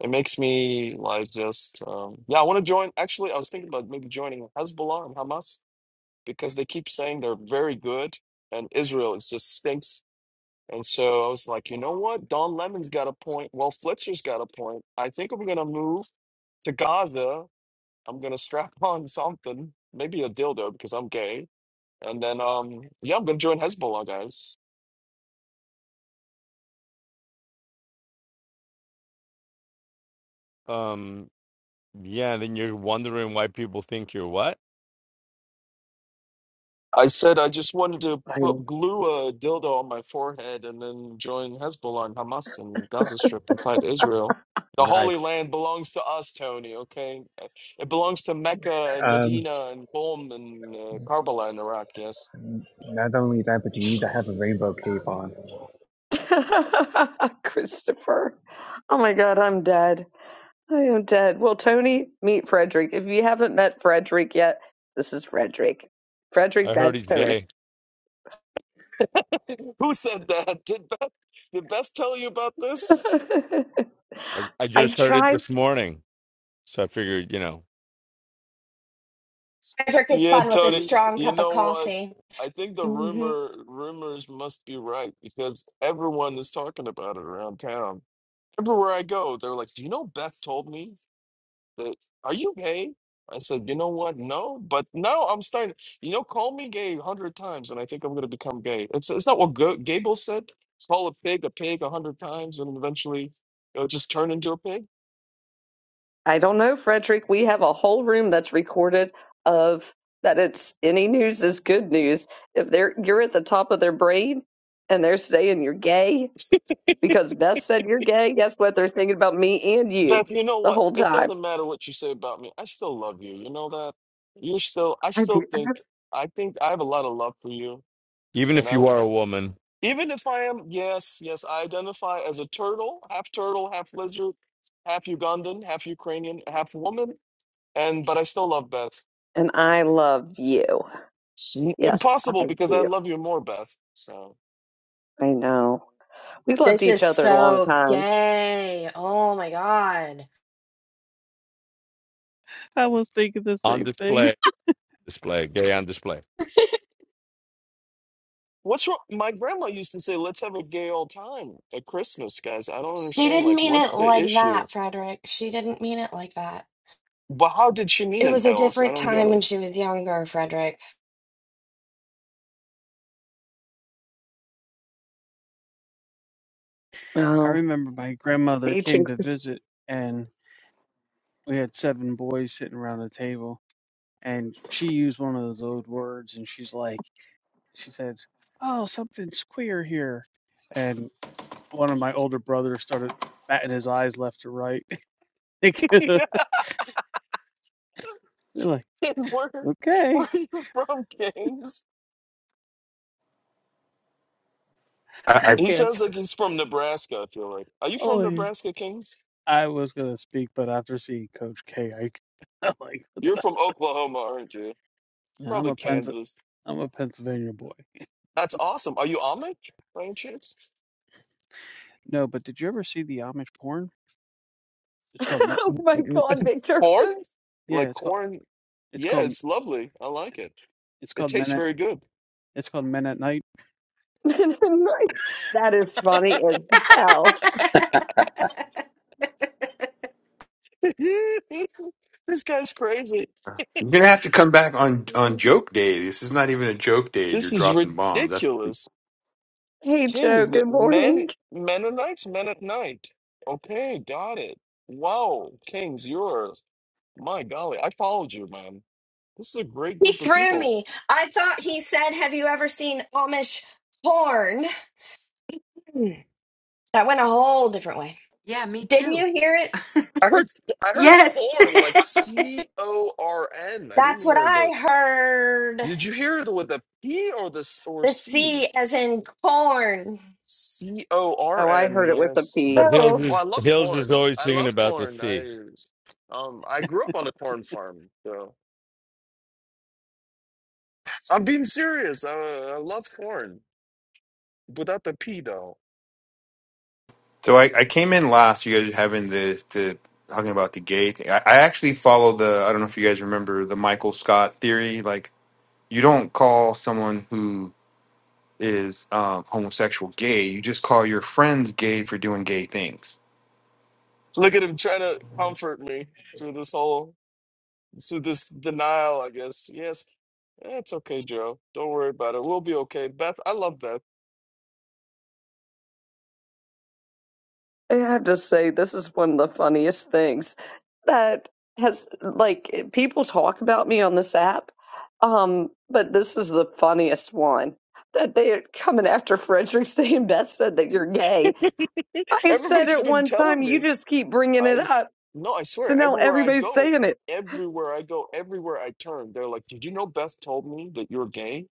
[SPEAKER 13] It makes me like just, um, yeah, I want to join. Actually, I was thinking about maybe joining Hezbollah and Hamas because they keep saying they're very good and Israel is just stinks. And so I was like, you know what? Don Lemon's got a point. Well, Flitzer's got a point. I think I'm going to move to Gaza. I'm going to strap on something, maybe a dildo because I'm gay. And then, um, yeah, I'm going to join Hezbollah, guys.
[SPEAKER 1] Um, yeah, then you're wondering why people think you're what?
[SPEAKER 13] I said I just wanted to put glue a dildo on my forehead and then join Hezbollah and Hamas and Gaza Strip and fight Israel. The Holy
[SPEAKER 1] Nice.
[SPEAKER 13] Land belongs to us, Tony. Okay, it belongs to Mecca and
[SPEAKER 7] Um,
[SPEAKER 13] Medina and Qom and uh, Karbala in Iraq. Yes.
[SPEAKER 7] not only that, but you need to have a rainbow cape on.
[SPEAKER 2] Christopher. Oh my God, I'm dead. I am dead. Well, Tony, meet Frederick. If you haven't met Frederick yet, this is Frederick. Frederick,
[SPEAKER 1] I heard
[SPEAKER 2] that's
[SPEAKER 1] he's
[SPEAKER 2] Tony.
[SPEAKER 1] gay.
[SPEAKER 13] Who said that? Did Beth? Did Beth tell you about this?
[SPEAKER 1] I, I
[SPEAKER 2] I
[SPEAKER 1] just heard it
[SPEAKER 2] tried.
[SPEAKER 1] this morning. So I figured, you know,
[SPEAKER 12] Frederick is
[SPEAKER 13] Yeah,
[SPEAKER 12] fun with a
[SPEAKER 13] Tony.
[SPEAKER 12] strong
[SPEAKER 13] You
[SPEAKER 12] cup of
[SPEAKER 13] know what?
[SPEAKER 12] coffee.
[SPEAKER 13] I think the
[SPEAKER 12] hmm
[SPEAKER 13] rumor rumors must be right because everyone is talking about it around town. everywhere I go, they're like, "Do you know Beth told me that? Are you gay?" I said, "You know what? No, but now I'm starting. You know, call me gay a hundred times, and I think I'm going to become gay. It's it's not what Go- Gable said. Call a pig a pig a hundred times, and eventually it'll just turn into a pig."
[SPEAKER 2] I don't know, Frederick. We have a whole room that's recorded of that it's any news is good news. If they're you're at the top of their brain and they're saying you're gay because Beth said you're gay, guess what? They're thinking about me and you
[SPEAKER 13] Beth, you know
[SPEAKER 2] the
[SPEAKER 13] what?
[SPEAKER 2] whole
[SPEAKER 13] It
[SPEAKER 2] time.
[SPEAKER 13] doesn't matter what you say about me. I still love you. You know that. You're still. I
[SPEAKER 2] I do.
[SPEAKER 13] still think. I think I have a lot of love for you,
[SPEAKER 1] even
[SPEAKER 13] and
[SPEAKER 1] if
[SPEAKER 13] I.
[SPEAKER 1] you are a woman
[SPEAKER 13] Even if I am, yes, yes, I identify as a turtle, half turtle, half lizard, half Ugandan, half Ukrainian, half woman, and but I still love Beth.
[SPEAKER 2] And I love you.
[SPEAKER 13] N-
[SPEAKER 2] Yes,
[SPEAKER 13] Impossible
[SPEAKER 2] I
[SPEAKER 13] because I
[SPEAKER 2] do.
[SPEAKER 13] love you more, Beth. So
[SPEAKER 2] I know. We loved
[SPEAKER 12] This
[SPEAKER 2] each
[SPEAKER 12] is
[SPEAKER 2] other a long
[SPEAKER 12] so
[SPEAKER 2] time.
[SPEAKER 12] gay. Oh my God.
[SPEAKER 6] I was thinking the
[SPEAKER 1] on
[SPEAKER 6] same thing.
[SPEAKER 1] display, display, gay on display.
[SPEAKER 13] what's wrong? My grandma used to say, "Let's have a gay old time at Christmas, guys." I don't
[SPEAKER 12] She
[SPEAKER 13] understand.
[SPEAKER 12] didn't
[SPEAKER 13] Like,
[SPEAKER 12] mean
[SPEAKER 13] what's
[SPEAKER 12] it
[SPEAKER 13] the
[SPEAKER 12] like
[SPEAKER 13] issue?
[SPEAKER 12] that, Frederick. She didn't mean it like that.
[SPEAKER 13] But how did she mean
[SPEAKER 12] It
[SPEAKER 13] it,
[SPEAKER 12] was a
[SPEAKER 13] Hells? I
[SPEAKER 12] different
[SPEAKER 13] don't get
[SPEAKER 12] time when
[SPEAKER 13] it.
[SPEAKER 12] she was younger, Frederick.
[SPEAKER 6] I
[SPEAKER 2] Oh.
[SPEAKER 6] remember my grandmother
[SPEAKER 2] H and
[SPEAKER 6] came to
[SPEAKER 2] Chris.
[SPEAKER 6] visit, and we had seven boys sitting around the table. and she used one of those old words and she's like she said oh something's queer here and one of my older brothers started batting his eyes left to right we are
[SPEAKER 13] yeah,
[SPEAKER 6] like
[SPEAKER 13] and where where
[SPEAKER 6] okay
[SPEAKER 13] are you from, Kings?
[SPEAKER 14] I, I,
[SPEAKER 6] i
[SPEAKER 13] He
[SPEAKER 6] can't
[SPEAKER 13] sounds like he's from Nebraska. I feel like. Are you from
[SPEAKER 6] only
[SPEAKER 13] Nebraska, Kings?
[SPEAKER 6] i was gonna speak but after seeing coach k i I'm like what
[SPEAKER 13] You're
[SPEAKER 6] the?
[SPEAKER 13] from Oklahoma, aren't you?
[SPEAKER 6] Yeah, i'm
[SPEAKER 13] Probably
[SPEAKER 6] a Pens-
[SPEAKER 13] Kansas.
[SPEAKER 6] i'm a pennsylvania boy
[SPEAKER 13] That's awesome. Are you Amish by any chance?
[SPEAKER 6] no but did you ever see the amish porn it's called Me-
[SPEAKER 2] Oh my God, Victor.
[SPEAKER 13] Corn?
[SPEAKER 6] yeah
[SPEAKER 13] Like
[SPEAKER 6] it's called
[SPEAKER 13] corn?
[SPEAKER 6] it's
[SPEAKER 13] Yeah,
[SPEAKER 6] called
[SPEAKER 13] it's lovely. I like
[SPEAKER 6] it's,
[SPEAKER 13] it.
[SPEAKER 6] it's
[SPEAKER 13] It
[SPEAKER 6] called
[SPEAKER 13] tastes
[SPEAKER 6] men at
[SPEAKER 13] very good.
[SPEAKER 6] it's called men at night
[SPEAKER 2] that is funny as hell.
[SPEAKER 13] This guy's crazy.
[SPEAKER 14] you're gonna have to come back on on joke day. This is not even a joke day.
[SPEAKER 13] This
[SPEAKER 14] You're
[SPEAKER 13] is
[SPEAKER 14] dropping bombs. That's
[SPEAKER 13] ridiculous.
[SPEAKER 2] Hey Joe,
[SPEAKER 13] Kings, the
[SPEAKER 2] good
[SPEAKER 13] men,
[SPEAKER 2] morning.
[SPEAKER 13] Mennonites, men at night. Okay, got it. Wow, Kings, you're, my golly, I followed you, man. This is a great
[SPEAKER 12] He
[SPEAKER 13] group of
[SPEAKER 12] threw
[SPEAKER 13] people.
[SPEAKER 12] me. I thought he said, Have you ever seen Amish porn? Hmm. That went a whole different way.
[SPEAKER 4] Yeah, me
[SPEAKER 12] Didn't
[SPEAKER 4] too.
[SPEAKER 12] you hear it?
[SPEAKER 13] I heard I heard
[SPEAKER 4] yes.
[SPEAKER 13] corn like C O R N. I didn't
[SPEAKER 12] That's what
[SPEAKER 13] hear the.
[SPEAKER 12] I heard.
[SPEAKER 13] Did you hear the with the P or the s- or
[SPEAKER 12] The
[SPEAKER 13] C?
[SPEAKER 12] C as in corn.
[SPEAKER 13] C O R
[SPEAKER 2] Oh, I
[SPEAKER 13] N.
[SPEAKER 2] heard it with a
[SPEAKER 13] Yes.
[SPEAKER 2] P.
[SPEAKER 1] But Hills
[SPEAKER 12] Oh,
[SPEAKER 13] Oh, I
[SPEAKER 1] is
[SPEAKER 13] love
[SPEAKER 1] Hills is
[SPEAKER 13] corn.
[SPEAKER 1] always
[SPEAKER 13] I
[SPEAKER 1] thinking
[SPEAKER 13] love
[SPEAKER 1] about the
[SPEAKER 13] corn.
[SPEAKER 1] sea,
[SPEAKER 13] I um I grew up on a corn farm, so I'm being serious. I, I love corn without the P though.
[SPEAKER 14] so. I, I came in last. You guys were having the the talking about the gay thing. I, I actually follow the. I don't know if you guys remember the Michael Scott theory. Like you don't call someone who is um, homosexual gay. You just call your friends gay for doing gay things.
[SPEAKER 13] Look at him trying to comfort me through this whole through this denial. I guess yes. Eh, It's okay, Joe. Don't worry about it. We'll be okay. Beth, I love Beth.
[SPEAKER 2] I have to say, this is one of the funniest things that has like people talk about me on this app. Um, but this is the funniest one that they are coming after Frederick saying Beth said that you're gay. I said
[SPEAKER 13] Everybody's
[SPEAKER 2] it
[SPEAKER 13] been
[SPEAKER 2] one time,
[SPEAKER 13] telling
[SPEAKER 2] you
[SPEAKER 13] me.
[SPEAKER 2] just keep bringing
[SPEAKER 13] I
[SPEAKER 2] it
[SPEAKER 13] s-
[SPEAKER 2] up.
[SPEAKER 13] no, I
[SPEAKER 2] So
[SPEAKER 13] swear,
[SPEAKER 2] now
[SPEAKER 13] everywhere I
[SPEAKER 2] everybody's
[SPEAKER 13] go,
[SPEAKER 2] saying it.
[SPEAKER 13] everywhere I go, everywhere I turn, they're like, "Did you know Beth told me that you're gay?"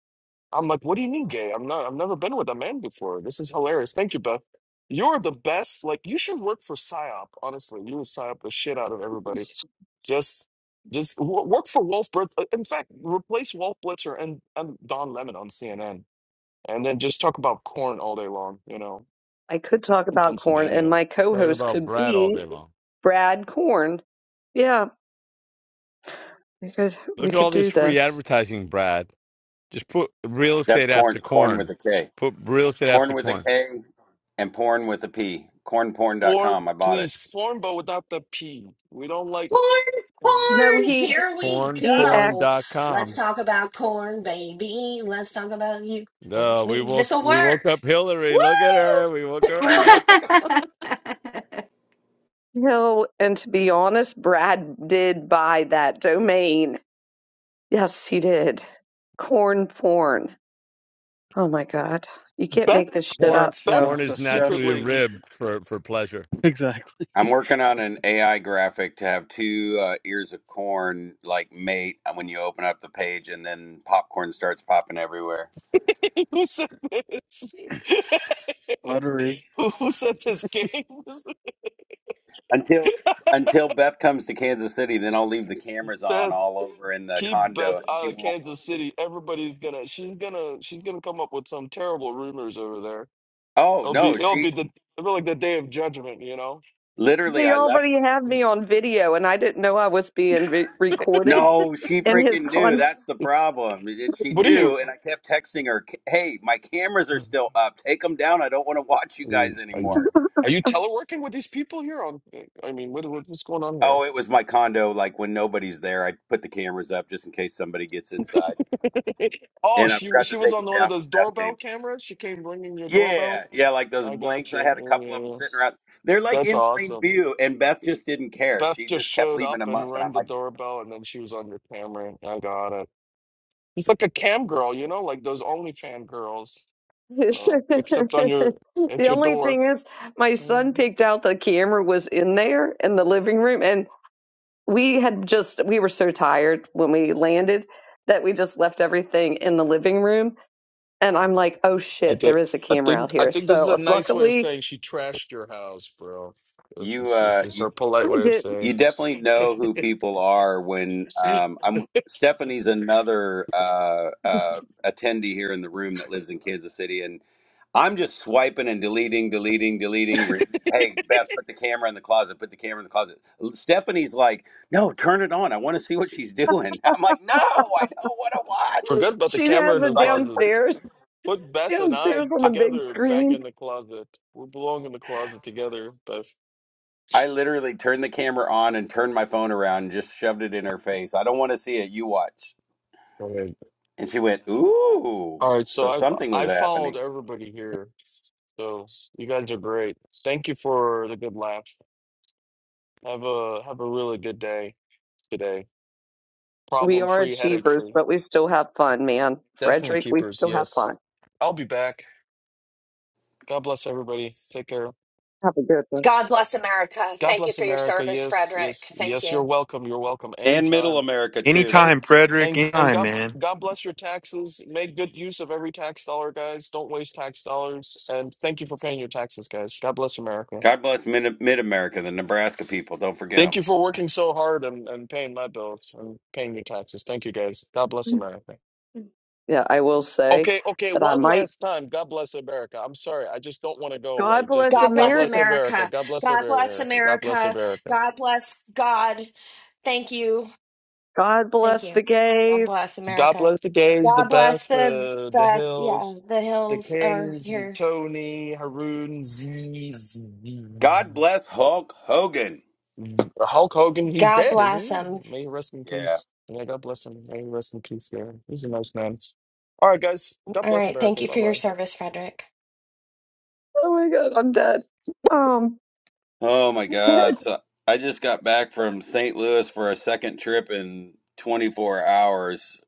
[SPEAKER 13] I'm like, "What do you mean gay? I'm not. I've never been with a man before. This is hilarious. Thank you, Beth. You're the best. Like, you should work for psyop. Honestly, you would psyop the shit out of everybody. Just." Just wo- work for Wolf Blitz. uh, In fact, replace Wolf Blitzer and, and Don Lemon on CNN, and then just talk about corn all day long. You know,
[SPEAKER 2] I could talk
[SPEAKER 13] in
[SPEAKER 2] about corn, and
[SPEAKER 13] Pennsylvania.
[SPEAKER 2] my
[SPEAKER 1] talking
[SPEAKER 2] co-host
[SPEAKER 1] about
[SPEAKER 2] could
[SPEAKER 1] Brad all
[SPEAKER 2] be
[SPEAKER 1] day long.
[SPEAKER 2] Brad Corn. Yeah, we could we
[SPEAKER 1] Look at
[SPEAKER 2] could
[SPEAKER 1] all this
[SPEAKER 2] do
[SPEAKER 1] free
[SPEAKER 2] this.
[SPEAKER 1] advertising, Brad. Just put real
[SPEAKER 15] That's
[SPEAKER 1] estate
[SPEAKER 15] corn
[SPEAKER 1] after
[SPEAKER 15] corn with
[SPEAKER 1] corn.
[SPEAKER 15] a K.
[SPEAKER 1] Put real estate after
[SPEAKER 15] Corn with a
[SPEAKER 1] corn.
[SPEAKER 15] K and porn with a P.
[SPEAKER 13] Form,
[SPEAKER 15] Cornporn.com. I bought it.
[SPEAKER 13] please. Form, but without the P. We don't like.
[SPEAKER 12] corn,
[SPEAKER 13] uh,
[SPEAKER 2] No,
[SPEAKER 12] corn,
[SPEAKER 2] he
[SPEAKER 12] here we
[SPEAKER 2] he act
[SPEAKER 12] go. Let's
[SPEAKER 1] Cornporn.com.
[SPEAKER 12] talk about corn, baby. Let's talk about you and
[SPEAKER 1] No, we
[SPEAKER 12] me.
[SPEAKER 1] woke
[SPEAKER 12] This'll
[SPEAKER 1] we woke
[SPEAKER 12] work.
[SPEAKER 1] up Hillary.
[SPEAKER 12] Woo!
[SPEAKER 1] Look at her. We woke her up.
[SPEAKER 12] Corn.
[SPEAKER 2] no, and to be honest, Brad did buy that domain. Yes, he did. Corn porn. Oh my god. You can't
[SPEAKER 13] Bet,
[SPEAKER 2] make this shit
[SPEAKER 6] that
[SPEAKER 1] Corn
[SPEAKER 2] up.
[SPEAKER 13] bet
[SPEAKER 1] corn
[SPEAKER 6] sounds
[SPEAKER 1] is naturally
[SPEAKER 6] disgusting
[SPEAKER 13] secretly.
[SPEAKER 1] ribbed for for pleasure.
[SPEAKER 6] Exactly.
[SPEAKER 15] I'm working on an AI graphic to have two uh, ears of corn like mate uh, when you open up the page, and then popcorn starts popping everywhere.
[SPEAKER 13] Who said this?
[SPEAKER 6] Lottery.
[SPEAKER 13] Who who said this game?
[SPEAKER 15] Until until Beth comes to Kansas City, then I'll leave the cameras on
[SPEAKER 13] Bet,
[SPEAKER 15] all over in the
[SPEAKER 13] keep
[SPEAKER 15] condo,
[SPEAKER 13] Beth
[SPEAKER 15] and she
[SPEAKER 13] out of
[SPEAKER 15] won't.
[SPEAKER 13] Kansas City. Everybody's gonna. She's gonna. She's gonna come up with some terrible rumors over there.
[SPEAKER 15] Oh
[SPEAKER 13] It'll be.
[SPEAKER 15] no,
[SPEAKER 13] It'll
[SPEAKER 15] she
[SPEAKER 13] be the. It'll be like the day of judgment. You know.
[SPEAKER 15] literally.
[SPEAKER 2] They
[SPEAKER 15] I left.
[SPEAKER 2] already had me on video and I didn't know I was being vi- recorded
[SPEAKER 15] No, she
[SPEAKER 2] And his
[SPEAKER 15] freaking knew.
[SPEAKER 2] con
[SPEAKER 15] That's the problem. And She
[SPEAKER 13] What are you?
[SPEAKER 15] knew, and I kept texting her, "Hey, my cameras are
[SPEAKER 13] Are
[SPEAKER 15] still up. Take them down. I don't want to watch you
[SPEAKER 13] you?
[SPEAKER 15] guys
[SPEAKER 13] Are you,
[SPEAKER 15] anymore."
[SPEAKER 13] are you teleworking with these people here? On. I mean, what, what's going on here?
[SPEAKER 15] Oh, it was my condo. Like when nobody's there, I put the cameras up just in case somebody gets inside.
[SPEAKER 13] oh,
[SPEAKER 15] And I
[SPEAKER 13] she
[SPEAKER 15] forgot
[SPEAKER 13] she
[SPEAKER 15] to
[SPEAKER 13] was
[SPEAKER 15] take
[SPEAKER 13] on
[SPEAKER 15] them
[SPEAKER 13] one of
[SPEAKER 15] down
[SPEAKER 13] those
[SPEAKER 15] when Beth
[SPEAKER 13] doorbell
[SPEAKER 15] came.
[SPEAKER 13] cameras. She came ringing your
[SPEAKER 15] Yeah,
[SPEAKER 13] doorbell.
[SPEAKER 15] yeah, like those
[SPEAKER 13] I got
[SPEAKER 15] blinks. I
[SPEAKER 13] you.
[SPEAKER 15] had a
[SPEAKER 13] Yeah,
[SPEAKER 15] couple
[SPEAKER 13] yeah,
[SPEAKER 15] of them
[SPEAKER 13] yeah.
[SPEAKER 15] sitting around. They're like
[SPEAKER 13] That's
[SPEAKER 15] in plain
[SPEAKER 13] awesome.
[SPEAKER 15] view, and Beth just didn't care.
[SPEAKER 13] Beth
[SPEAKER 15] She
[SPEAKER 13] just
[SPEAKER 15] just kept
[SPEAKER 13] showed
[SPEAKER 15] leaving
[SPEAKER 13] up
[SPEAKER 15] them
[SPEAKER 13] and
[SPEAKER 15] up, and
[SPEAKER 13] rang
[SPEAKER 15] I'm
[SPEAKER 13] the
[SPEAKER 15] like,
[SPEAKER 13] doorbell, and then she was on your camera. I got it. It's like a cam girl, you know, like those OnlyFan girls. So, except on
[SPEAKER 2] The
[SPEAKER 13] your at your
[SPEAKER 2] only
[SPEAKER 13] door.
[SPEAKER 2] thing is my son
[SPEAKER 13] Mhm.
[SPEAKER 2] picked out the camera was in there in the living room and we had just we were so tired when we landed that we just left everything in the living room and i'm like oh
[SPEAKER 13] I
[SPEAKER 2] shit
[SPEAKER 13] think
[SPEAKER 2] there is a
[SPEAKER 13] I
[SPEAKER 2] camera out
[SPEAKER 13] think I
[SPEAKER 2] here
[SPEAKER 13] think this is a
[SPEAKER 2] so
[SPEAKER 13] nice way of
[SPEAKER 2] luckily
[SPEAKER 13] saying she trashed your house, bro. This
[SPEAKER 15] "You,
[SPEAKER 13] is this
[SPEAKER 15] uh,
[SPEAKER 13] is
[SPEAKER 15] you
[SPEAKER 13] her polite
[SPEAKER 2] i
[SPEAKER 13] way of
[SPEAKER 2] did
[SPEAKER 15] you
[SPEAKER 13] saying.
[SPEAKER 15] definitely know who people are when um, I'm. Stephanie's another uh, uh, attendee here in the room that lives in Kansas City, and I'm just swiping and deleting, deleting, deleting. re- Hey, Beth, put the camera in the closet. Put the camera in the closet. Stephanie's like, no, turn it on. I want to see what she's doing. I'm like, no, I don't want to watch.
[SPEAKER 2] not
[SPEAKER 13] Forget about the
[SPEAKER 2] she
[SPEAKER 13] camera
[SPEAKER 2] has
[SPEAKER 13] in the
[SPEAKER 2] it
[SPEAKER 15] So I just,
[SPEAKER 13] closet.
[SPEAKER 2] downstairs
[SPEAKER 13] Put Beth and I
[SPEAKER 2] downstairs on the
[SPEAKER 15] I
[SPEAKER 2] big
[SPEAKER 13] together back
[SPEAKER 2] screen
[SPEAKER 13] in the closet. We belong in the closet together, Beth.
[SPEAKER 15] I literally turned the camera on and turned my phone around and just shoved it in her face. I don't want to see it. You watch.
[SPEAKER 13] All right.
[SPEAKER 15] And she went, ooh.
[SPEAKER 13] All right. So
[SPEAKER 15] So
[SPEAKER 13] I
[SPEAKER 15] something was
[SPEAKER 13] I followed
[SPEAKER 15] happening.
[SPEAKER 13] everybody here. So you guys are great. Thank you for the good laugh. Have a have a really good day today.
[SPEAKER 2] we
[SPEAKER 13] Problem
[SPEAKER 2] are
[SPEAKER 13] free, headache
[SPEAKER 2] achievers
[SPEAKER 13] free.
[SPEAKER 2] but we still have fun man
[SPEAKER 13] Definitely
[SPEAKER 2] frederick we
[SPEAKER 13] keepers.
[SPEAKER 2] still have
[SPEAKER 13] Yes.
[SPEAKER 2] fun
[SPEAKER 13] I'll be back. God bless everybody. Take care.
[SPEAKER 2] have a good
[SPEAKER 12] God bless America.
[SPEAKER 13] God
[SPEAKER 12] Thank you
[SPEAKER 13] bless
[SPEAKER 12] for your
[SPEAKER 13] America.
[SPEAKER 12] service,
[SPEAKER 13] Yes.
[SPEAKER 12] Frederick.
[SPEAKER 13] Yes.
[SPEAKER 12] Thank
[SPEAKER 13] Yes. You're
[SPEAKER 12] you.
[SPEAKER 13] welcome. You're welcome
[SPEAKER 15] And middle
[SPEAKER 13] anytime.
[SPEAKER 15] America, too.
[SPEAKER 13] And
[SPEAKER 14] Anytime, Frederick.
[SPEAKER 13] and and
[SPEAKER 14] Anytime,
[SPEAKER 13] God
[SPEAKER 14] man.
[SPEAKER 13] God bless your taxes. Make good use of every tax dollar, guys. Don't waste tax dollars. And thank you for paying your taxes, guys. God bless America.
[SPEAKER 15] God bless mid America, the Nebraska people. Don't forget
[SPEAKER 13] Thank
[SPEAKER 15] them.
[SPEAKER 13] you for working so hard and, and paying my bills and paying your taxes. Thank you, guys. God bless
[SPEAKER 2] one
[SPEAKER 13] America.
[SPEAKER 2] yeah i will say
[SPEAKER 13] Okay, okay.
[SPEAKER 2] that i
[SPEAKER 13] One
[SPEAKER 2] might
[SPEAKER 13] last time. God bless America. I'm sorry. I just don't want to go
[SPEAKER 2] god
[SPEAKER 13] away just
[SPEAKER 2] bless
[SPEAKER 13] yet.
[SPEAKER 12] God
[SPEAKER 13] God
[SPEAKER 12] bless
[SPEAKER 13] bless
[SPEAKER 2] america
[SPEAKER 13] America.
[SPEAKER 12] America.
[SPEAKER 13] God bless
[SPEAKER 12] God bless
[SPEAKER 13] America. God bless
[SPEAKER 12] America.
[SPEAKER 13] America.
[SPEAKER 12] God bless God. Thank you.
[SPEAKER 2] god
[SPEAKER 12] Thank
[SPEAKER 2] bless
[SPEAKER 12] you.
[SPEAKER 2] the
[SPEAKER 12] God
[SPEAKER 2] gays
[SPEAKER 12] bless
[SPEAKER 13] So God
[SPEAKER 12] America.
[SPEAKER 13] bless the gays, the
[SPEAKER 12] God bless
[SPEAKER 13] Beth,
[SPEAKER 12] the
[SPEAKER 13] uh, the
[SPEAKER 12] best. Yeah,
[SPEAKER 13] Hills,
[SPEAKER 12] the
[SPEAKER 13] the
[SPEAKER 12] hills are
[SPEAKER 13] Kings, the
[SPEAKER 12] here.
[SPEAKER 13] Tony, Haroon, Z, Z-
[SPEAKER 15] God bless Hulk Hogan.
[SPEAKER 13] Z- Hulk Hogan. He's
[SPEAKER 12] God
[SPEAKER 13] dead, isn't
[SPEAKER 12] bless
[SPEAKER 13] he?
[SPEAKER 12] 'em.
[SPEAKER 13] May he rest in
[SPEAKER 15] Yeah.
[SPEAKER 13] peace. Yeah, God bless him. May he rest in peace. Yeah, he's a nice man. All right, guys. God
[SPEAKER 12] All
[SPEAKER 13] bless
[SPEAKER 12] right.
[SPEAKER 13] America.
[SPEAKER 12] Thank you
[SPEAKER 13] Bye
[SPEAKER 12] for your
[SPEAKER 13] bye.
[SPEAKER 12] service, Frederick.
[SPEAKER 2] oh my god i'm dead um
[SPEAKER 15] Oh, my God. So I just got back from St. Louis for a second trip in 24 hours.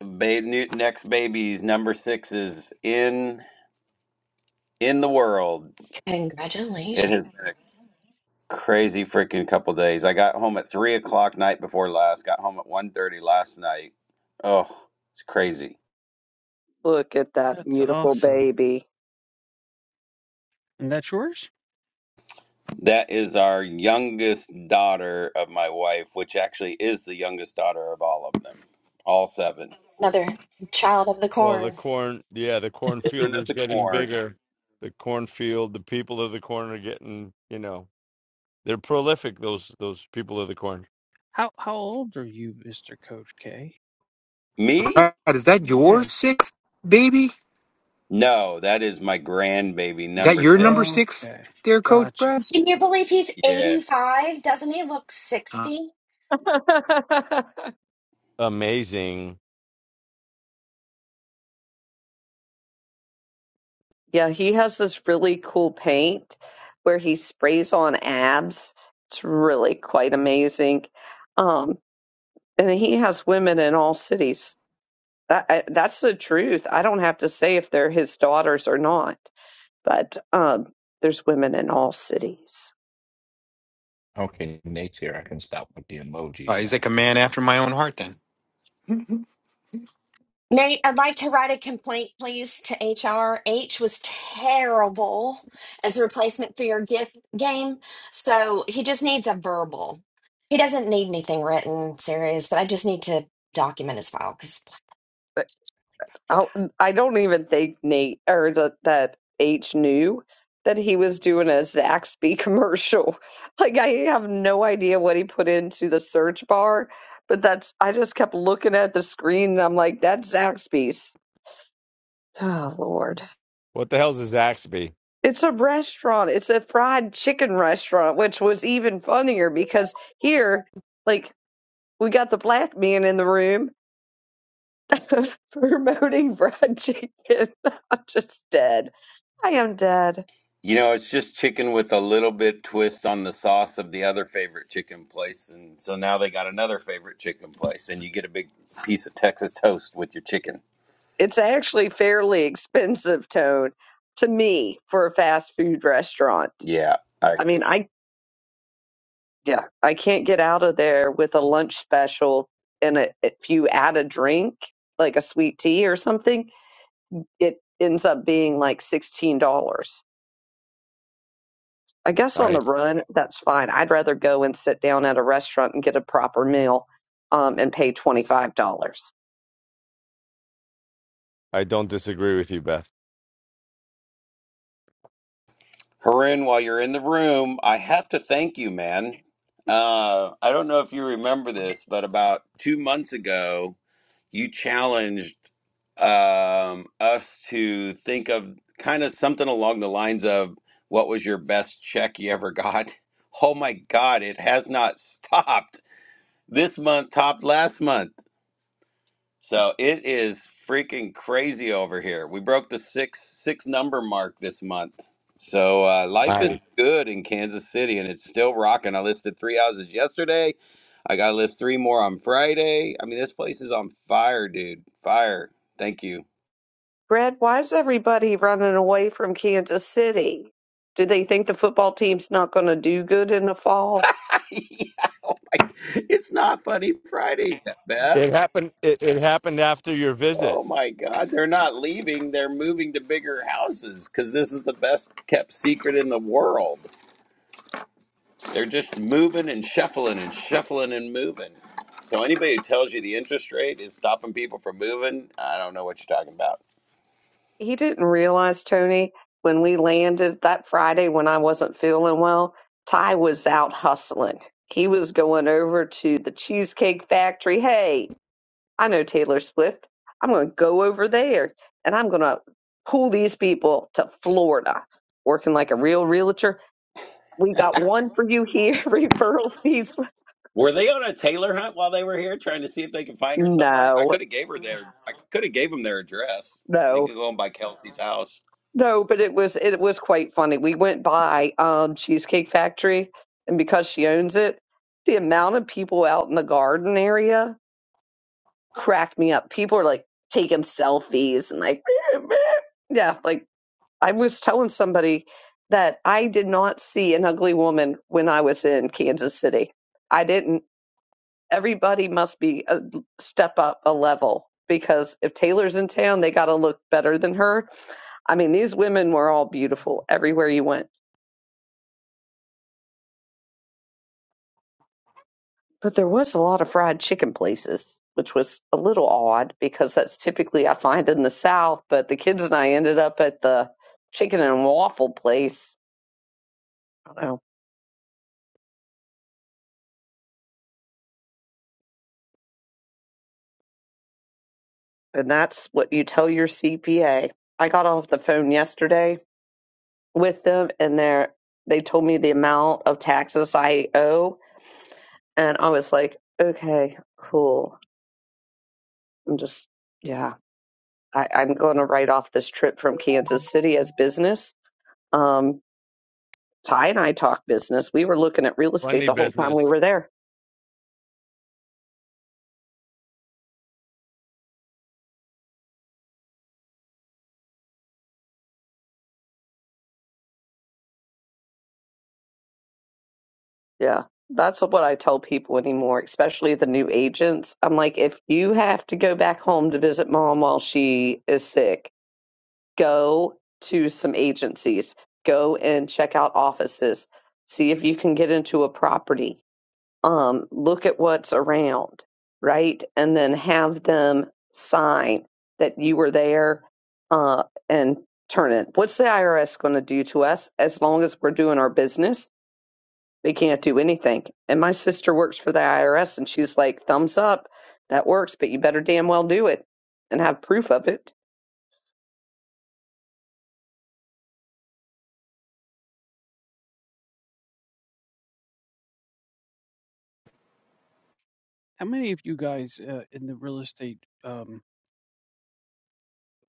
[SPEAKER 15] Ba- new, next baby's number six is in in the world. It
[SPEAKER 12] Congratulations.
[SPEAKER 15] has. been. crazy freaking couple days. I got home at three o'clock night before last. Got home at one thirty last night. Oh, it's crazy.
[SPEAKER 2] Look at that
[SPEAKER 6] That's
[SPEAKER 2] beautiful
[SPEAKER 6] awesome.
[SPEAKER 2] baby.
[SPEAKER 6] And that's yours?
[SPEAKER 15] That is our youngest daughter of my wife, which actually is the youngest daughter of all of them, all seven
[SPEAKER 12] Another child of the
[SPEAKER 1] Well, the
[SPEAKER 12] corn.
[SPEAKER 1] corn, yeah, the
[SPEAKER 15] children
[SPEAKER 1] cornfield
[SPEAKER 15] of
[SPEAKER 1] is
[SPEAKER 15] the
[SPEAKER 1] getting
[SPEAKER 15] corn.
[SPEAKER 1] bigger. The cornfield, the people of the corn are getting, you know, They're prolific. Those those people of the corn.
[SPEAKER 6] How how old are you, Mr. Coach K?
[SPEAKER 15] Me?
[SPEAKER 14] Brad, is that your
[SPEAKER 6] Yeah.
[SPEAKER 14] sixth baby?
[SPEAKER 15] No, that is my grandbaby
[SPEAKER 14] That
[SPEAKER 15] number
[SPEAKER 14] your number
[SPEAKER 15] six.
[SPEAKER 14] six,
[SPEAKER 6] Okay.
[SPEAKER 14] there, Coach
[SPEAKER 6] Gotcha.
[SPEAKER 14] Brad?
[SPEAKER 12] Can you believe he's
[SPEAKER 15] Yeah.
[SPEAKER 12] 85? Doesn't he look 60?
[SPEAKER 1] Amazing.
[SPEAKER 2] Yeah, he has this really cool paint where he sprays on abs. It's really quite amazing. Um, and he has women in all cities. That I, that's the truth. I don't have to say if they're his daughters or not, but um, there's women in all cities.
[SPEAKER 10] Okay, Nate's here. I can stop with the
[SPEAKER 14] Uh,
[SPEAKER 10] emojis now.
[SPEAKER 14] he's like a man
[SPEAKER 10] Thank you.
[SPEAKER 14] after my own heart. Then.
[SPEAKER 12] Nate, I'd like to write a complaint, please, to HR. H was terrible as a replacement for your gift game. So he just needs a verbal. He doesn't need anything written, serious, but I just need to document his file because
[SPEAKER 2] I I don't even think Nate or that that H knew that he was doing a Zaxby commercial. Like I have no idea what he put into the search bar, but that's I just kept looking at the screen and I'm like, that's Zaxby's. Oh Lord.
[SPEAKER 1] What the hell's a Zaxby?
[SPEAKER 2] It's a restaurant. It's a fried chicken restaurant, which was even funnier because here, like, we got the black man in the room promoting fried chicken. I'm just dead. I am dead.
[SPEAKER 15] You know, it's just chicken with a little bit twist on the sauce of the other favorite chicken place, and so now they got another favorite chicken place, and you get a big piece of Texas toast with your chicken.
[SPEAKER 2] It's actually fairly expensive, Tone, to me for a fast food restaurant.
[SPEAKER 15] Yeah, I
[SPEAKER 2] I
[SPEAKER 15] agree.
[SPEAKER 2] mean, I yeah, I can't get out of there with a lunch special and a, if you add a drink, like a sweet tea or something, it ends up being like $16. I guess on
[SPEAKER 1] I
[SPEAKER 2] the run, that's fine. I'd rather go and sit down at a restaurant and get a proper meal um, and pay $25.
[SPEAKER 1] I don't disagree with you, Beth.
[SPEAKER 15] Haroon, while you're in the room, I have to thank you, man. Uh, I don't know if you remember this, but about two months ago, you challenged um, us to think of kind of something along the lines of what was your best check you ever got? Oh my God, it has not stopped. This month topped last month. So it is freaking crazy over here. We broke the six six number mark this month. So uh, life is
[SPEAKER 1] I
[SPEAKER 15] good in Kansas City, and it's still rocking. I listed three houses yesterday. I got to list three more on Friday. I mean, this place is on fire, dude. Fire. Thank you.
[SPEAKER 2] Brad, why is everybody running away from Kansas City? Do they think the football team's not going to do good in the fall?
[SPEAKER 15] it's not funny Friday, Beth.
[SPEAKER 1] it happened. It, it happened after your visit.
[SPEAKER 15] Oh my God, they're not leaving. They're moving to bigger houses because this is the best kept secret in the world. They're just moving and shuffling and shuffling and moving. So anybody who tells you the interest rate is stopping people from moving, I don't know what you're talking about.
[SPEAKER 2] He didn't realize, Tony, when we landed that Friday when I wasn't feeling well, Ty was out hustling. He was going over to the Cheesecake Factory. Hey, I know Taylor Swift. I'm going to go over there and I'm going to pull these people to Florida, working like a real realtor. We got one for you here, referral fees.
[SPEAKER 15] Were they on a Taylor hunt while they were here, trying to see if they could find her somewhere? I
[SPEAKER 2] No.
[SPEAKER 15] could have gave her their, I could have gave them their address. They
[SPEAKER 2] No,
[SPEAKER 15] could go and buy Kelsey's house.
[SPEAKER 2] no, but it was it was quite funny. We went by um Cheesecake Factory, and because she owns it, the amount of people out in the garden area cracked me up. People are like taking selfies and like, yeah, like I was telling somebody that I did not see an ugly woman when I was in Kansas City. I didn't. Everybody must be a step up a level because if Taylor's in town, they got to look better than her I mean, these women were all beautiful everywhere you went, but there was a lot of fried chicken places, which was a little odd because that's typically I find in the South. But the kids and I ended up at the chicken and waffle place. I don't know. And that's what you tell your CPA. I got off the phone yesterday with them and they're, they told me the amount of taxes I owe. And I was like, okay, cool. I'm just, yeah, I, I'm going to write off this trip from Kansas City as business Um, Ty and I talk business. We were looking at real estate
[SPEAKER 1] Funny
[SPEAKER 2] the whole time we
[SPEAKER 1] business.
[SPEAKER 2] were there. Yeah. That's what I tell people anymore, especially the new agents. I'm like, if you have to go back home to visit mom while she is sick, go to some agencies, go and check out offices, see if you can get into a property. um, look at what's around, right? And then have them sign that you were there uh, and turn it. What's the IRS going to do to us as long as we're doing our business? They can't do anything. And my sister works for the IRS and she's like, thumbs up, that works, but you better damn well do it and have proof of it.
[SPEAKER 6] How many of you guys uh, in the real estate um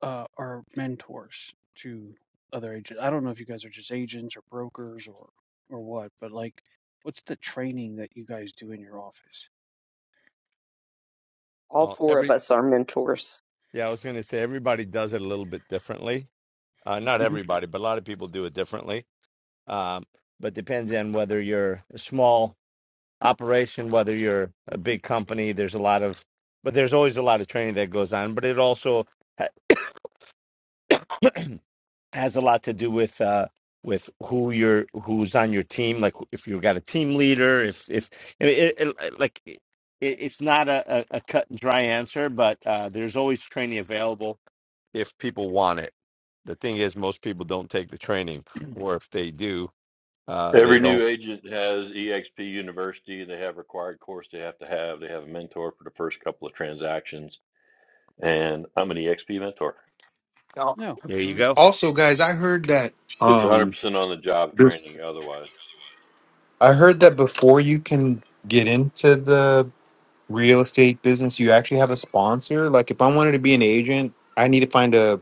[SPEAKER 6] uh are mentors to other agents? I don't know if you guys are just agents or brokers or or what, but like what's the training that you guys do in your office?
[SPEAKER 2] All
[SPEAKER 1] Well,
[SPEAKER 2] four of
[SPEAKER 1] every
[SPEAKER 2] us are mentors.
[SPEAKER 1] yeah, I was going to say everybody does it a little bit differently. Uh, not
[SPEAKER 6] hmm
[SPEAKER 1] everybody, but a lot of people do it differently. Um, but depends on whether you're a small operation, whether you're a big company. There's a lot of, but there's always a lot of training that goes on. But it also has a lot to do with uh with who you're who's on your team like if you've got a team leader if if it, it, it- like it, it's not a, a a cut and dry answer but uh there's always training available if people want it the thing is most people don't take the training or if they do uh they
[SPEAKER 3] Every
[SPEAKER 1] don't
[SPEAKER 3] new agent has EXP University. They have required course they have to have. They have a mentor for the first couple of transactions, and I'm an EXP mentor.
[SPEAKER 14] Now,
[SPEAKER 6] No.
[SPEAKER 1] There you
[SPEAKER 6] Very
[SPEAKER 1] go.
[SPEAKER 6] cool.
[SPEAKER 14] also, guys, I heard that.
[SPEAKER 3] It's
[SPEAKER 14] Um,
[SPEAKER 3] 100% on the job
[SPEAKER 14] this.
[SPEAKER 3] training. Otherwise,
[SPEAKER 14] I heard that before you can get into the real estate business, you actually have a sponsor. Like, if I wanted to be an agent, I need to find a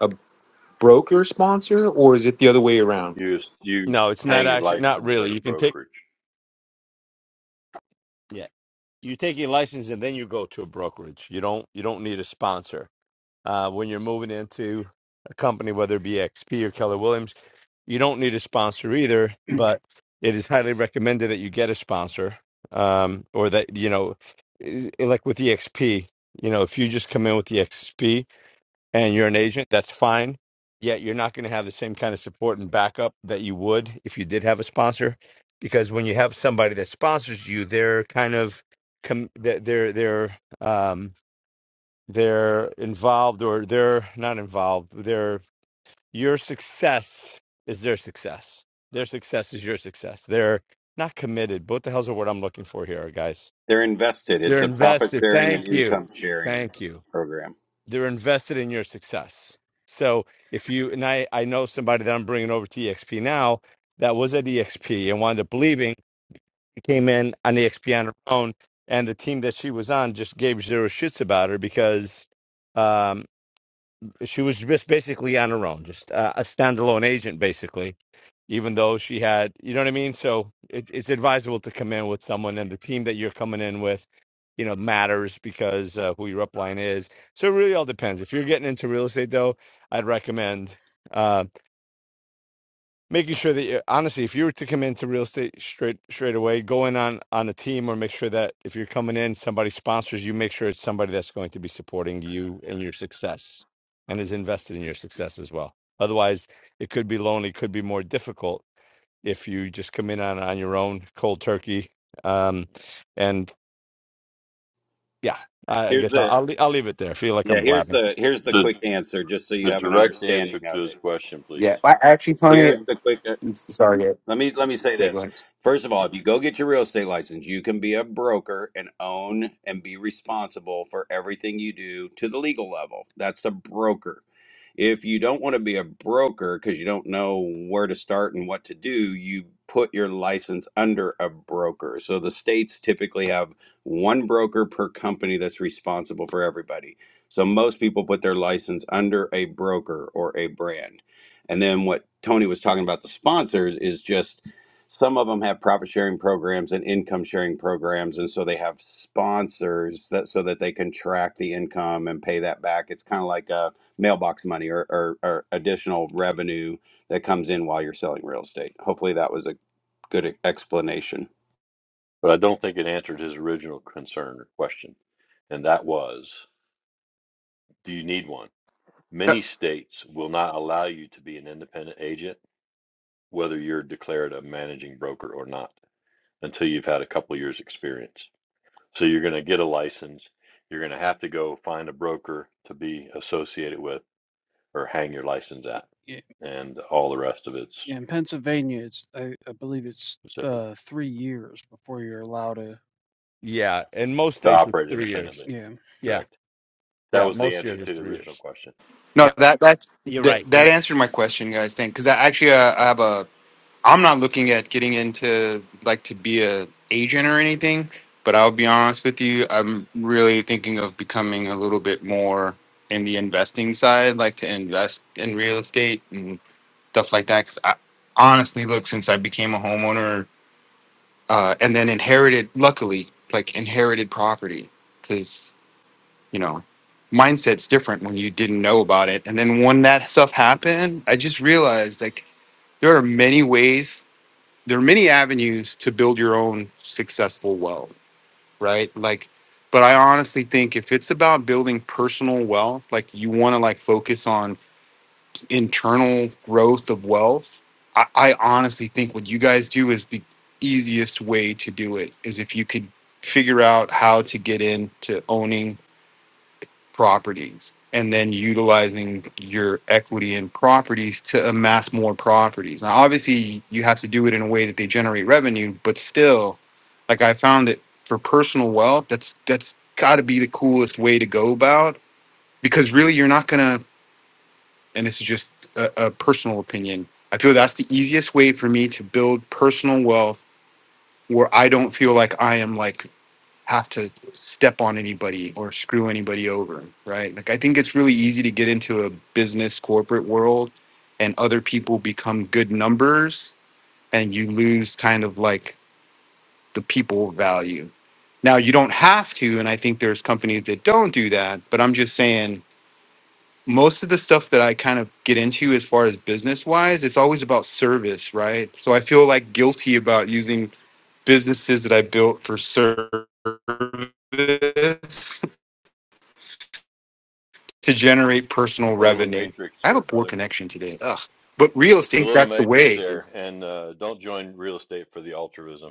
[SPEAKER 14] a broker sponsor, or is it the other way around?
[SPEAKER 3] you you
[SPEAKER 1] no it's not
[SPEAKER 3] hang your
[SPEAKER 1] actually not
[SPEAKER 3] license
[SPEAKER 1] really
[SPEAKER 3] at a
[SPEAKER 1] you can take
[SPEAKER 3] brokerage.
[SPEAKER 1] yeah you take your license and then you go to a brokerage you don't you don't need a sponsor uh, when you're moving into a company, whether it be XP or Keller Williams. You don't need a sponsor either, but it is highly recommended that you get a sponsor um, or that, you know, i- like with EXP, you know, if you just come in with EXP and you're an agent, that's fine. Yet you're not going to have the same kind of support and backup that you would if you did have a sponsor, because when you have somebody that sponsors you, they're kind of com- they're they're they're, um, they're involved or they're not involved they're your success is their success their success is your success they're not committed but what the hell's the word i'm looking for here guys
[SPEAKER 15] They're invested. It's
[SPEAKER 1] they're
[SPEAKER 15] a profit
[SPEAKER 1] invested
[SPEAKER 15] sharing and
[SPEAKER 1] thank you
[SPEAKER 15] income
[SPEAKER 6] Y-
[SPEAKER 15] sharing
[SPEAKER 1] thank you
[SPEAKER 15] program.
[SPEAKER 1] they're invested in your success so if you and i i know somebody that i'm bringing over to exp now that was at exp and wound up leaving she came in on exp on her own and the team that she was on just gave zero shits about her because um, she was just basically on her own, just uh, a standalone agent, basically. Even though she had, you know what I mean. So it, it's advisable to come in with someone, and the team that you're coming in with, you know, matters because uh, who your upline is. So it really all depends. If you're getting into real estate, though, I'd recommend. uh, making sure that you honestly, if you were to come into real estate straight straight away, go in on on a team or make sure that if you're coming in, somebody sponsors you, make sure it's somebody that's going to be supporting you and your success and is invested in your success as well. Otherwise, it could be lonely, could be more difficult if you just come in on on your own, cold turkey. Um, and yeah, I I
[SPEAKER 15] Here's
[SPEAKER 1] guess I'll
[SPEAKER 15] the
[SPEAKER 1] I'll, le- I'll leave it there. I feel like
[SPEAKER 15] yeah.
[SPEAKER 1] I'm
[SPEAKER 15] Here's
[SPEAKER 1] blabbing.
[SPEAKER 15] the here's the
[SPEAKER 3] The
[SPEAKER 15] quick answer, just so you
[SPEAKER 3] the
[SPEAKER 15] have an
[SPEAKER 3] direct answer
[SPEAKER 15] understanding
[SPEAKER 3] to
[SPEAKER 15] of
[SPEAKER 3] his
[SPEAKER 15] it.
[SPEAKER 3] question, please.
[SPEAKER 14] Yeah, I actually, Tony.
[SPEAKER 15] Here's the quick.
[SPEAKER 14] Sorry, Gabe.
[SPEAKER 15] Let me let me say
[SPEAKER 14] Yeah, go
[SPEAKER 15] this.
[SPEAKER 14] ahead.
[SPEAKER 15] First of all, if you go get your real estate license, you can be a broker and own and be responsible for everything you do to the legal level. That's a broker. If you don't want to be a broker because you don't know where to start and what to do, you put your license under a broker. So the states typically have one broker per company that's responsible for everybody. So most people put their license under a broker or a brand. And then what Tony was talking about the sponsors is just some of them have profit sharing programs and income sharing programs and so they have sponsors that so that they can track the income and pay that back it's kind of like a mailbox money or, or, or additional revenue that comes in while you're selling real estate. Hopefully, that was a good explanation.
[SPEAKER 3] But I don't think it answered his original concern or question, and that was, do you need one?
[SPEAKER 14] No,
[SPEAKER 3] Many states will not allow you to be an independent agent, whether you're declared a managing broker or not, until you've had a couple years' experience. So you're going to get a license. You're going to have to go find a broker to be associated with or hang your license at,
[SPEAKER 6] Yeah,
[SPEAKER 3] and all the rest of it's
[SPEAKER 6] yeah, in Pennsylvania, it's I, I believe it's
[SPEAKER 3] specific
[SPEAKER 6] the three years before you're allowed to
[SPEAKER 1] Yeah, in most
[SPEAKER 3] to
[SPEAKER 1] states it's
[SPEAKER 3] operate
[SPEAKER 1] three years.
[SPEAKER 3] independently.
[SPEAKER 6] Yeah,
[SPEAKER 1] Yeah,
[SPEAKER 3] Correct. That
[SPEAKER 1] yeah,
[SPEAKER 3] was the
[SPEAKER 1] most
[SPEAKER 3] answer
[SPEAKER 1] years it's
[SPEAKER 3] to the
[SPEAKER 1] three
[SPEAKER 3] original
[SPEAKER 1] years.
[SPEAKER 3] question.
[SPEAKER 1] Yeah,
[SPEAKER 14] no, that that's
[SPEAKER 1] you're
[SPEAKER 14] that,
[SPEAKER 1] right.
[SPEAKER 14] that answered my question, guys. Thank because I actually uh, I have a I'm not looking at getting into like to be a agent or anything, but I'll be honest with you, I'm really thinking of becoming a little bit more in the investing side, like to invest in real estate and stuff like that. Because I honestly, look, since I became a homeowner uh, and then inherited, luckily, like inherited property, because you know, mindset's different when you didn't know about it, and then when that stuff happened, I just realized like there are many ways there are many avenues to build your own successful wealth, right? Like, but I honestly think if it's about building personal wealth, like you want to like focus on internal growth of wealth, I, I honestly think what you guys do is the easiest way to do it is if you could figure out how to get into owning properties and then utilizing your equity in properties to amass more properties. Now, obviously, you have to do it in a way that they generate revenue, but still, like I found that for personal wealth, that's that's got to be the coolest way to go about because really, you're not gonna. And this is just a, a personal opinion. I feel that's the easiest way for me to build personal wealth where I don't feel like I am like have to step on anybody or screw anybody over, right? Like I think it's really easy to get into a business corporate world and other people become good numbers and you lose kind of like the people value. Now you don't have to and I think there's companies that don't do that, but I'm just saying most of the stuff that I kind of get into as far as business wise, it's always about service, right? So I feel like guilty about using businesses that I built for service to generate personal
[SPEAKER 3] A little
[SPEAKER 14] revenue.
[SPEAKER 3] matrix
[SPEAKER 14] I have a
[SPEAKER 3] there,
[SPEAKER 14] poor
[SPEAKER 3] brother.
[SPEAKER 14] connection today. Ugh. But real
[SPEAKER 3] the
[SPEAKER 14] estate,
[SPEAKER 3] little
[SPEAKER 14] that's the
[SPEAKER 3] matrix
[SPEAKER 14] way.
[SPEAKER 3] there and uh, don't join real estate for the altruism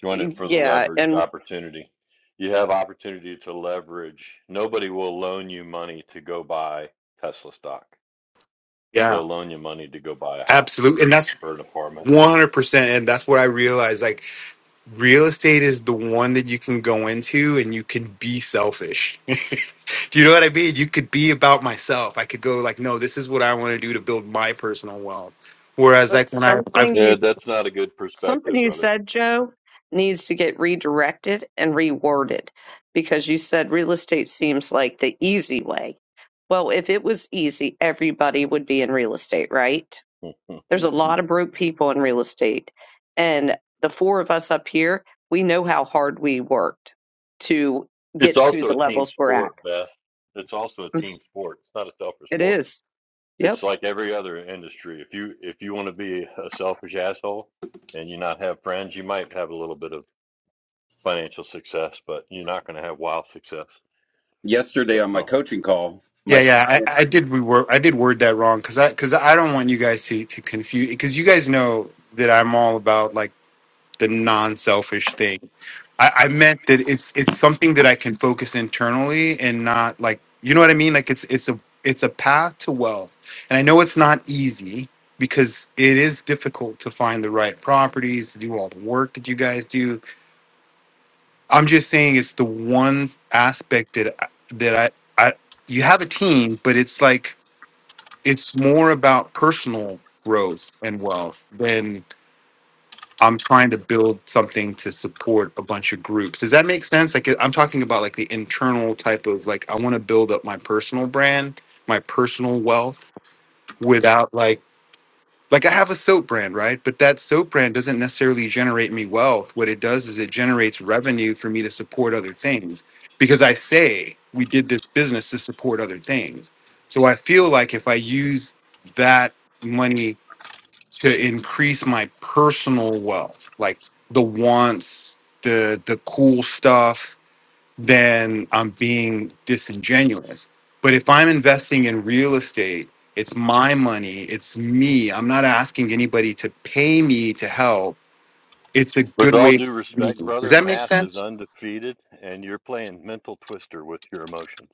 [SPEAKER 3] join it for the
[SPEAKER 2] Yeah.
[SPEAKER 3] leveraged
[SPEAKER 2] And
[SPEAKER 3] opportunity you have opportunity to leverage nobody will loan you money to go buy tesla stock
[SPEAKER 14] Yeah,
[SPEAKER 3] they'll loan you money to go buy a house
[SPEAKER 14] Absolutely. And that's
[SPEAKER 3] or an apartment
[SPEAKER 14] 100%. And that's what I realized like real estate is the one that you can go into and you can be selfish. do you know what I mean? You could be about myself. I could go like, no, this is what I want to do to build my personal wealth. Whereas like
[SPEAKER 2] But
[SPEAKER 14] when I, I've,
[SPEAKER 2] something you
[SPEAKER 3] yeah that's not a good
[SPEAKER 2] something
[SPEAKER 3] perspective
[SPEAKER 2] you
[SPEAKER 3] brother
[SPEAKER 2] said, Joe, needs to get redirected and reworded because you said real estate seems like the easy way. Well, if it was easy, everybody would be in real estate, right? There's a lot of broke people in real estate. And the four of us up here, we know how hard we worked to
[SPEAKER 3] it's
[SPEAKER 2] get to
[SPEAKER 3] also
[SPEAKER 2] the
[SPEAKER 3] a team
[SPEAKER 2] levels we're at.
[SPEAKER 3] sport beth it's also a team sport it's not a selfish
[SPEAKER 2] It
[SPEAKER 3] sport
[SPEAKER 2] is.
[SPEAKER 3] It's
[SPEAKER 2] Yep.
[SPEAKER 3] like every other industry. If you if you want to be a selfish asshole and you not have friends, you might have a little bit of financial success, but you're not going to have wild success.
[SPEAKER 15] Yesterday on my
[SPEAKER 3] So,
[SPEAKER 15] coaching call, my
[SPEAKER 14] yeah, yeah,
[SPEAKER 15] client,
[SPEAKER 14] I, I did reword, I did word that wrong. Cause I, cause I don't want you guys to, to confuse, cause you guys know that I'm all about like the non-selfish thing. I, I meant that it's it's something that I can focus internally and not like you know what I mean. Like it's it's a it's a path to wealth, and I know it's not easy because it is difficult to find the right properties to do all the work that you guys do. I'm just saying it's the one aspect that I- that I I you have a team, but it's like it's more about personal growth and wealth I'm trying to build something to support a bunch of groups. Does that make sense? Like I'm talking about like the internal type of like I want to build up my personal brand, my personal wealth without like like I have a soap brand, right? But that soap brand doesn't necessarily generate me wealth. What it does is it generates revenue for me to support other things because I say we did this business to support other things. So I feel like if I use that money to increase my personal wealth, like the wants, the the cool stuff, then I'm being disingenuous. But if I'm investing in real estate, it's my money, it's me. I'm not asking anybody to pay me to help. It's a
[SPEAKER 3] with
[SPEAKER 14] good
[SPEAKER 3] all
[SPEAKER 14] way
[SPEAKER 3] due
[SPEAKER 14] for me.
[SPEAKER 3] respect,
[SPEAKER 14] Does
[SPEAKER 3] brother,
[SPEAKER 14] that make
[SPEAKER 3] math is
[SPEAKER 14] sense?
[SPEAKER 3] undefeated, and you're playing mental twister with your emotions.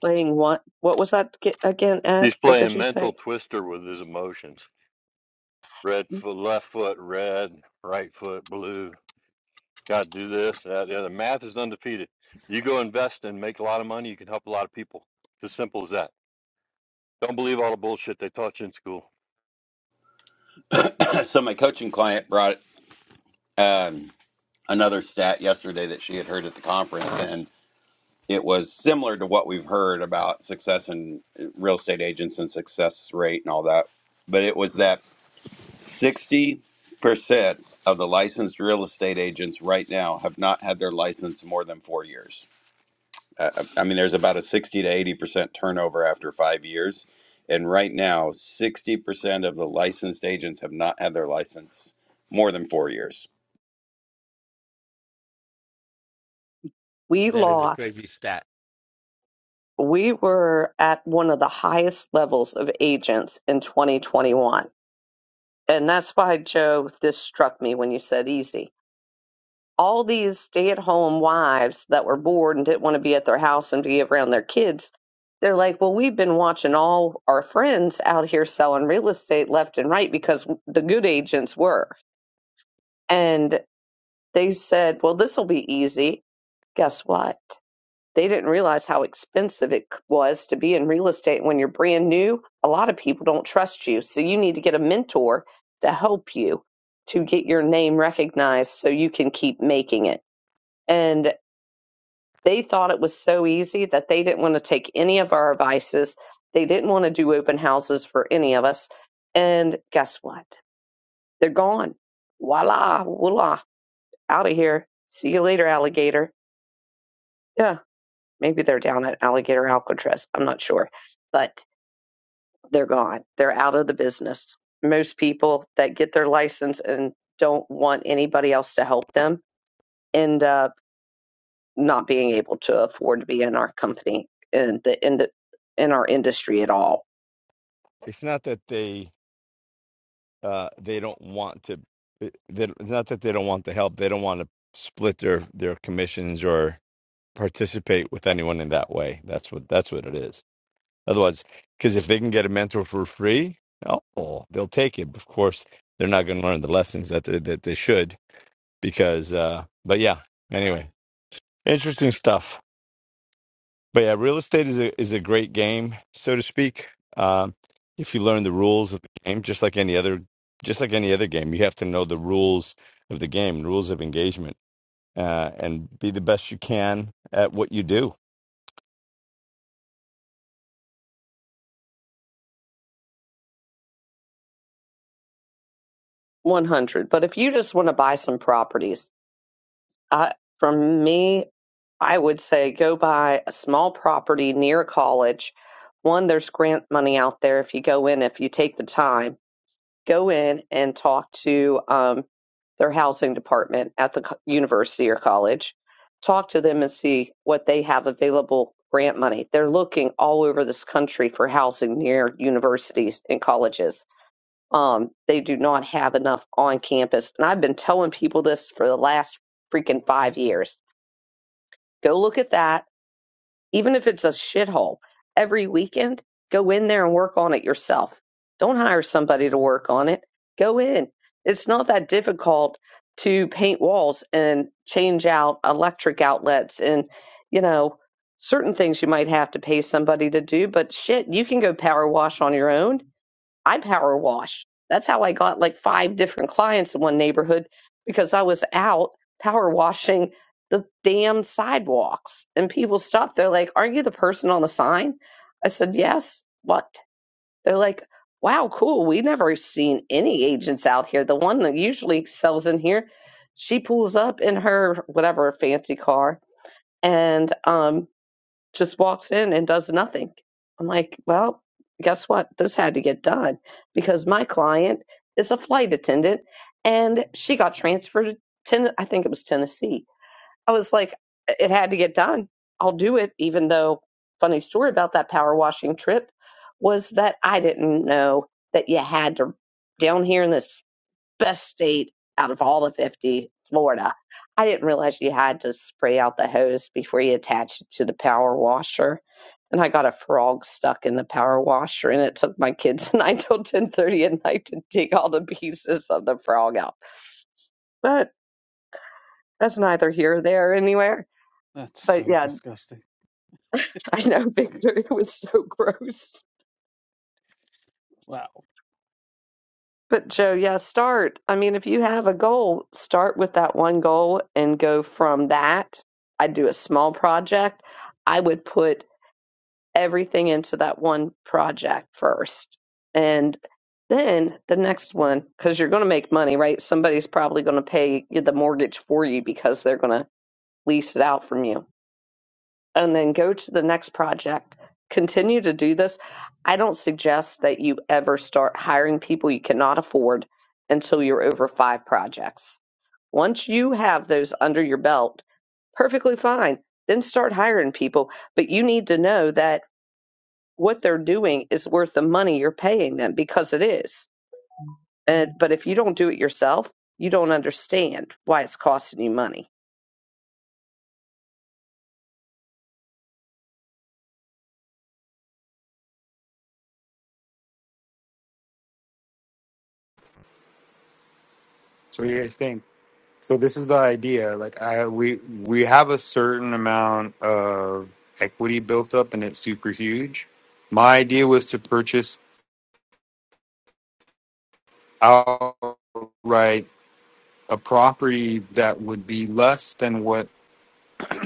[SPEAKER 2] Playing one. What was that ge- again, Ed?
[SPEAKER 3] He's
[SPEAKER 2] What did
[SPEAKER 3] playing
[SPEAKER 2] you
[SPEAKER 3] mental
[SPEAKER 2] say?
[SPEAKER 3] twister with his emotions. Red foot, left foot, red, right foot, blue. Got to do this, that, the other. Math is undefeated. You go invest and make a lot of money. You can help a lot of people. It's as simple as that. Don't believe all the bullshit they taught you in school.
[SPEAKER 15] so my coaching client brought um, another stat yesterday that she had heard at the conference, and it was similar to what we've heard about success in uh, real estate agents and success rate and all that. But it was that 60% of the licensed real estate agents right now have not had their license more than four years I, I mean, there's about a 60 to 80% turnover after five years. And right now, 60% of the licensed agents have not had their license more than four years.
[SPEAKER 2] We
[SPEAKER 1] That is a
[SPEAKER 2] lost.
[SPEAKER 1] crazy stat.
[SPEAKER 2] we were at one of the highest levels of agents in 2021. And that's why, Joe, this struck me when you said easy. All these stay at home wives that were bored and didn't want to be at their house and be around their kids, they're like, well, we've been watching all our friends out here selling real estate left and right because the good agents were. And they said, well, this will be easy. Guess what? They didn't realize how expensive it was to be in real estate when you're brand new. A lot of people don't trust you. So you need to get a mentor to help you to get your name recognized so you can keep making it. And they thought it was so easy that they didn't want to take any of our advices. They didn't want to do open houses for any of us. And guess what? They're gone. Voila, voila, out of here. See you later, alligator. Yeah. Maybe they're down at Alligator Alcatraz. I'm not sure. But they're gone. They're out of the business. Most people that get their license and don't want anybody else to help them end up not being able to afford to be in our company and the in the, in our industry at all.
[SPEAKER 1] It's not that they uh, they don't want to. it- That it's not that they don't want the help. They don't want to split their their commissions or participate with anyone in that way. That's what that's what it is. Otherwise, because if they can get a mentor for free, oh, they'll take it. Of course, they're not going to learn the lessons that they, that they should. Because, uh, but yeah. Anyway, interesting stuff. but yeah, real estate is a is a great game, so to speak. Um, if you learn the rules of the game, just like any other, just like any other game, you have to know the rules of the game, rules of engagement, uh, and be the best you can at what you do.
[SPEAKER 2] 100. But if you just want to buy some properties, I, from me, I would say go buy a small property near a college. One, there's grant money out there if you go in, if you take the time go in and talk to um, their housing department at the co- university or college, talk to them and see what they have available grant money. They're looking all over this country for housing near universities and colleges. Um, they do not have enough on campus. And I've been telling people this for the last freaking five years. Go look at that even if it's a shithole, every weekend, go in there and work on it yourself. Don't hire somebody to work on it. Go in. It's not that difficult to paint walls and change out electric outlets and, you know, certain things you might have to pay somebody to do, but shit, you can go power wash on your own I power wash. That's how I got like five different clients in one neighborhood because I was out power washing the damn sidewalks. And people stopped. They're like, Aren't you the person on the sign? I said, Yes. What? They're like, Wow, cool. We never seen any agents out here. The one that usually sells in here, she pulls up in her whatever fancy car. And um just walks in and does nothing. I'm like, well, guess what? This had to get done because my client is a flight attendant and she got transferred to Ten- I think it was Tennessee. I was like, it had to get done. I'll do it, even though funny story about that power washing trip was that I didn't know that you had to down here in this best state out of all the 50, Florida. I didn't realize you had to spray out the hose before you attach it to the power washer. And I got a frog stuck in the power washer, and it took my kids and I till ten thirty at night to dig all the pieces of the frog out. But that's neither here nor there anywhere.
[SPEAKER 6] that's
[SPEAKER 2] But
[SPEAKER 6] so
[SPEAKER 2] yeah,
[SPEAKER 6] disgusting.
[SPEAKER 2] I know Victor, it was so gross.
[SPEAKER 6] Wow.
[SPEAKER 2] But Joe, yeah, start. I mean, if you have a goal, start with that one goal and go from that. I'd do a small project. I would put everything into that one project first. And then the next one, because you're going to make money, right? Somebody's probably going to pay you the mortgage for you because they're going to lease it out from you and then go to the next project. Continue to do this. I don't suggest that you ever start hiring people you cannot afford until you're over five projects. Once you have those under your belt, perfectly fine. Then start hiring people. But you need to know that what they're doing is worth the money you're paying them because it is. And, but if you don't do it yourself, you don't understand why it's costing you money.
[SPEAKER 14] So what do you guys think? So this is the idea. Like I we we have a certain amount of equity built up and it's super huge. My idea was to purchase outright a property that would be less than what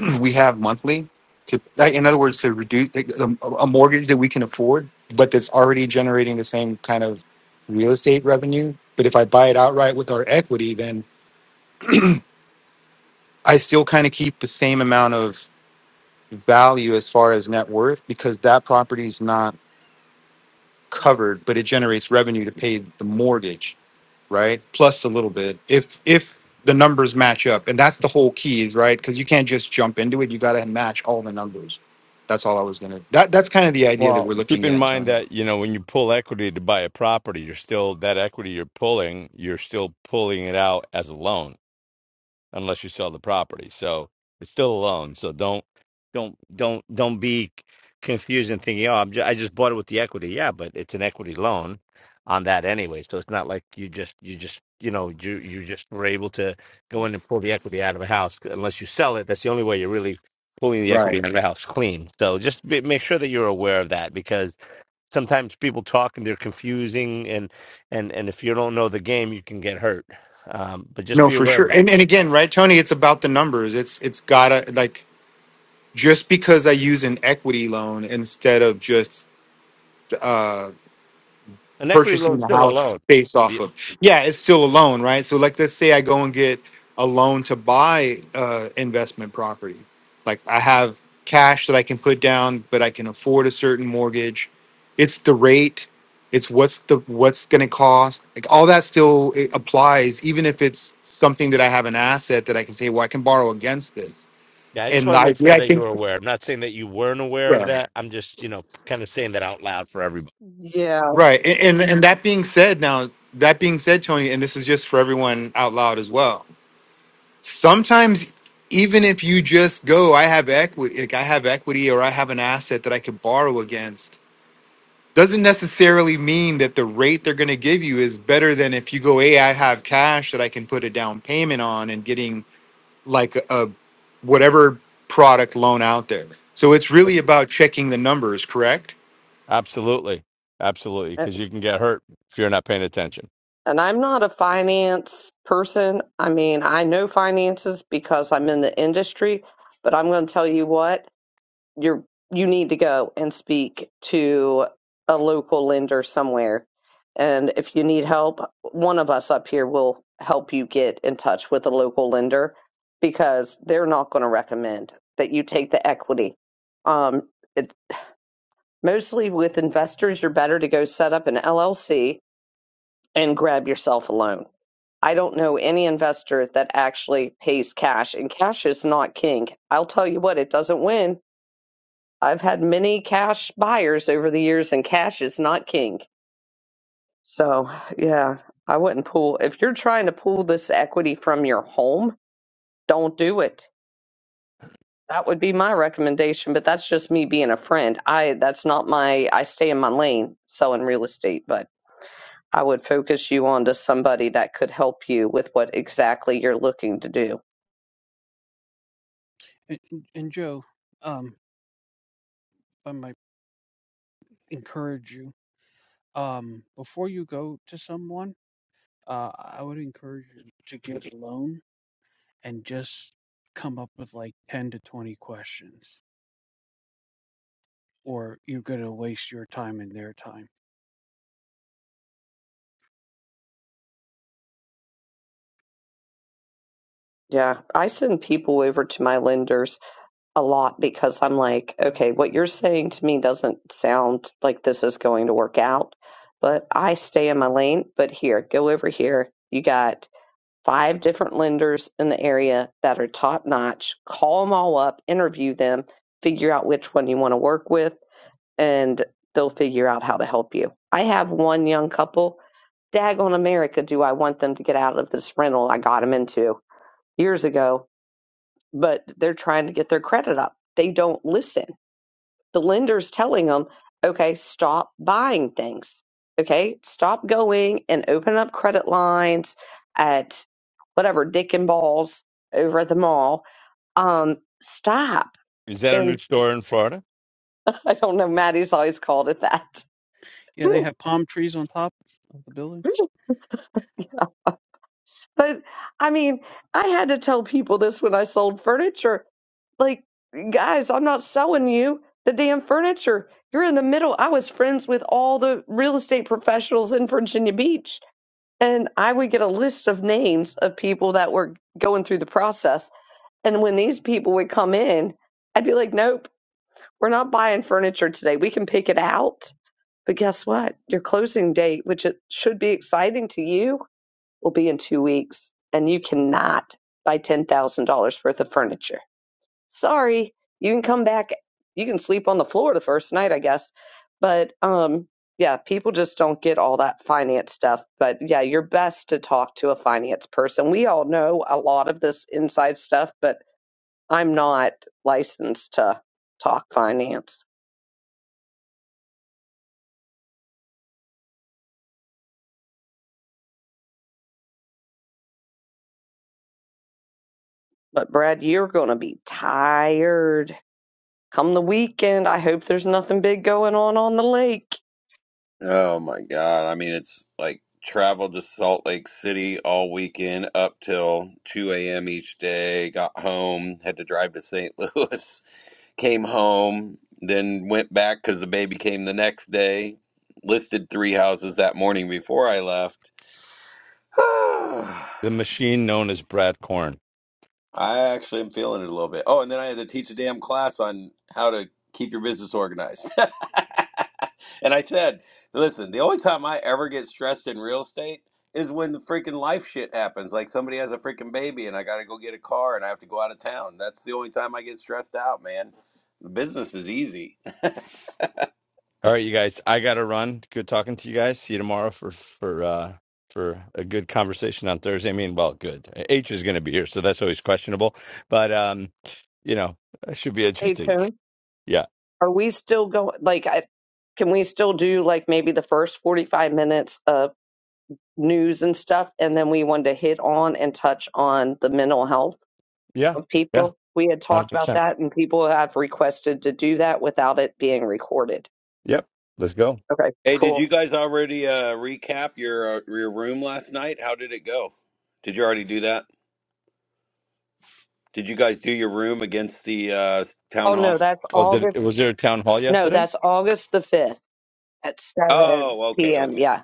[SPEAKER 14] we have monthly to like, in other words to reduce like, a, a mortgage that we can afford but that's already generating the same kind of real estate revenue but if i buy it outright with our equity then i still kind of keep the same amount of value as far as net worth because that property is not covered but it generates revenue to pay the mortgage right? Plus a little bit if if the numbers match up, and that's the whole key, is right? Because you can't just jump into it. You got to match all the numbers. That's all I was gonna. That that's kind of the idea that
[SPEAKER 1] Well,
[SPEAKER 14] we're
[SPEAKER 1] Keep
[SPEAKER 14] looking
[SPEAKER 1] in
[SPEAKER 14] at,
[SPEAKER 1] mind
[SPEAKER 14] Tony.
[SPEAKER 1] that you know when you pull equity to buy a property, you're still that equity you're pulling, you're still pulling it out as a loan unless you sell the property. So it's still a loan. So don't don't don't don't be confused and thinking, oh, I'm ju- I just bought it with the equity. Yeah, but it's an equity loan on that anyway. So it's not like you just you just you know you you just were able to go in and pull the equity out of a house unless you sell it. That's the only way you're really pulling the
[SPEAKER 14] Right.
[SPEAKER 1] equity out of the house clean. So just be, make sure that you're aware of that because sometimes people talk and they're confusing and and and if you don't know the game, you can get hurt. Um, but just
[SPEAKER 14] No,
[SPEAKER 1] be
[SPEAKER 14] for
[SPEAKER 1] aware of
[SPEAKER 14] sure.
[SPEAKER 1] that.
[SPEAKER 14] And and again, right, Tony, it's about the numbers. It's it's gotta like just because I use an equity loan instead of just uh,
[SPEAKER 1] An equity
[SPEAKER 14] purchasing
[SPEAKER 1] loan's
[SPEAKER 14] the
[SPEAKER 1] still a
[SPEAKER 14] house
[SPEAKER 1] loan.
[SPEAKER 14] based off
[SPEAKER 1] Y-
[SPEAKER 14] of. Yeah, it's still a loan, right? So like let's say I go and get a loan to buy uh investment property. Like I have cash that I can put down, but I can afford a certain mortgage. It's the rate, it's what's the what's going to cost. Like all that still it applies even if it's something that I have an asset that I can say, "Well, I can borrow against this."
[SPEAKER 1] Yeah, I just
[SPEAKER 14] And
[SPEAKER 1] want to
[SPEAKER 14] I
[SPEAKER 1] make
[SPEAKER 14] yeah,
[SPEAKER 1] sure
[SPEAKER 14] I
[SPEAKER 1] that
[SPEAKER 14] think
[SPEAKER 1] you're aware. I'm not saying that you weren't aware of
[SPEAKER 14] yeah.
[SPEAKER 1] that. I'm just, you know, kind of saying that out loud for everybody.
[SPEAKER 2] Yeah.
[SPEAKER 14] Right. And, and and that being said now, that being said, Tony, and this is just for everyone out loud as well sometimes even if you just go i have equity like i have equity or i have an asset that i could borrow against doesn't necessarily mean that the rate they're going to give you is better than if you go hey i have cash that i can put a down payment on and getting like a, a whatever product loan out there so it's really about checking the numbers correct
[SPEAKER 1] Absolutely. Absolutely. Because you can get hurt if you're not paying attention.
[SPEAKER 2] And I'm not a finance person. I mean, I know finances because I'm in the industry, but I'm going to tell you what, you're you need to go and speak to a local lender somewhere. And if you need help, one of us up here will help you get in touch with a local lender because they're not going to recommend that you take the equity. Um, it, mostly with investors, you're better to go set up an LLC and grab yourself a loan I don't know any investor that actually pays cash, and cash is not king. I'll tell you what, it doesn't win. I've had many cash buyers over the years, and cash is not king. So, yeah, I wouldn't pull. If you're trying to pull this equity from your home, don't do it. That would be my recommendation, but that's just me being a friend. I that's not my I stay in my lane selling real estate, but I would focus you on to somebody that could help you with what exactly you're looking to do.
[SPEAKER 6] And, and and Joe, um, I might encourage you, um, before you go to someone, uh, I would encourage you to get a loan and just come up with like 10 to 20 questions, or you're going to waste your time and their time.
[SPEAKER 2] Yeah, I send people over to my lenders a lot because I'm like, okay, what you're saying to me doesn't sound like this is going to work out, but I stay in my lane. But here, go over here. You got five different lenders in the area that are top notch. Call them all up, interview them, figure out which one you want to work with, and they'll figure out how to help you. I have one young couple. Daggone America, do I want them to get out of this rental I got them into years ago? but they're trying to get their credit up. They don't listen. The lender's telling them, okay, stop buying things. Okay, stop going and open up credit lines at whatever Dick and Balls over at the mall. Um, stop.
[SPEAKER 1] Is that a new
[SPEAKER 2] And
[SPEAKER 1] store in Florida?
[SPEAKER 2] I don't know, Maddie's always called it that.
[SPEAKER 6] Yeah, they have palm trees on top of the building.
[SPEAKER 2] but I mean, I had to tell people this when I sold furniture. Like, guys, I'm not selling you the damn furniture. You're in the middle. I was friends with all the real estate professionals in Virginia Beach, and I would get a list of names of people that were going through the process. And when these people would come in, I'd be like, nope, we're not buying furniture today. We can pick it out. But guess what? Your closing date, which it should be exciting to you, will be in two weeks, and you cannot buy $10,000 worth of furniture sorry, you can come back. You can sleep on the floor the first night, I guess. But um, yeah, people just don't get all that finance stuff. But yeah, you're best to talk to a finance person. We all know a lot of this inside stuff, but I'm not licensed to talk finance. But Brad, you're going to be tired come the weekend. I hope there's nothing big going on on the lake.
[SPEAKER 15] Oh my God. I mean, it's like traveled to Salt Lake City all weekend up till 2 a.m. each day, got home, had to drive to St. Louis, came home, then went back because the baby came the next day, listed three houses that morning before I left.
[SPEAKER 1] The machine known as Brad Corn.
[SPEAKER 15] I actually am feeling it a little bit. Oh, and then I had to teach a damn class on how to keep your business organized. and I said, listen, the only time I ever get stressed in real estate is when the freaking life shit happens. Like somebody has a freaking baby and I got to go get a car and I have to go out of town. That's the only time I get stressed out, man. The business is easy.
[SPEAKER 1] All right, you guys, I got to run. Good talking to you guys. See you tomorrow for, for, uh, for a good conversation on Thursday. I mean, well, good. H is going to be here, so that's always questionable. But, um, you know, it should be
[SPEAKER 2] Hey,
[SPEAKER 1] interesting.
[SPEAKER 2] Tony.
[SPEAKER 1] Yeah,
[SPEAKER 2] Are we still going? Like, I, can we still do like maybe the first 45 minutes of news and stuff, and then we wanted to hit on and touch on the mental health
[SPEAKER 1] Yeah.
[SPEAKER 2] of
[SPEAKER 1] Yeah.
[SPEAKER 2] people. We had
[SPEAKER 1] Hundred
[SPEAKER 2] talked about
[SPEAKER 1] percent.
[SPEAKER 2] that, and people have requested to do that without it being recorded.
[SPEAKER 1] Yep. Let's go.
[SPEAKER 2] Okay,
[SPEAKER 15] Hey, did you
[SPEAKER 2] cool.
[SPEAKER 15] guys already uh, recap your uh, your room last night? How did it go? Did you already do that? Did you guys do your room against the uh, town
[SPEAKER 2] Oh
[SPEAKER 15] hall?
[SPEAKER 2] no, that's
[SPEAKER 1] Oh, did it,
[SPEAKER 2] August.
[SPEAKER 1] was there a town hall
[SPEAKER 2] No,
[SPEAKER 1] yesterday?
[SPEAKER 2] that's August the fifth at seven
[SPEAKER 15] Oh, okay,
[SPEAKER 2] p.m.
[SPEAKER 15] okay,
[SPEAKER 2] Yeah,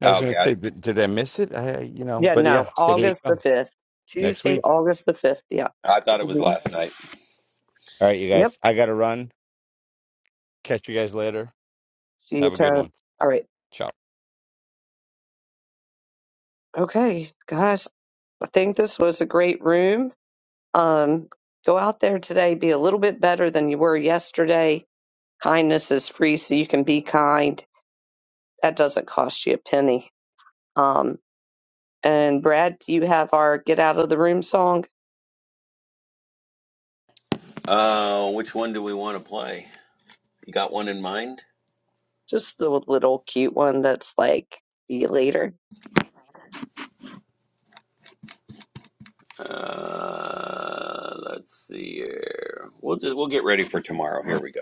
[SPEAKER 1] I was going
[SPEAKER 15] okay.
[SPEAKER 1] to
[SPEAKER 15] I,
[SPEAKER 1] say, Did, did I miss it? I, you know,
[SPEAKER 2] yeah.
[SPEAKER 1] but yeah.
[SPEAKER 2] No,
[SPEAKER 1] so there you
[SPEAKER 2] August the
[SPEAKER 1] go.
[SPEAKER 2] fifth,
[SPEAKER 1] Next
[SPEAKER 2] Tuesday,
[SPEAKER 1] week.
[SPEAKER 2] August the fifth. Yeah.
[SPEAKER 15] I thought it was
[SPEAKER 2] hmm
[SPEAKER 15] last night.
[SPEAKER 1] All right, you
[SPEAKER 2] Yep.
[SPEAKER 1] guys. I gotta run. Catch you guys later.
[SPEAKER 2] See
[SPEAKER 1] Have
[SPEAKER 2] you,
[SPEAKER 1] a good
[SPEAKER 2] Toad.
[SPEAKER 1] one.
[SPEAKER 2] All right.
[SPEAKER 1] Ciao.
[SPEAKER 2] Okay, guys. I think this was a great room. Um, go out there today, be a little bit better than you were yesterday. Kindness is free, so you can be kind. That doesn't cost you a penny. Um, and Brad, do you have our Get Out of the Room song?
[SPEAKER 15] Uh, which one do we want to play? You got one in mind?
[SPEAKER 2] Just the little cute one that's like, see you later.
[SPEAKER 15] Uh, let's see here. We'll just we'll get ready for tomorrow. Here we go.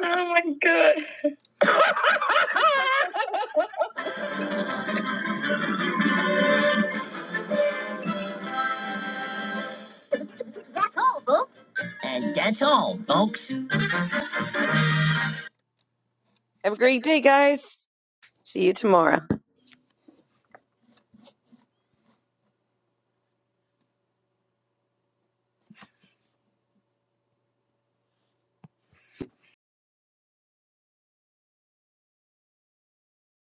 [SPEAKER 15] oh my god. That's all, folks. And that's all, folks.
[SPEAKER 2] Have a great day, guys. See you tomorrow.